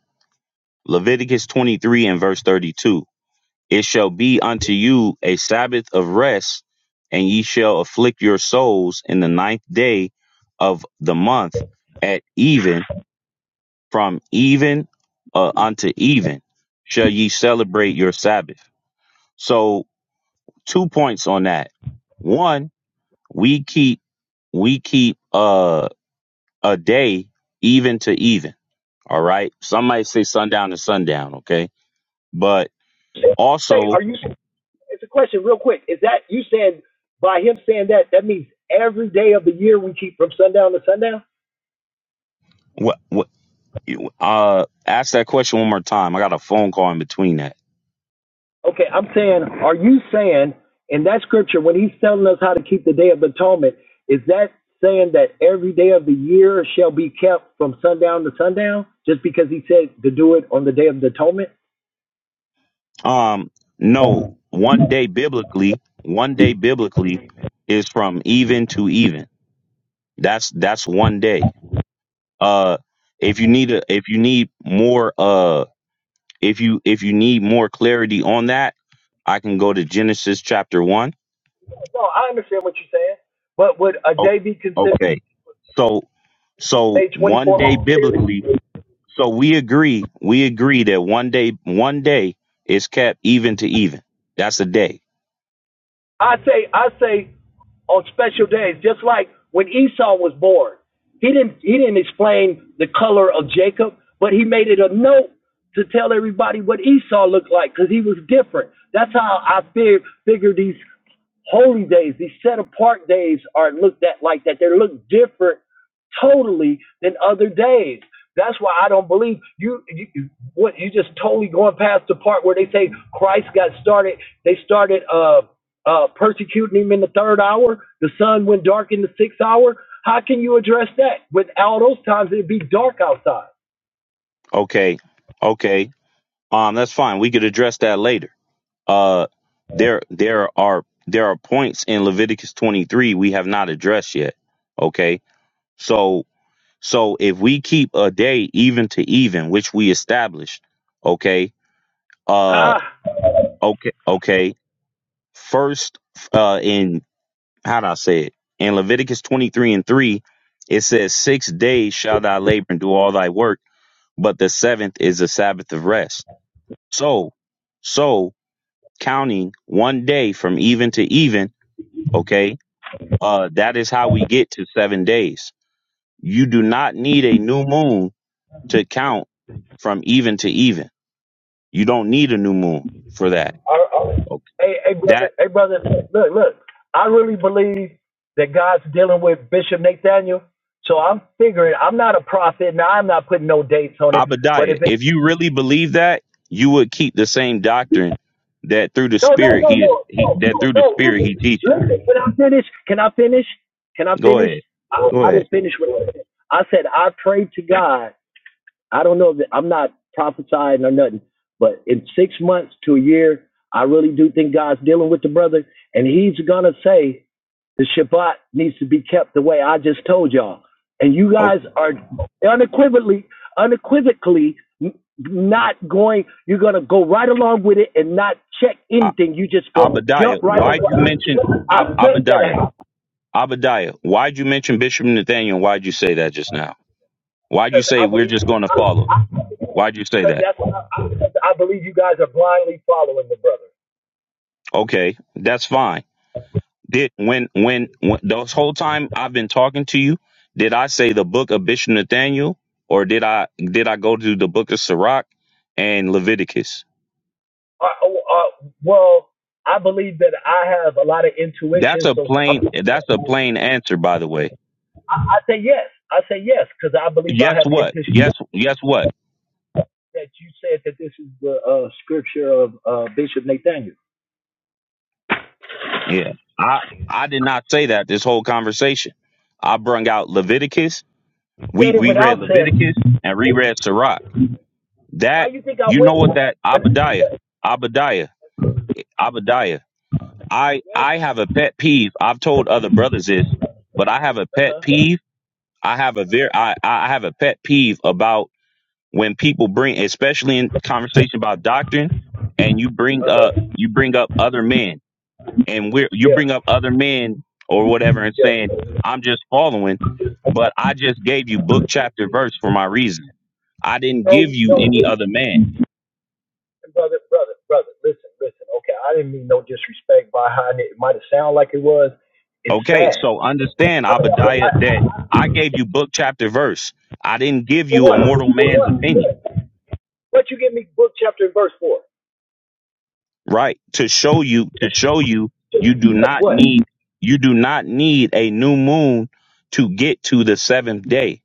S1: Leviticus 23 and verse 32. It shall be unto you a Sabbath of rest, and ye shall afflict your souls in the ninth day of the month at even, from even uh, unto even shall ye celebrate your Sabbath. So, two points on that. One, we keep, we keep, uh. a day, even to even. All right. Some might say sundown to sundown. Okay. But
S6: Say,
S1: also,
S6: are you? It's a question, real quick. Is that you saying by him saying that that means every day of the year we keep from sundown to sundown?
S1: what, what, uh, ask that question one more time. I got a phone call in between that.
S6: Okay, I'm saying, are you saying in that scripture when he's telling us how to keep the day of atonement, is that saying that every day of the year shall be kept from sundown to sundown just because he said to do it on the day of atonement?
S1: Um, no, one day biblically, one day biblically is from even to even. That's, that's one day. Uh, if you need a, if you need more, uh, if you, if you need more clarity on that, I can go to Genesis chapter one.
S6: No, I understand what you're saying, but would a
S1: Oh,
S6: day be considered
S1: okay. So so
S6: a
S1: one
S6: 24
S1: day
S6: hour period?
S1: biblically, so we agree, we agree that one day one day is kept even to even. That's a day.
S6: I say, I say, on special days, just like when Esau was born, he didn't he didn't explain the color of Jacob, but he made it a note to tell everybody what Esau looked like because he was different. That's how I fig- figure these holy days, these set apart days are looked at like that. They look different totally than other days. That's why I don't believe you, you. What you just totally going past the part where they say Christ got started. They started uh, uh, persecuting him in the third hour. The sun went dark in the sixth hour. How can you address that? With all those times, it'd be dark outside.
S1: Okay. Okay. Um that's fine. We could address that later. Uh there there are there are points in Leviticus 23 we have not addressed yet. Okay? So so if we keep a day even to even, which we established, okay? Uh.
S6: Ah.
S1: Okay, okay. First, uh, in how do I say it? In Leviticus twenty three and three, it says, "Six days shall thou labor and do all thy work, but the seventh is a Sabbath of rest." So, so counting one day from even to even, okay, uh, that is how we get to seven days. You do not need a new moon to count from even to even. You don't need a new moon for that.
S6: All right, all right. Hey, hey,
S1: Okay.
S6: brother, hey, brother, look, look. I really believe that God's dealing with Bishop Nathaniel. So I'm figuring I'm not a prophet. Now I'm not putting no dates on it. But
S1: Abadiah,
S6: if it,
S1: if you really believe that, you would keep the same doctrine that through the
S6: no, no,
S1: Spirit
S6: no,
S1: he is
S6: no,
S1: he,
S6: no,
S1: that
S6: no,
S1: through the
S6: no.
S1: Spirit he
S6: Listen,
S1: teaches.
S6: listen. Can I finish? Can I finish? Can I
S1: Go
S6: finish?
S1: ahead,
S6: I,
S1: go
S6: I
S1: ahead.
S6: didn't finish what I said. I said I prayed to God I don't know that I'm not prophesying or nothing, but in six months to a year, I really do think God's dealing with the brother, and He's gonna say the Shabbat needs to be kept the way I just told y'all, and you
S1: Oh,
S6: guys are unequivocally, unequivocally not going. You're gonna go right along with it and not check
S1: A-
S6: anything. You just go jump
S1: Abadiah,
S6: right over.
S1: why'd you mention
S6: I
S1: Ab-
S6: bet
S1: Abadiah?
S6: that
S1: Abadiah, why'd you mention Bishop Nathaniel? Why'd you say that just now? Why'd you
S6: because
S1: say
S6: I
S1: we're
S6: believe
S1: just going to follow? Why'd you say
S6: because
S1: that?
S6: that's I, I believe you guys are blindly following the brother.
S1: Okay, that's fine. did when when when this whole time I've been talking to you, did I say the book of Bishop Nathaniel or did I did I go to the book of Sirach and Leviticus?
S6: Uh, oh, uh, well, I believe that I have a lot of
S1: That's
S6: intuition,
S1: a
S6: so I'm,
S1: plain that's a plain answer by the way.
S6: I, I say yes. I say yes because I believe I
S1: Yes
S6: have
S1: what?
S6: intuition.
S1: Yes yes what?
S6: That you said that this is the uh, scripture of uh, Bishop Nathaniel.
S1: Yeah. I I did not say that this whole conversation. I brung out Leviticus. We
S6: Said it
S1: we read
S6: without saying.
S1: Leviticus and reread Sirach.
S6: Why
S1: That
S6: you think I
S1: you know
S6: went?
S1: what that Abadiah, Abadiah, Abadiah. I
S6: yes.
S1: I have a pet peeve. I've told other brothers this, but I have a pet
S6: Uh-huh.
S1: peeve. I have a very I I I have a pet peeve about when people bring, especially in conversation about doctrine, and you bring up you bring up other men, and we're you bring up other men or whatever, and saying I'm just following, but I just gave you book chapter verse for my reason. I didn't give
S6: No,
S1: you
S6: no,
S1: any other man.
S6: brother, brother, brother, listen, listen. Okay, I didn't mean no disrespect by how it might have sounded like it was. It's
S1: Okay,
S6: sad.
S1: so understand, Abadiah,
S6: I,
S1: that I gave you book, chapter, verse. I didn't give
S6: for
S1: you a
S6: what?
S1: mortal
S6: For
S1: man's opinion,
S6: what? What you give me book, chapter, and verse for?
S1: right? To show you, to show you, you do not
S6: What?
S1: need, you do not need a new moon to get to the seventh day.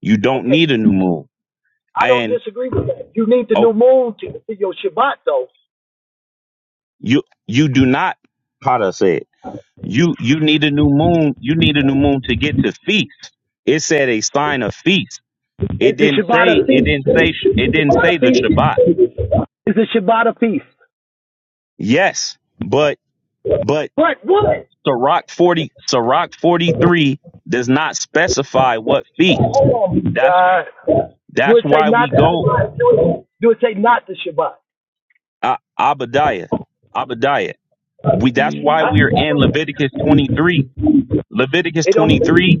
S1: You don't
S6: Okay,
S1: need a new moon,
S6: I don't
S1: and
S6: disagree with that. You need the
S1: oh,
S6: new moon to, see your Shabbat, though.
S1: you you do not. Potter said, You you need a new moon. You need a new moon to get to feast. It said a sign of feast.
S6: Is
S1: It
S6: the
S1: didn't
S6: Shabbat
S1: say.
S6: a
S1: It
S6: feast?
S1: didn't say.
S6: Is
S1: It
S6: the
S1: didn't
S6: Shabbat
S1: say
S6: a
S1: the Shabbat.
S6: feast? Is the Shabbat a feast?
S1: Yes, but but
S6: But what?
S1: Sirach forty Sirach forty three does not specify what feast.
S6: Hold on,
S1: That's
S6: God. Do
S1: that's
S6: it say
S1: why
S6: not
S1: we
S6: the
S1: go
S6: Shabbat? Do it, do it say not the Shabbat?
S1: uh, Abadiah Abadiah. We that's why we are in
S6: Huh?
S1: Leviticus twenty three. Leviticus
S6: It don't.
S1: twenty
S6: say
S1: three.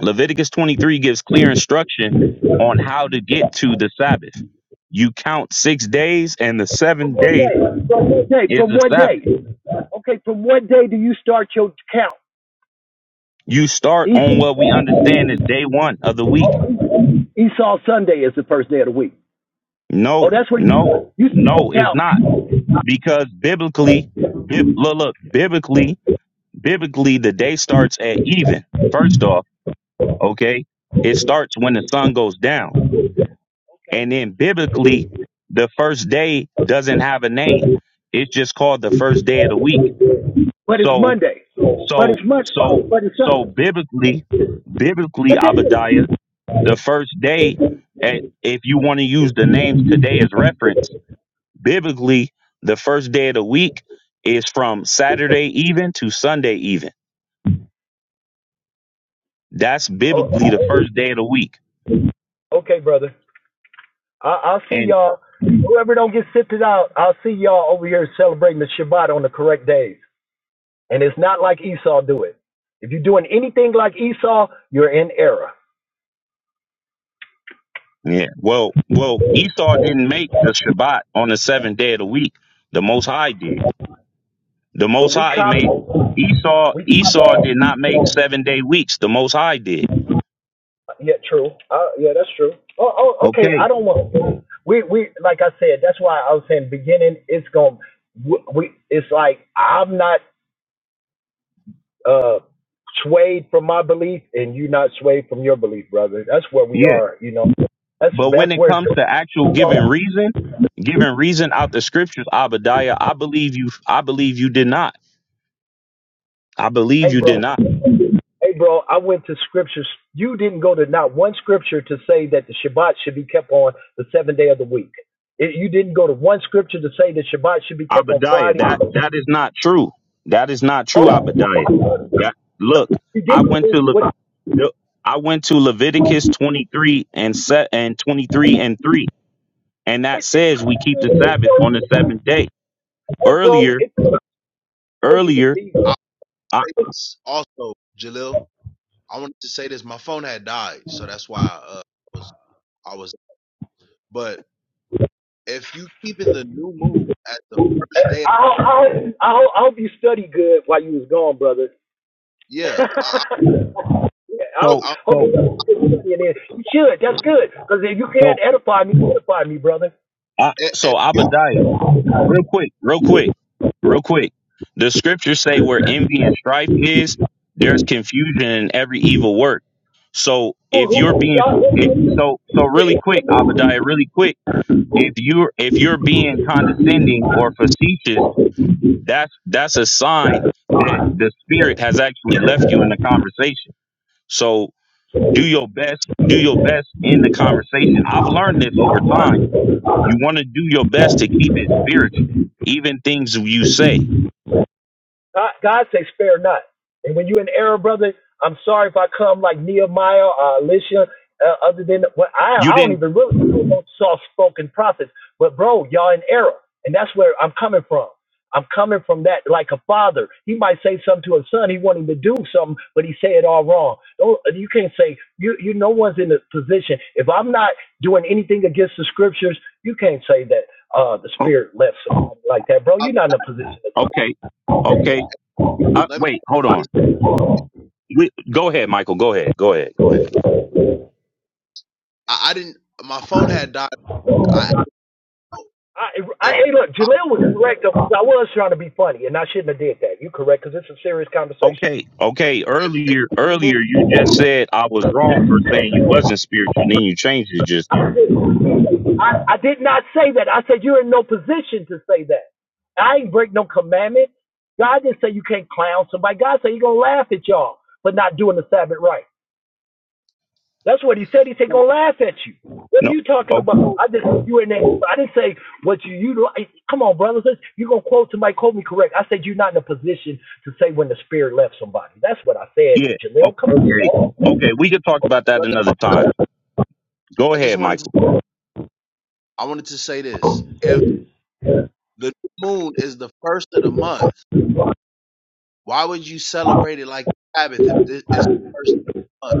S1: Leviticus twenty three gives clear instruction on how to get to the Sabbath. You count six days, and the
S6: From
S1: seventh
S6: what
S1: day
S6: day? From what day?
S1: is
S6: From
S1: the
S6: what
S1: Sabbath.
S6: day? Okay, from what day do you start your count?
S1: You start on
S6: Esau,
S1: what we understand is day one of the week
S6: Esau Sunday is the first day of the week. Oh,
S1: No,
S6: that's where
S1: no,
S6: you you start your
S1: no, it's not.
S6: count.
S1: Because biblically, bib, look, look, biblically, biblically, the day starts at even. First off, okay, it starts when the sun goes down.
S6: Okay,
S1: And then biblically, the first day doesn't have a name. It's just called the first day of the week.
S6: but it's
S1: So,
S6: Monday. But it's
S1: so,
S6: Monday.
S1: so,
S6: But it's
S1: so
S6: Sunday.
S1: biblically, biblically,
S6: What day? is it?
S1: Abadiah, the first day, eh, if you want to use the names today as reference, Biblically, the first day of the week is from Saturday even to Sunday even. That's
S6: Oh,
S1: biblically the first day of the week.
S6: okay, brother. I- I'll see
S1: And
S6: y'all. Whoever don't get sifted out, I'll see y'all over here celebrating the Shabbat on the correct days. And it's not like Esau do it. If you're doing anything like Esau, you're in error.
S1: yeah, well, well, Esau didn't make the Shabbat on the seventh day of the week. The Most High did. The
S6: But
S1: Most
S6: we
S1: High
S6: copy.
S1: made Esau.
S6: we
S1: Esau did not make seven day weeks. The Most High did.
S6: Yeah, true. Uh, yeah, that's true. Oh, oh, okay.
S1: Okay.
S6: I don't want. We, we, like I said, that's why I was saying beginning. It's gonna. We, we- it's like I'm not uh swayed from my belief, and you're not swayed from your belief, brother. That's where we
S1: Yeah.
S6: are. You know, that's
S1: But when
S6: that's
S1: it
S6: where it's
S1: comes to
S6: going.
S1: actual giving reason, giving reason out the scriptures, Abadiah, I believe you. I believe you did not. I believe
S6: Hey,
S1: you did
S6: bro.
S1: not.
S6: Hey, bro. I went to scriptures. You didn't go to not one scripture to say that the Shabbat should be kept on the seventh day of the week. It, you didn't go to one scripture to say that Shabbat should be kept on
S1: Abadiah,
S6: Friday.
S1: that that is not true. That is not
S4: Can
S1: true,
S4: I?
S6: Oh,
S1: Abadiah. That look,
S6: You
S1: I
S6: didn't
S1: went
S6: do
S1: to Le,
S6: what
S1: the, I went to Leviticus 23 and set and 23 and 3, and
S6: it,
S1: that
S6: it
S1: says we keep the Sabbath
S6: it
S1: on the seventh day.
S6: hey bro,
S1: Earlier,
S6: it tells you the
S1: earlier,
S6: season.
S4: I'll
S1: I,
S4: say this also, Jalil. I wanted to say this. My phone had died, so that's why uh, I was. I was. But if you keeping the new moon at the first
S6: I
S4: day,
S6: hope- I I hope, I hope you study good while you was gone, brother. I
S4: yeah. I, I,
S6: hope,
S1: so
S4: I,
S6: hope
S1: so
S6: you study and then you should. That's good because if you can
S1: so
S6: not edify me, edify me, brother.
S1: I,
S4: if
S1: so
S4: you,
S1: Abadiah. real quick, real quick, real quick. The scriptures say where envy and strife is, there's confusion in every evil work. So
S6: Who
S1: if you're
S6: who
S1: being it,
S6: y'all?
S1: so so really quick, Abadiah, really quick, if you're if you're being condescending or facetious, that's that's a sign that the spirit has actually left you in the conversation. So do your best, do your best in the conversation. I've learned this over time you want to do your best to keep it spiritual, even things you say.
S6: God, God says, spare not. And when you're in error, brother, I'm sorry if I come like Nehemiah or Elisha, uh, other than well, I,
S1: You
S6: I don't
S1: didn't.
S6: even really know soft spoken prophets. But, bro, y'all in error. And that's where I'm coming from. I'm coming from that like a father. He might say something to a son. He want him to do something, but he say it all wrong. Don't, you can't say you you no one's in a position. If I'm not doing anything against the scriptures, you can't say that uh, the
S1: Oh,
S6: spirit left something like that, bro.
S4: I,
S6: You're not in a position to say
S1: okay, okay. Uh,
S4: let me.
S1: wait, hold on. We, go ahead, Michael. Go ahead. Go ahead. Go ahead.
S4: I, I didn't. My phone had died. I
S6: I, I,
S4: if
S6: hey, look,
S4: if,
S6: Jaleel was correct. I was trying to be funny, and I shouldn't have did that. You're correct because it's a serious conversation.
S1: Okay, okay.
S4: if if
S1: Earlier,
S4: the new
S1: earlier, you just said I was wrong for saying you wasn't spiritual. Then you changed it just now.
S6: I, I did not say that. I said you're in no position to say that. I ain't break no commandment. God didn't say you can't clown somebody. God said you gonna laugh at y'all for not doing the Sabbath right. That's what he said. He said,
S4: moon,
S6: "Gonna laugh at you." What are
S1: No.
S6: you talking
S1: Oh,
S6: about? I just you in there. I didn't say what you you. like. Come on, brothers. You gonna quote somebody? Quote me correct. I said you're not in a position to say when the spirit left somebody. That's what I said,
S1: yeah. Oh,
S6: Jaleel. Come
S1: okay.
S6: on.
S1: Okay. We could talk about that another time. Go
S4: I just
S1: ahead,
S4: wanted to.
S1: Michael.
S4: I wanted to say this. If the new moon is the first of the month, why would you celebrate it like the Sabbath if this is the
S6: y'all.
S4: first of the month?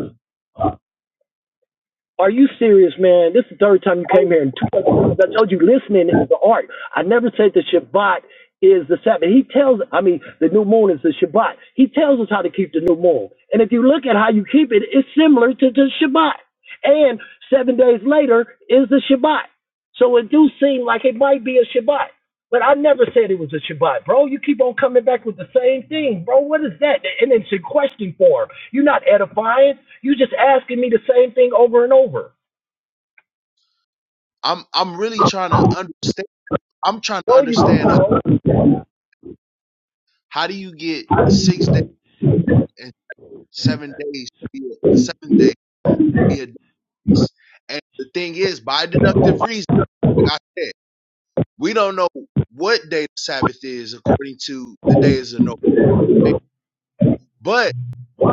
S6: Are you serious, man? This is the third time you
S4: Why
S6: came
S4: would-
S6: here in two episodes. I told you listening is the art. I never said the Shabbat is the Sabbath. He tells, I mean, the new moon is the Shabbat. He tells us how to keep the new moon. And if you look at how you keep it, it's similar to the Shabbat. And seven days later is the Shabbat. So it do seem like it might be a Shabbat. But I never said it was a Shabbat, bro. You keep on coming back with the same thing, bro. What is that? And it's in question form. You're not edifying. you just asking me the same thing over and over.
S4: I'm I'm really trying to understand. I'm trying to
S6: No, you
S4: understand how,
S6: bro.
S4: how do you get six days and seven days, to be a- the seventh day to be a dance. And the thing is, by deductive reason, like I said, we don't know what day the Sabbath is according to the days of Noah, but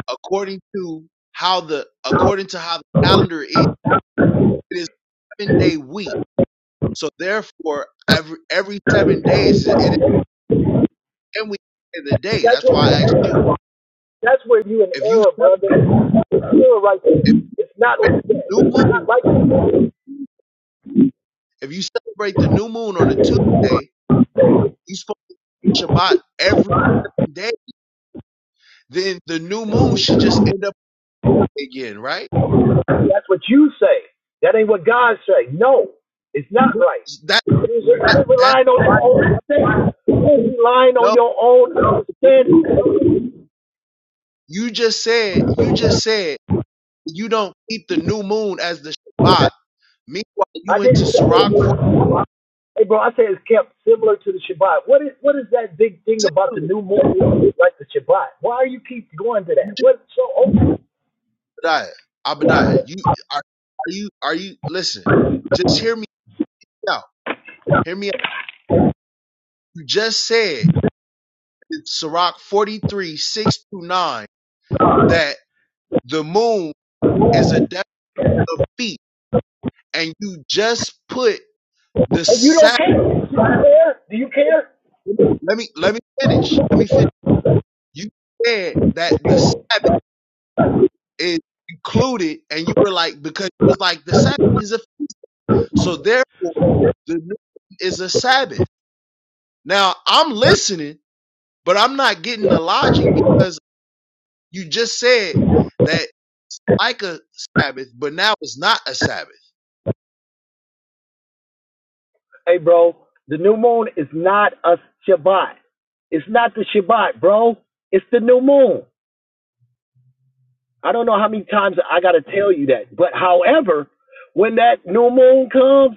S4: according to how the according to how the calendar is It is seven day week. So therefore, every every seven days it it is ten weeks in the day.
S6: That's
S4: That's why I
S6: what.
S4: asked you
S6: That's where you in
S4: if you
S6: error,
S4: celebrate if
S6: brother.
S4: you
S6: You're right there.
S4: if
S6: It's
S4: you
S6: not what
S4: celebrate the
S6: you said. It's
S4: new moon.
S6: not like that.
S4: If you celebrate the new moon on a Tuesday, you supposed to Shabbat every day. Then the new moon should just end up again, right?
S6: That's what you say. That ain't what God say. No, it's not right.
S4: That
S6: You're
S4: that that
S6: relying on your own understanding. You're relying
S4: no.
S6: on your own understanding.
S4: You just said you just said you don't keep the new moon as the Shabbat. Meanwhile, you
S6: I
S4: went to
S6: didn't say
S4: Sirach for
S6: that. Hey, bro, I say it's kept similar to the Shabbat. What is what is that big thing
S4: the
S6: about the
S4: Sabbath.
S6: new moon like the Shabbat? Why are you keep going to that? What so open?
S4: Abadiah, Abadiah, you are, are you are you listen, just hear me out. Hear me out. You just said in Sirach 43, 6 through 9, that the moon is a depth of feet, and you just put the
S6: And you don't
S4: Sabbath.
S6: care. You don't care? Do you care?
S4: Let me let me finish. Let me finish. You said that the Sabbath is included, and you were like, because it was like the Sabbath is a feast. So therefore the moon is a Sabbath. Now I'm listening But I'm not getting the logic because you just said that like a Sabbath, but now it's not a Sabbath.
S6: Hey, bro, the new moon is not a Shabbat. It's not the Shabbat, bro. It's the new moon. I don't know how many times I got to tell you that. But however, when that new moon comes,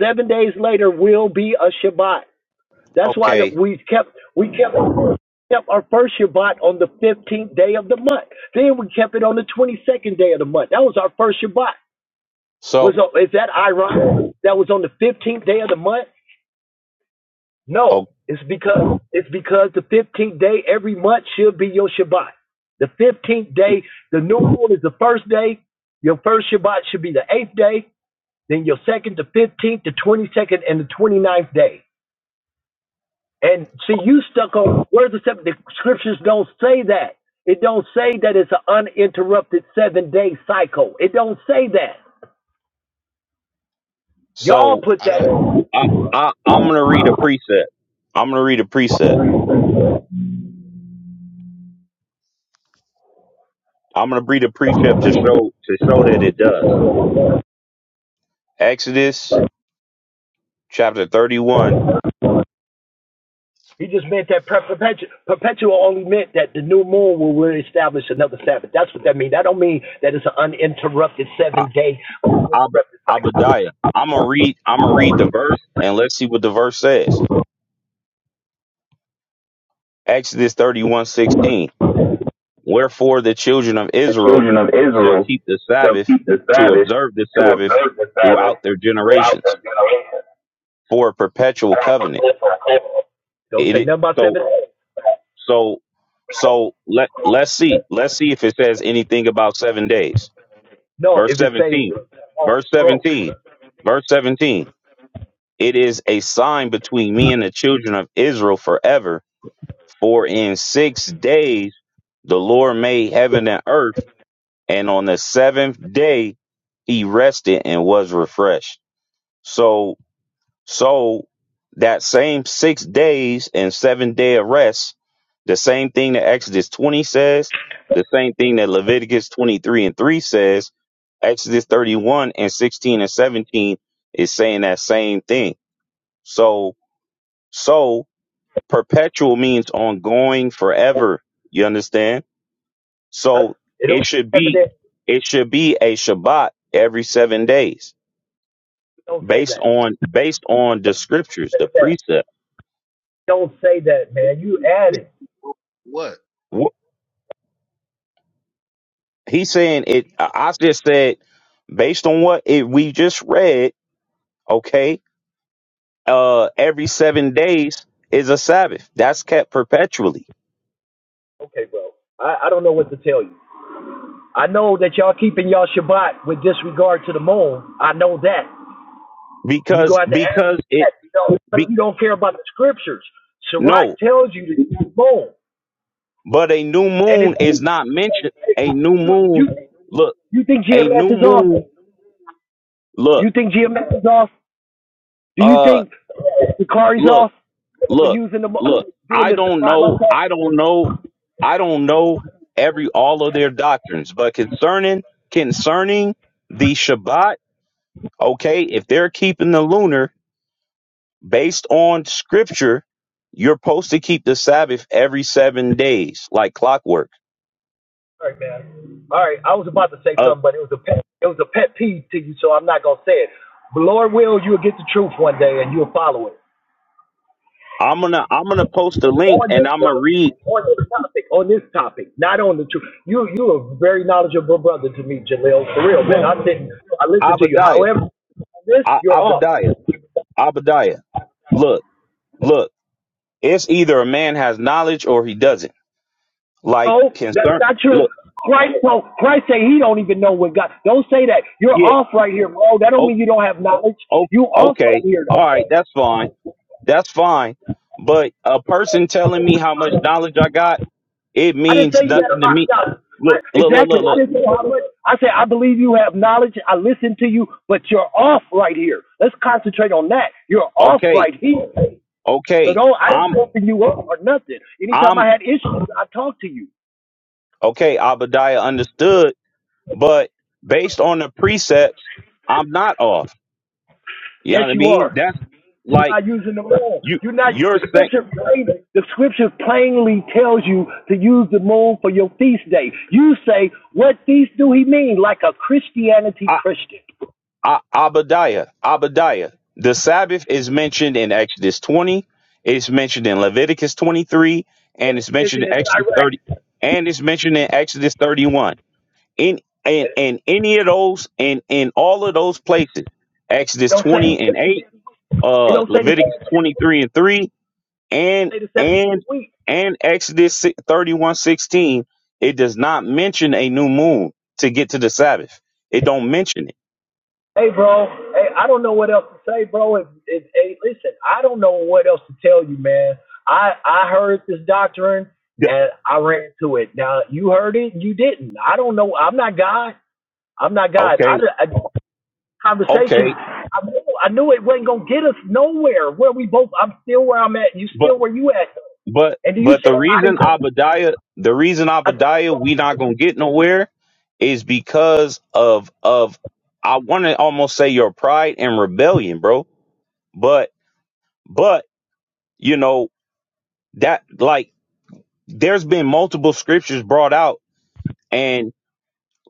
S6: seven days later will be a Shabbat. That's why that
S1: Okay.
S6: we kept we kept kept our first Shabbat on the fifteenth day of the month. Then we kept it on the twenty second day of the month. That was our first Shabbat. Was uh,
S1: So,
S6: is that ironic? That was on the fifteenth day of the month. No,
S1: oh,
S6: it's because it's because the fifteenth day every month should be your Shabbat. The fifteenth day, the new moon is the first day. Your first Shabbat should be the eighth day. Then your second, the fifteenth, the twenty second, and the twenty-ninth day. And see, you stuck on where's the seven? The scriptures don't say that. It don't say that it's an uninterrupted seven day cycle. It don't say that. Y'all
S1: so
S6: put
S4: I
S6: that.
S4: don't
S1: I, I, I'm gonna read a precept. I'm gonna read a precept. I'm gonna read a precept to show to show that it does. Exodus chapter 31.
S6: He just meant that perpetual. Perpetual only meant that the new moon will reestablish another Sabbath. That's what that means. That don't mean that it's an uninterrupted seven
S1: A-
S6: day
S1: Ab-
S6: uninterrupted cycle.
S1: Abadiah. I'm gonna read. I'm gonna read the verse and let's see what the verse says. Exodus 31 16. Wherefore the children of
S6: The
S1: Israel
S6: children of
S1: shall
S6: Israel
S1: keep the
S6: shall
S1: Sabbath
S6: keep the
S1: to
S6: Sabbath
S1: observe the
S6: to
S1: Sabbath
S6: observe the Sabbath
S1: throughout their
S6: throughout their
S1: generations
S6: generation.
S1: for a perpetual covenant.
S6: Don't
S1: It,
S6: say
S1: it
S6: nothing about
S1: so
S6: seven
S1: so so let let's see let's see if it says anything about seven days
S6: No,
S1: Verse
S6: if it say
S1: 17.
S6: oh,
S1: Verse
S6: broke,
S1: 17. Verse 17. It is a sign between me and the children of Israel forever. For in six days the Lord made heaven and earth, and on the seventh day he rested and was refreshed. So so that same six days and seven day of rest, the same thing that Exodus 20 says, the same thing that Leviticus 23 and 3 says, Exodus 31 and 16 and 17 is saying that same thing. So, so perpetual means ongoing forever. You understand? So
S6: it don't
S1: it should
S6: have
S1: be, it should be a Shabbat every seven days
S6: Don't say
S1: based
S6: that.
S1: on, based on the scriptures, the precept.
S6: Don't say that, man. You adding.
S4: what?
S1: He's saying it. I I just said, based on what it, we just read, okay, uh, every seven days is a Sabbath. That's kept perpetually
S6: Okay, bro. I, I don't know what to tell you. I know that y'all keeping y'all Shabbat with disregard to the moon. I know that. And you go
S1: because
S6: out to ask me
S1: because it
S6: that. You know, but
S1: be
S6: you don't care about the scriptures. Sirach
S1: no,
S6: tells you to keep the moon.
S1: but a new
S6: And it's
S1: moon is not mentioned. A new
S6: you
S1: moon,
S6: you
S1: look,
S6: you think
S1: a
S6: GMS
S1: new
S6: is off?
S1: moon, look,
S6: You think GMS is off? Do you
S1: uh,
S6: think Bakari's
S1: look,
S6: off for
S1: look,
S6: using the
S1: look.
S6: doing
S1: I
S6: this
S1: don't
S6: spot like
S1: know.
S6: that?
S1: I don't know. I don't know every all of their doctrines, but concerning concerning the Shabbat Okay, if they're keeping the lunar based on scripture, you're supposed to keep the Sabbath every seven days, like clockwork.
S6: All right, man. All right, I was about to say
S1: Uh,
S6: something, but it was a pet, it was a pet peeve to you, so I'm not gonna say it. But Lord will, you'll get the truth one day, and you'll follow it
S1: I'm gonna I'm gonna post a link
S6: on
S1: and
S6: this
S1: I'm gonna
S6: topic,
S1: read.
S6: on this topic, on this topic, not on the truth. You you are a very knowledgeable brother to me, Jaleel. For real, man.
S1: Well,
S6: I didn't I listened to you.
S1: Abadiah,
S6: However, on this
S1: I,
S6: you're off.
S1: Abadiah, Abadiah. Look, look. It's either a man has knowledge or he doesn't. Like
S6: No, that's
S1: concern.
S6: not true.
S1: Look,
S6: Christ, no, Christ say he don't even know what God. Don't say that. You're
S1: yeah.
S6: off right here, bro. That don't
S1: Oh,
S6: mean you don't have knowledge.
S1: oh,
S6: You off right
S1: okay.
S6: here,
S1: All
S6: though.
S1: right, that's fine. That's fine. But a person telling me how much knowledge I got It
S6: I didn't
S1: means
S6: say you had a
S1: nothing to
S6: lot of
S1: me.
S6: knowledge.
S1: Look, look, look,
S6: Exactly.
S1: look,
S6: I
S1: look.
S6: didn't say how much. I said I believe you have knowledge. I listen to you, but you're off right here. Let's concentrate on that. You're off
S1: Okay,
S6: right here. So
S1: okay.
S6: don't I didn't
S1: I'm,
S6: open you up or nothing. Anytime I
S1: I'm,
S6: had issues, I talked to you.
S1: okay. Abadiah understood, but based on the precepts, I'm not off. You know
S6: Yes,
S1: what I
S6: you
S1: mean?
S6: are.
S1: That's like
S6: by using the moon.
S1: you,
S6: You're not
S1: you're
S6: the
S1: saying,
S6: scripture plainly, the scripture plainly tells you to use the moon for your feast day. You say, What feast do he mean? Like a Christianity
S1: I,
S6: Christian.
S1: I, Abadiah, Abadiah. The Sabbath is mentioned in Exodus 20. It's mentioned in Leviticus 23, and it's mentioned
S6: Religion
S1: in
S6: is
S1: Exodus
S6: direct.
S1: 30, and it's mentioned in Exodus 31. in and and any of those and in all of those places exodus
S6: Don't say
S1: 20 and 8
S6: they
S1: uh
S6: don't say the
S1: leviticus 23 and 3 and
S6: say the seventh day of the
S1: and
S6: week.
S1: and exodus si- 31 sixteen, it does not mention a new moon to get to the sabbath it don't mention it
S6: Hey bro, hey, I don't know what else to say, bro. If, if, hey, listen, I don't know what else to tell you, man. I I heard this doctrine
S1: Yeah,
S6: and I ran to it. Now you heard it, and you didn't. I don't know. I'm not God. I'm not God. I,
S1: okay
S6: I conversations.
S1: okay
S6: I knew, I knew it wasn't gonna get us nowhere. Where we both, I'm still where I'm at. You
S1: but
S6: still where you at?
S1: But
S6: And you
S1: but
S6: said
S1: the
S6: I
S1: reason
S6: didn't.
S1: Abadiah, the reason
S6: I,
S1: Abadiah, we not gonna get nowhere, is because of of I want to almost say your pride and rebellion, bro. But but you know that like there's been multiple scriptures brought out, and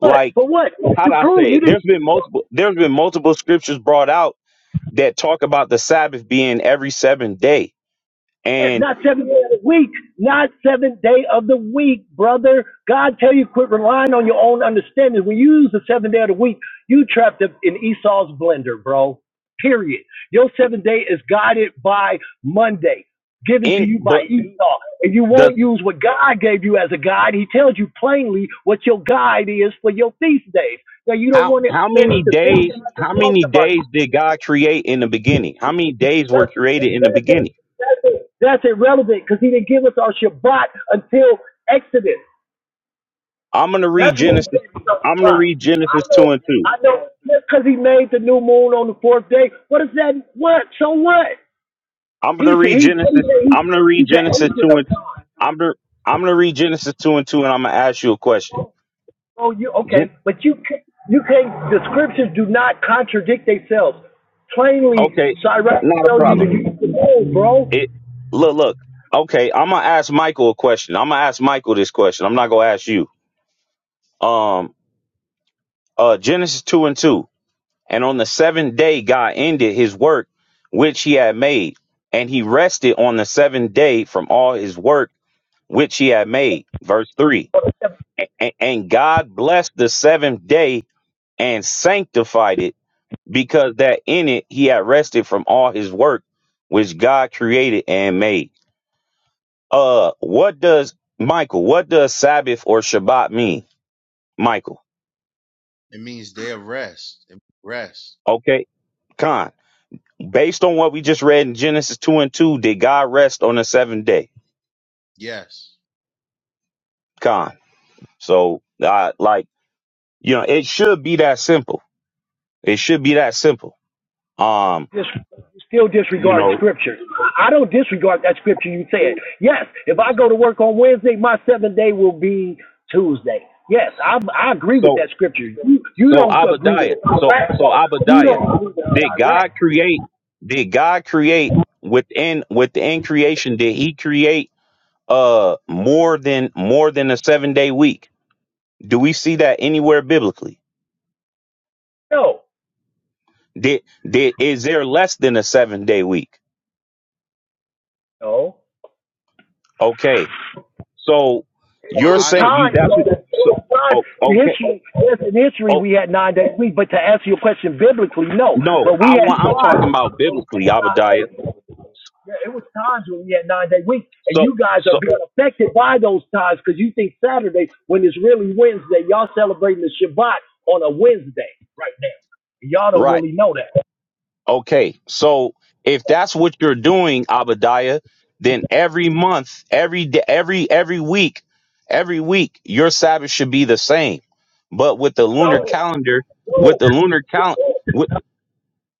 S6: what? For what?
S1: how
S6: You
S1: do I
S6: proved
S1: say
S6: you
S1: it?
S6: didn't.
S1: There's been multiple there's been multiple scriptures brought out that talk about the Sabbath being every seventh day,
S6: Yeah,
S1: and
S6: Not seventh day of the week. Not seventh day of the week, brother. God tell you quit relying on your own understanding. When you use the seventh day of the week, you trapped up in Esau's blender, bro. Period. Your seventh day is guided by Monday, given to
S1: in
S6: you by
S1: but
S6: Esau. If you
S1: the
S6: won't use what God gave you as a guide, He tells you plainly what your guide is for your feast days. Now you don't
S1: How
S6: want to,
S1: how
S6: man.
S1: many
S6: It's the thing
S1: days
S6: that I've
S1: how
S6: been talked
S1: many
S6: about.
S1: days did God create in the beginning? How many days were
S6: That's
S1: created in the beginning?
S6: irrelevant. That's irrelevant because he didn't give us our Shabbat until Exodus.
S1: I'm gonna read
S6: That's when we
S1: Genesis.
S6: gave us our
S1: I'm gonna
S6: Shabbat.
S1: read
S6: I
S1: Genesis
S6: know,
S1: two and two.
S6: I know. Just because he made the new moon on the fourth day, what is that? What? So what?
S1: I'm gonna
S6: He's
S1: read
S6: he's
S1: Genesis.
S6: he's
S1: I'm gonna read
S6: he's the
S1: Genesis
S6: ancient
S1: two
S6: of
S1: and
S6: time.
S1: I'm gonna I'm gonna read Genesis two and two, and I'm gonna ask you a question.
S6: Oh, you
S1: Gen-
S6: okay? But you can't- you can't. The scriptures do not contradict themselves. Plainly,
S1: okay,
S6: Cyrus
S1: not a
S6: tell you
S1: problem.
S6: that you can know, bro.
S1: It look look. Okay, I'm gonna ask Michael a question. I'm gonna ask Michael this question. I'm not gonna ask you. Um, uh, Genesis two and two. And on the seventh day, God ended his work which he had made, and he rested on the seventh day from all his work which he had made. Verse 3 A- a- And God blessed the seventh day and sanctified it, because that in it he had rested from all his work which God created and made. Uh, what does Michael, what does Sabbath or Shabbat mean, Michael?
S4: It means day of rest. It means rest.
S1: Okay, Khan. Based on what we just read in Genesis 2 and 2, did God rest on the seventh day?
S4: Yes.
S1: Con. So, I, like, you know, it should be that simple. It should be that simple. Um,
S6: dis- still
S1: you
S6: disregarding
S1: know,
S6: scripture. I don't disregard that scripture you said. Yes, if I go to work on Wednesday, my seventh day will be Tuesday. Yes, I, I agree with
S1: so,
S6: that scripture. You, you
S1: so
S6: don't agree with
S1: Abadiah, so,
S6: Iraq,
S1: so
S6: though. You
S1: Abadiah,
S6: don't agree with
S1: did
S6: Iraq.
S1: God create, did God create within, within creation, did he create, uh, more than, more than a seven day week? Do we see that anywhere biblically?
S6: No,
S1: Did, did, is there less than a seven day week?
S6: no.
S1: Okay So
S6: It
S4: Well,
S1: you're
S6: was
S4: how does
S1: saying you
S6: time, you
S1: that's
S6: know,
S1: what
S6: it
S1: so
S6: was time.
S1: oh,
S6: In
S1: okay.
S6: history, yes, in history,
S1: Oh
S6: we had nine days a week, but to answer your question biblically, no.
S1: no,
S6: But we
S1: I
S6: had
S1: want I'm
S6: time
S1: talking about
S6: when we
S1: biblically,
S6: had nine
S1: Abadiah.
S6: days a week. Yeah, it was times when we had nine day week, and
S1: So
S6: you guys are
S1: so
S6: being affected by those times because you think Saturday when it's really Wednesday, y'all celebrating the Shabbat on a Wednesday right now. And y'all don't
S1: right.
S6: really know that.
S1: Okay. So if that's what you're doing, Abadiah, then every month, every day, every every week, every week your Sabbath should be the same. But with the lunar
S6: So,
S1: calendar, with
S6: no.
S1: the lunar calendar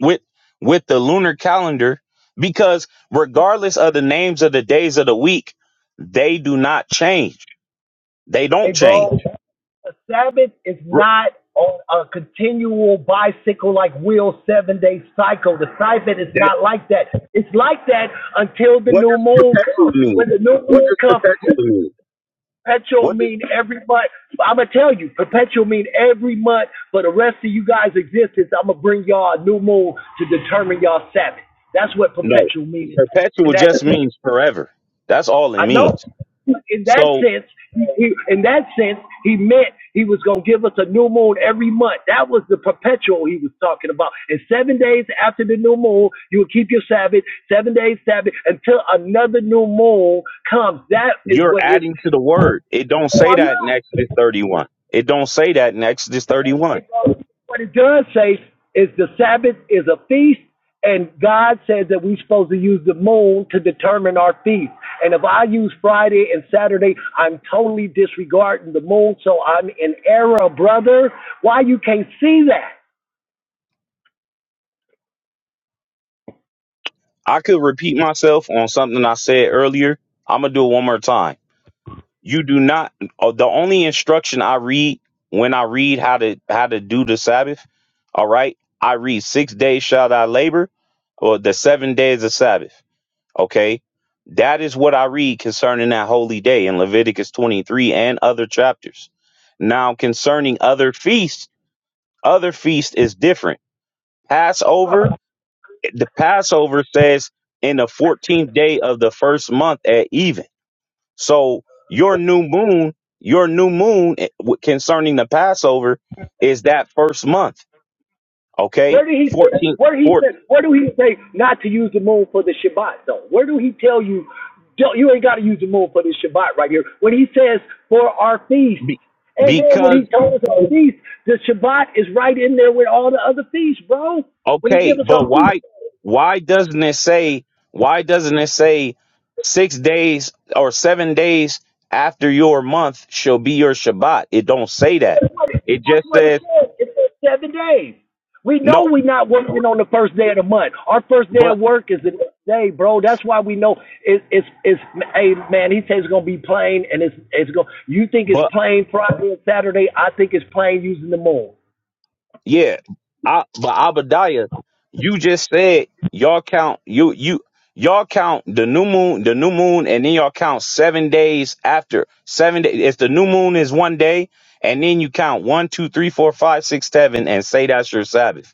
S1: with with the lunar calendar because regardless of the names of the days of the week they do not change they
S6: hey
S1: don't change
S6: bro, the Sabbath is
S1: Re-
S6: not on a continual bicycle like wheel seven day cycle. The Sabbath is
S1: that-
S6: not like that. It's like that until the
S1: what
S6: new
S1: does
S6: moon
S1: perpetual
S6: comes. When
S1: mean
S6: the new
S1: what
S6: moon
S1: does
S6: comes,
S1: perpetual mean
S6: Perpetual
S1: what does
S6: mean every month. I'm gonna tell you, perpetual mean every month for the rest of you guys' existence. I'm gonna bring y'all a new moon to determine y'all Sabbath. That's what
S1: no
S6: perpetual means.
S1: perpetual
S6: And that
S1: just means forever that's all it
S6: I know.
S1: means
S6: In that
S1: so
S6: sense, he, in that sense, he meant he was gonna give us a new moon every month. That was the perpetual he was talking about. And seven days after the new moon, you will keep your Sabbath. Seven days Sabbath until another new moon comes. That is
S1: you're
S6: what his.
S1: adding to the word it don't
S6: Oh,
S1: say
S6: I'm
S1: that in
S6: not.
S1: exodus 31 it don't say that in exodus 31
S6: Hey, what it does say is the Sabbath is a feast, and God says that we're supposed to use the moon to determine our feast. And if I use Friday and Saturday, I'm totally disregarding the moon, so I'm in error, brother. Why you can't see that?
S1: i could repeat myself on something i said earlier i'm gonna do it one more time you do not uh, the only instruction i read when i read how to how to do the sabbath all right i read six days shall thy labor or the seven days of sabbath okay that is what i read concerning that holy day in leviticus 23 and other chapters now concerning other feasts other feast is different passover the passover says in the 14th day of the first month at even so your new moon, your new moon eh, w- concerning the Passover is that first month, okay?
S6: Where did he say?
S1: 14,
S6: Where he
S1: 14
S6: said? Where do he say not to use the moon for the Shabbat though? Where do he tell you? Don't, you ain't got to use the moon for the Shabbat right here. When he says for our feast,
S1: be-
S6: and then when he
S1: because
S6: told us our feast, the Shabbat is right in there with all the other feasts, bro. When he
S1: okay,
S6: gives us
S1: but
S6: our feast,
S1: why why doesn't it say why doesn't it say 6 days or 7 days after your month shall be your Shabbat? It don't say that. It
S6: That's
S1: just
S6: what it
S1: says
S6: says. It says seven days. We know
S1: no
S6: we're not working on the first day of the month. Our first day of
S1: but
S6: work is the next day, bro. That's why we know it, it's it's. Hey, man, he says it's gonna be plain, and it's it's going. You think it's
S1: but
S6: plain Friday and Saturday? I think it's plain using the moon.
S1: Yeah, I, but Abadiah, you just said y'all count you you y'all count the new moon the new moon and then y'all count seven days after seven days. If the new moon is one day, and then you count one, two, three, four, five, six, seven, and say that's your Sabbath.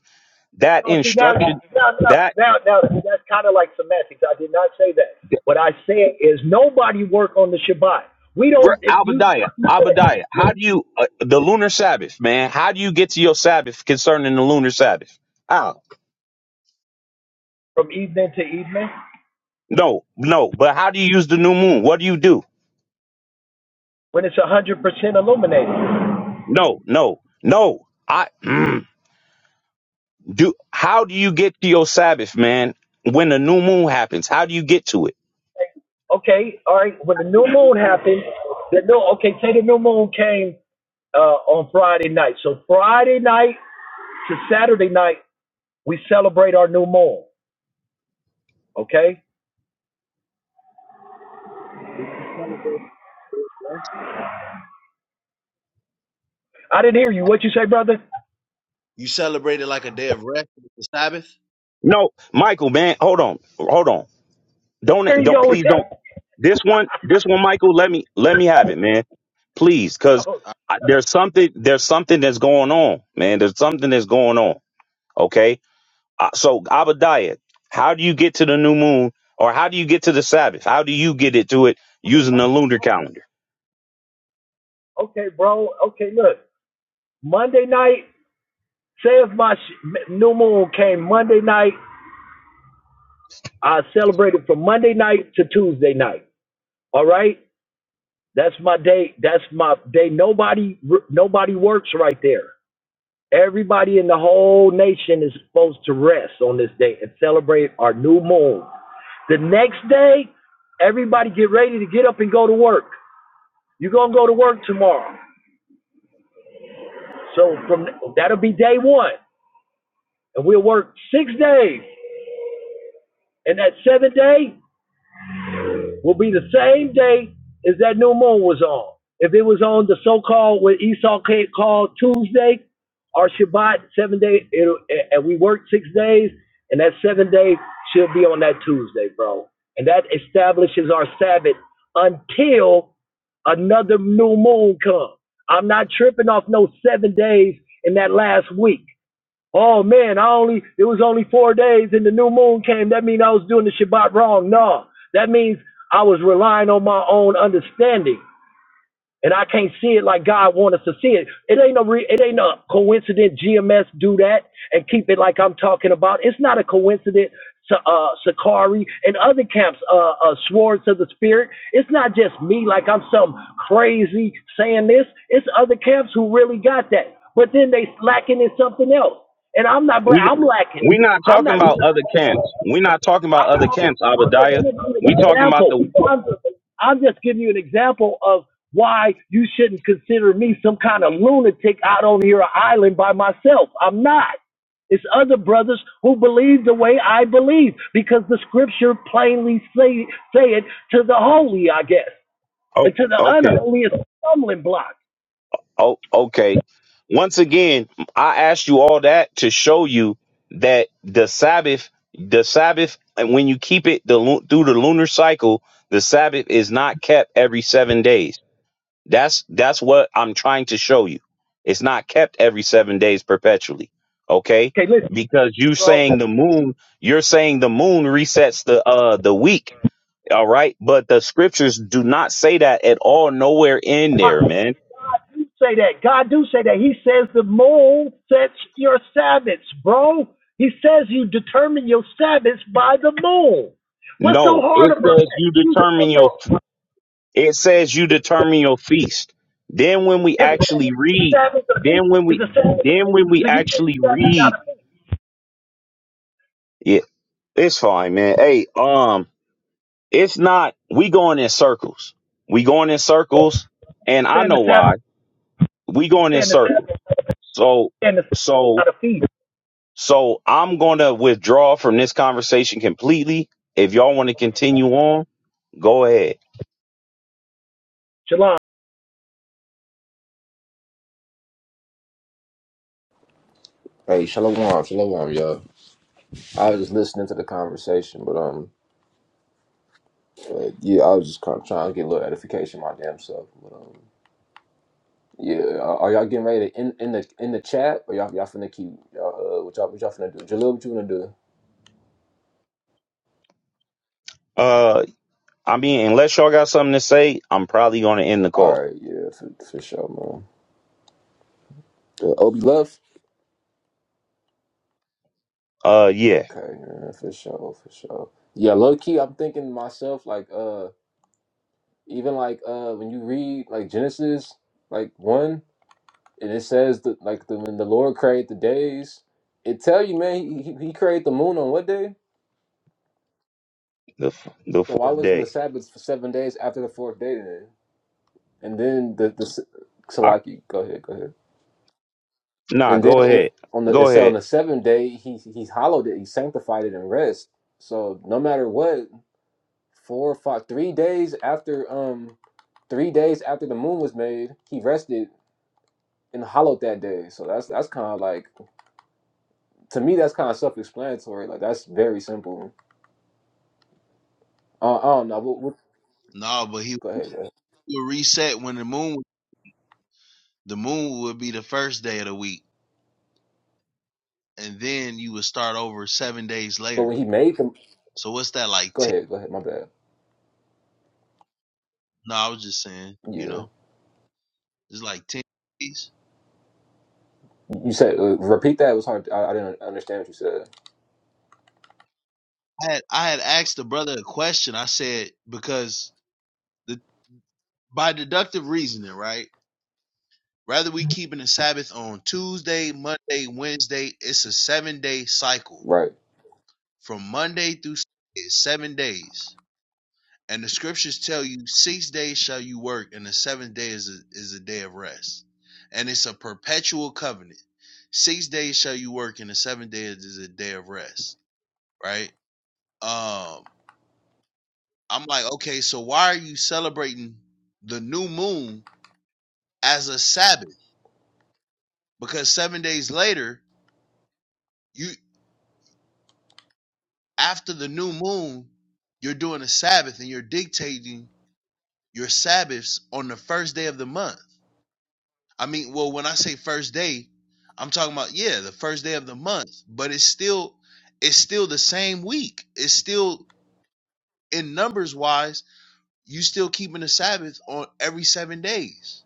S1: That
S6: Oh, see now, now,
S1: instruction,
S6: now,
S1: that
S6: now, now that's kind of like semantics. I did not say that. What I said is nobody work on the Shabbat. We
S1: we're
S6: don't it, use
S1: Abadiah, Abadiah. How do you uh, the lunar Sabbath, man? How do you get to your Sabbath concerning the lunar Sabbath? How?
S6: from evening to evening
S1: No, no. But how do you use the new moon? What do you do?
S6: when it's one hundred percent illuminated.
S1: No, no, no. I mm, do. How do you get to your Sabbath, man? When the new moon happens, how do you get to it?
S6: Okay, all right. When the new moon happened, the new okay, say the new moon came uh, on Friday night. So Friday night to Saturday night, we celebrate our new moon. Okay,
S4: you celebrate a
S6: I didn't hear you.
S4: Like,
S6: What you say, brother?
S4: you celebrate it like a day of rest, the Sabbath?
S1: No, Michael, man, hold on, hold on. Don't,
S6: There you
S1: don't,
S6: go with
S1: please don't.
S6: that.
S1: This one, this one, Michael. Let me, let me have it, man. Please, because
S6: No.
S4: I-
S1: there's something, there's something that's going on, man. There's something that's going on. Okay. Uh, so Abadiah, how do you get to the new moon, or how do you get to the Sabbath? How do you get it to it using the lunar calendar?
S6: Okay, bro. Okay, look. Monday night. Say if my sh- new moon came Monday night, I celebrated from Monday night to Tuesday night. All right, that's my day. That's my day. Nobody, nobody works right there. Everybody in the whole nation is supposed to rest on this day and celebrate our new moon. The next day, everybody get ready to get up and go to work. You're gonna go to work tomorrow. So from that'll be day one, and we'll work six days. And that seventh day, will be the same day as that new moon was on. If it was on the so-called what Esau ca- called Tuesday or Shabbat, seven day, it'll, and we work six days, and that seven day should be on that Tuesday, bro. And that establishes our Sabbath until another new moon comes. I'm not tripping off no seven days in that last week. Oh man, I only it was only four days and the new moon came. That means I was doing the Shabbat wrong. No. That means I was relying on my own understanding and I can't see it like God want us to see it. It ain't no re- it ain't no coincidence. GMS do that and keep it like I'm talking about. It's not a coincidence. Sa- Uh, Sakari and other camps, uh, uh, Swords of the Spirit. It's not just me like I'm some crazy saying this. It's other camps who really got that, but then they lacking in something else. And I'm not. bla-
S1: We
S6: I'm lacking.
S1: we're not
S6: I'm
S1: talking about other
S6: not.
S1: camps. We're not talking about
S6: I'm,
S1: other camps,
S6: I'm just
S1: Abadiah.
S6: giving you an
S1: We talking about
S6: example.
S1: the
S6: I'm just, I'm just giving you an example of why you shouldn't consider me some kind of lunatic out on your island by myself. I'm not. It's other brothers who believe the way I believe because the scripture plainly say, say it to the holy, I guess,
S1: oh
S6: and to the
S1: okay.
S6: unholy, is a stumbling block.
S1: Oh okay. Once again, I asked you all that to show you that the Sabbath, the Sabbath, and when you keep it the lu- through the lunar cycle, the Sabbath is not kept every seven days. That's that's what I'm trying to show you. It's not kept every seven days perpetually, okay?
S6: Okay, listen,
S1: Because you
S6: bro.
S1: saying the moon, you're saying the moon resets the uh the week, all right? But the scriptures do not say that at all. Nowhere in
S6: God,
S1: there,
S6: God
S1: man.
S6: do say that. God do say that. He says the moon sets your Sabbaths, bro. He says you determine your Sabbaths by the moon. What's so
S1: No,
S6: hard
S1: it
S6: about
S1: says
S6: that?
S1: you
S6: You
S1: determine
S6: stuck
S1: your.
S6: on
S1: It says you determine your feast. Then when we
S6: it's
S1: actually
S6: the
S1: read,
S6: Sabbath of me.
S1: then when
S6: It's
S1: we,
S6: the Sabbath of
S1: then
S6: me.
S1: when we
S6: So you saying
S1: actually
S6: the Sabbath is
S1: read,
S6: of me.
S1: yeah, it's fine, man. Hey, um, It's not, we going in circles. We going in circles.
S6: You
S1: And I
S6: saying the
S1: know
S6: Sabbath.
S1: why. We
S6: You
S1: going in
S6: saying the
S1: circles.
S6: Sabbath.
S1: So,
S6: You saying the Sabbath is
S1: so,
S6: of me.
S1: so I'm going to withdraw from this conversation completely. If y'all want to continue on, go ahead.
S6: Shalom.
S5: Hey, Shalom, Shalom, y'all. I was just listening to the conversation, but um, uh, yeah, I was just kind of trying to get a little edification my damn self. But um, yeah, are are y'all getting ready to in in the in the chat? Or y'all y'all finna keep y'all uh, what y'all what y'all finna do? Jalil, what you wanna do?
S1: Uh, I mean, unless y'all got something to say, I'm probably going to end the
S5: All
S1: call.
S5: right, yeah, for, for sure, man. Uh, Obi left.
S1: Uh, yeah,
S5: Okay, yeah, for sure, for sure. Yeah, low key, I'm thinking to myself like, uh, even like, uh, when you read like Genesis, like one, and it says that like the when the Lord created the days, it tell you, man, he, he he created the moon on what day?
S1: the f- the
S5: So why
S1: fourth
S5: wasn't the
S1: day.
S5: Sabbath for seven days after the fourth day then? And then the the s-
S1: I,
S5: Salaki, go ahead, go ahead.
S1: nah,
S5: And then
S1: go
S5: on
S1: ahead.
S5: on the
S1: Go
S5: so on
S1: ahead.
S5: the seventh day, he he hollowed it, he sanctified it and rest. So no matter what. four or five three days after um three days after the moon was made he rested and hollowed that day so that's that's kind of like to me that's kind of self-explanatory like that's very simple uh, i don't know we'll, we'll,
S4: no, but he
S5: go ahead bro.
S4: would reset when the moon the moon would be the first day of the week. And then you would start over seven days
S5: but when
S4: later.
S5: he made them
S4: So what's that like
S5: go
S4: ten?
S5: ahead go ahead my bad
S4: No, I was just saying, you
S5: yeah
S4: know. It's like ten days.
S5: you said uh, repeat that it was hard I, I didn't understand what you said
S4: I had I had asked the brother a question. I said because the by deductive reasoning, right? Rather we keeping the Sabbath on Tuesday, Monday, Wednesday. It's a seven day cycle
S5: right
S4: from Monday through Sunday, it's seven days. And the scriptures tell you six days shall you work, and the seventh day is a, is a day of rest. And it's a perpetual covenant. Six days shall you work, and the seventh day is a day of rest. Right? Um, I'm like, okay, so why are you celebrating the new moon as a Sabbath? Because seven days later, you after the new moon, you're doing a Sabbath and you're dictating your Sabbaths on the first day of the month. I mean, well, when I say first day, I'm talking about yeah, the first day of the month, but it's still it's still the same week. It's still in numbers wise, you still keeping the Sabbath on every seven days.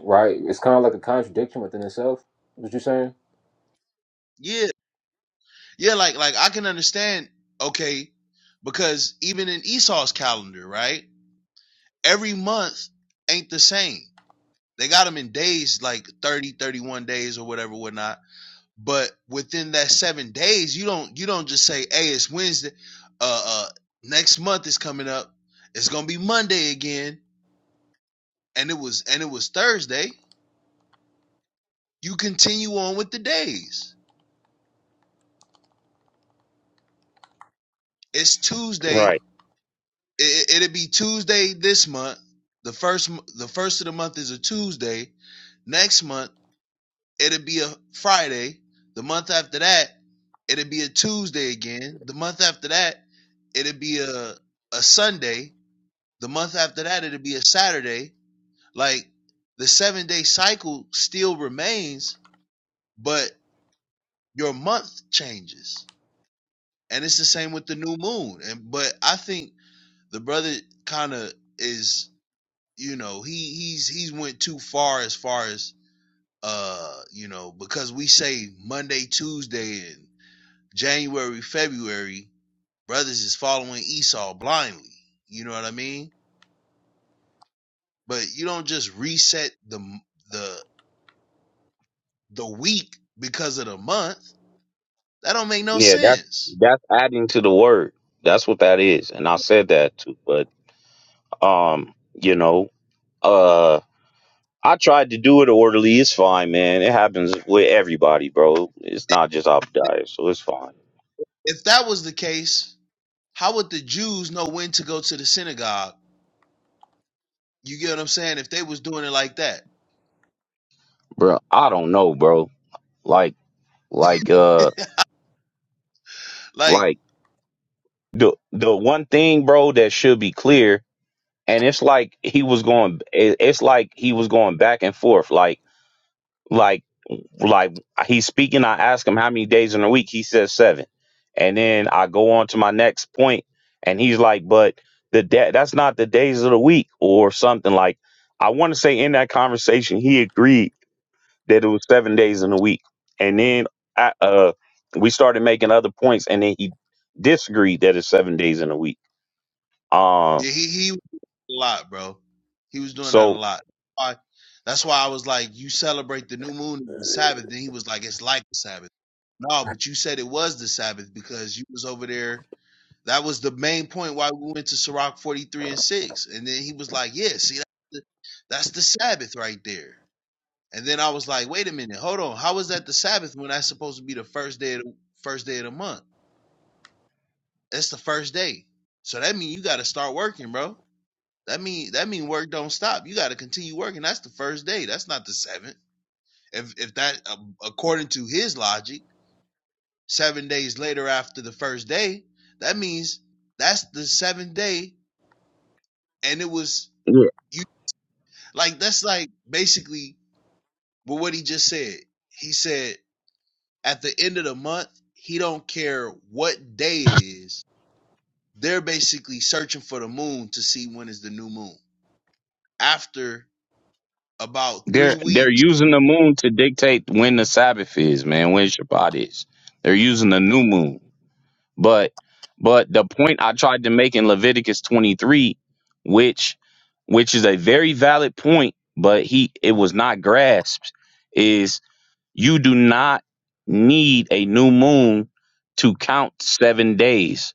S5: right it's kind of like a contradiction within itself what you saying
S4: Yeah. Yeah, like like I can understand, okay, because even in Esau's calendar, right? Every month ain't the same. They got them in days like 30, 31 days or whatever, whatnot. But within that seven days, you don't you don't just say, hey, it's Wednesday. Uh uh next month is coming up. It's gonna be Monday again. And it was and it was Thursday. You continue on with the days. It's Tuesday
S1: Right.
S4: it, it'll be Tuesday this month. The first the first of the month is a Tuesday. Next month it'll be a Friday. The month after that it'll be a Tuesday again. The month after that it'll be a a Sunday. The month after that it'll be a Saturday. Like the seven day cycle still remains, but your month changes. And it's the same with the new moon. And but I think the brother kind of is you know he he's he's went too far as far as uh you know because we say monday tuesday and january february brothers is following esau blindly you know what i mean but you don't just reset the the the week because of the month that don't make no
S1: Yeah, that's
S4: sense
S1: that's adding to the word. That's what that is, and I said that too. But Um, you know, uh, I tried to do it orderly. It's fine, man. It happens with everybody, bro. It's not just Obadiah, so it's fine,
S4: if that was the case how would the jews know when to go to the synagogue you get what i'm saying if they was doing it like that
S1: bro. I don't know, bro. Like, like, uh,
S4: like
S1: like the the one thing, bro, that should be clear, and it's like he was going. it- It's like he was going back and forth, Like, like. like he's speaking, I ask him how many days in a week. He says seven, and then I go on to my next point, and he's like, "But the da- that's not the days of the week or something." Like I want to say in that conversation, he agreed that it was seven days in a week, and then I, uh, we started making other points, and then he disagreed that it's seven days in a week. Um,
S4: Yeah, he he was doing that a lot, bro. He was doing that a
S1: so.
S4: lot. Why- That's why I was like, you celebrate the new moon as the Sabbath. Then he was like, it's like the Sabbath. No, but you said it was the Sabbath because you was over there. That was the main point why we went to Sirach 43 and 6. And then he was like, yeah, see, that's the, that's the Sabbath right there. And then I was like, wait a minute, hold on. How is that the Sabbath when that's supposed to be the first day of the, first day of the month? That's the first day. So that means you got to start working, bro. That mean that mean work don't stop. You got to continue working. That's the first day. That's not the seventh. If if that um, according to his logic, seven days later after the first day, that means that's the seventh day, and it was
S1: Yeah.
S4: you. Like that's like basically with what he just said. He said at the end of the month, he don't care what day it is. They're basically searching for the moon to see when is the new moon. After about three
S1: They're they're
S4: weeks,
S1: using the moon to dictate when the Sabbath is, man, when Shabbat is. They're using the new moon. But but the point I tried to make in Leviticus 23, which which is a very valid point, but he it was not grasped, is you do not need a new moon to count seven days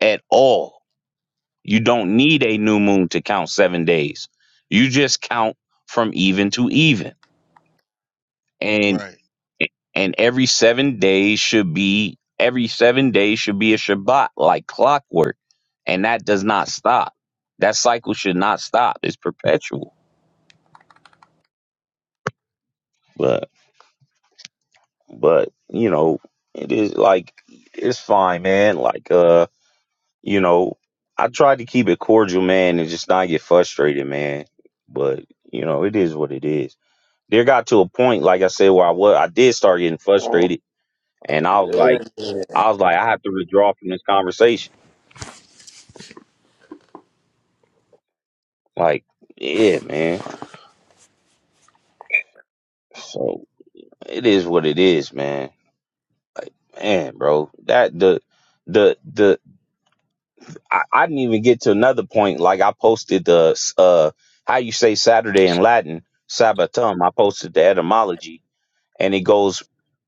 S1: at all. You don't need a new moon to count seven days. You just count from even to even
S4: right?
S1: a- and every seven days should be every seven days should be a Shabbat like clockwork, and that does not stop. That cycle should not stop. It's perpetual. But but you know it is like it's fine, man. Like uh you know I tried to keep it cordial, man, and just not get frustrated, man. But you know it is what it is. There got to a point, like I said, where I was I did start getting
S5: oh,
S1: frustrated, and I was like
S5: good.
S1: I was like I have to withdraw from this conversation Like, yeah, man. So it is what it is, man. Man, bro, that the the the I, I didn't even get to another point. Like I posted the uh how you say Saturday in Latin, Sabbatum. I posted the etymology, and it goes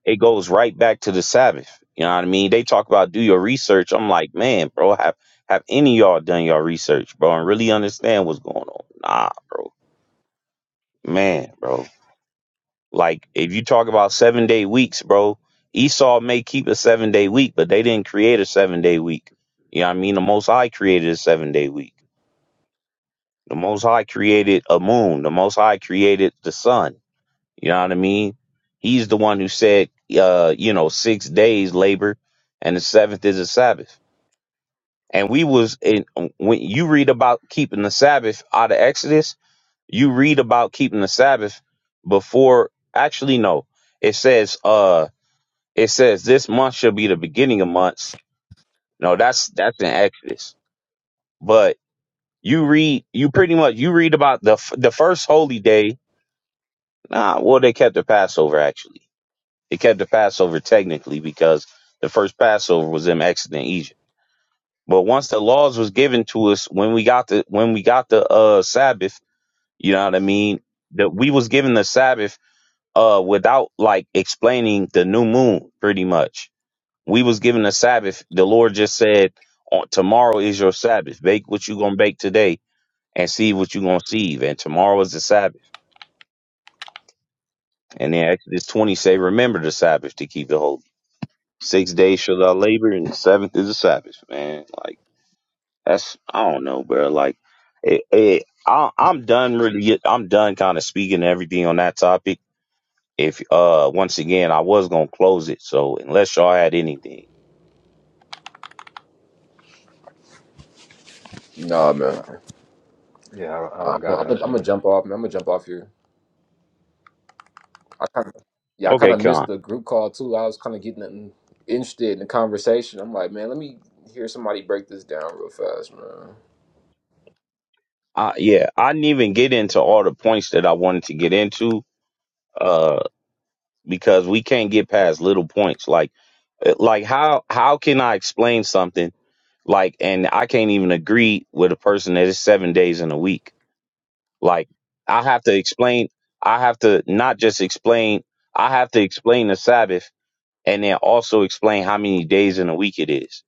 S1: it goes right back to the Sabbath. You know what I mean? They talk about do your research. I'm like, man, bro, have have any of y'all done your research, bro, and really understand what's going on? Nah, bro. Man, bro. Like if you talk about seven day weeks, bro, Esau may keep a seven day week, but they didn't create a seven day week. You know what I mean? The most high created a seven day week. The most high created a moon. The most high created the sun. You know what I mean? He's the one who said uh, you know, six days labor and the seventh is a Sabbath. And we was in when you read about keeping the Sabbath out of Exodus, you read about keeping the Sabbath before actually no. It says uh It says this month shall be the beginning of months. No, that's that's in Exodus. But you read, you pretty much you read about the f- the first holy day. Nah, well they kept the Passover actually. They kept the Passover technically because the first Passover was in Exodus in Egypt. But once the laws was given to us when we got the when we got the uh Sabbath, you know what I mean? That we was given the Sabbath uh without like explaining the new moon pretty much we was given a Sabbath. The Lord just said, "On tomorrow is your Sabbath. Bake what you gonna bake today, and see what you gonna sieve. And tomorrow is the Sabbath." And then Exodus twenty say, "Remember the Sabbath to keep it holy. Six days shall thou labor, and the seventh is the Sabbath." Man, like that's I don't know, bro. Like, it, it, I, I'm done really. I'm done kind of speaking everything on that topic. If uh, once again, I was gonna close it. So unless y'all had anything,
S5: nah man
S3: Yeah, I I
S5: I'm
S3: don't got
S5: gonna I'm gonna
S3: anything.
S5: jump off man i'm gonna jump off here I kind of, yeah, I kind
S1: okay,
S5: of
S1: Con.
S5: missed the group call too. I was kind of getting in- interested in the conversation. I'm like, man, let me hear somebody break this down real fast, man.
S1: Uh, yeah, I didn't even get into all the points that I wanted to get into, uh, because we can't get past little points. Like, uh, like how how can I explain something like, and I can't even agree with a person that is seven days in a week. Like, I have to explain. I have to not just explain. I have to explain the Sabbath and then also explain how many days in a week it is.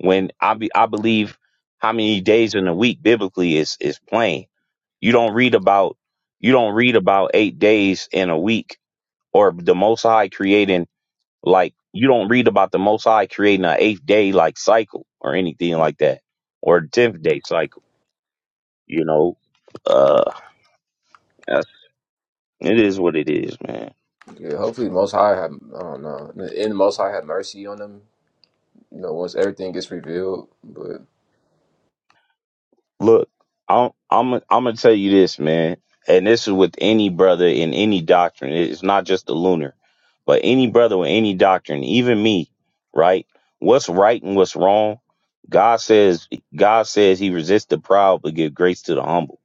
S1: When I be, I believe how many days in a week biblically is is plain You don't read about you don't read about eight days in a week or the Most High creating like you don't read about the Most High creating an eighth day like cycle or anything like that or tenth day cycle. You know, uh, that's, it is what it is, man.
S5: Yeah, hopefully, Most High have, I don't know, in the end, Most High have mercy on them. You know, once everything gets revealed, but
S1: Look, I'm I'm I'm gonna tell you this, man, and this is with any brother in any doctrine. It's not just the lunar, but any brother with any doctrine, even me, right? What's right and what's wrong? God says God says He resists the proud but give grace to the humble.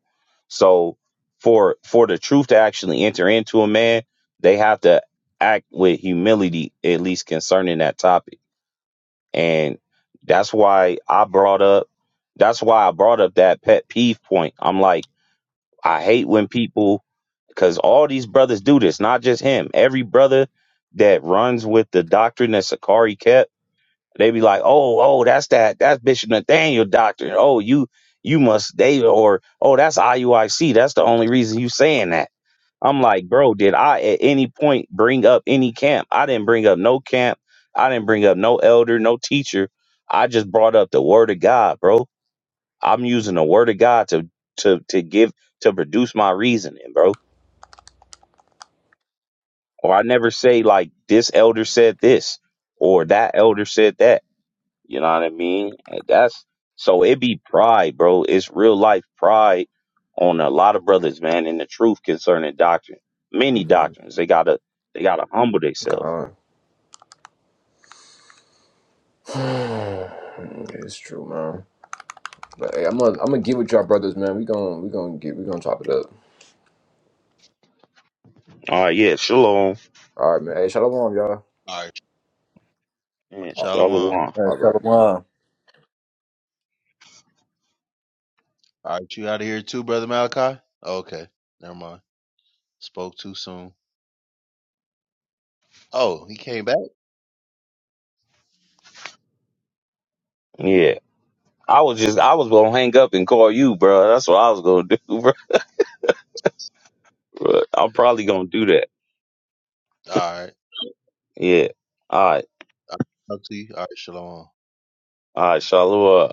S1: So for for the truth to actually enter into a man, they have to act with humility, at least concerning that topic and that's why I brought up that's why I brought up that pet peeve point. I'm like, I hate when people because all these brothers do this, not just him. Every brother that runs with the doctrine that Sakari kept, they be like, Oh, oh, that's that that's Bishop Nathaniel doctrine. Oh, you you must they or oh that's IUIC. That's the only reason you saying that I'm like, bro, did I at any point bring up any camp? I didn't bring up no camp. I didn't bring up no elder, no teacher. I just brought up the word of God, bro. I'm using the word of God to to to give to produce my reasoning, bro. Or I never say like this elder said this or that elder said that. You know what I mean? And that's so it be pride, bro. It's real life pride on a lot of brothers, man, in the truth concerning doctrine. Many
S5: mm
S1: doctrines. They gotta they gotta humble themselves.
S5: God, it's true, man. But hey, I'm gonna, I'm gonna get with y'all brothers, man. We gonna, we gonna get, we gonna chop it up.
S1: All right, yeah, shalom.
S5: All right, man. Hey, shalom, y'all.
S4: All right.
S1: Yeah,
S5: All
S4: Shalom. All
S1: shalom.
S3: All right,
S5: all right.
S3: Shalom.
S4: right, you out of here too, brother Malachi? Okay, never mind. Spoke too soon. Oh, he came back.
S1: Yeah. I was just I was gonna hang up and call you, bro. That's what I was gonna do, bro. But I'm probably gonna do that.
S4: All right,
S1: Yeah. All right.
S4: I'll talk to you. All right, shalom.
S1: All right, shalom.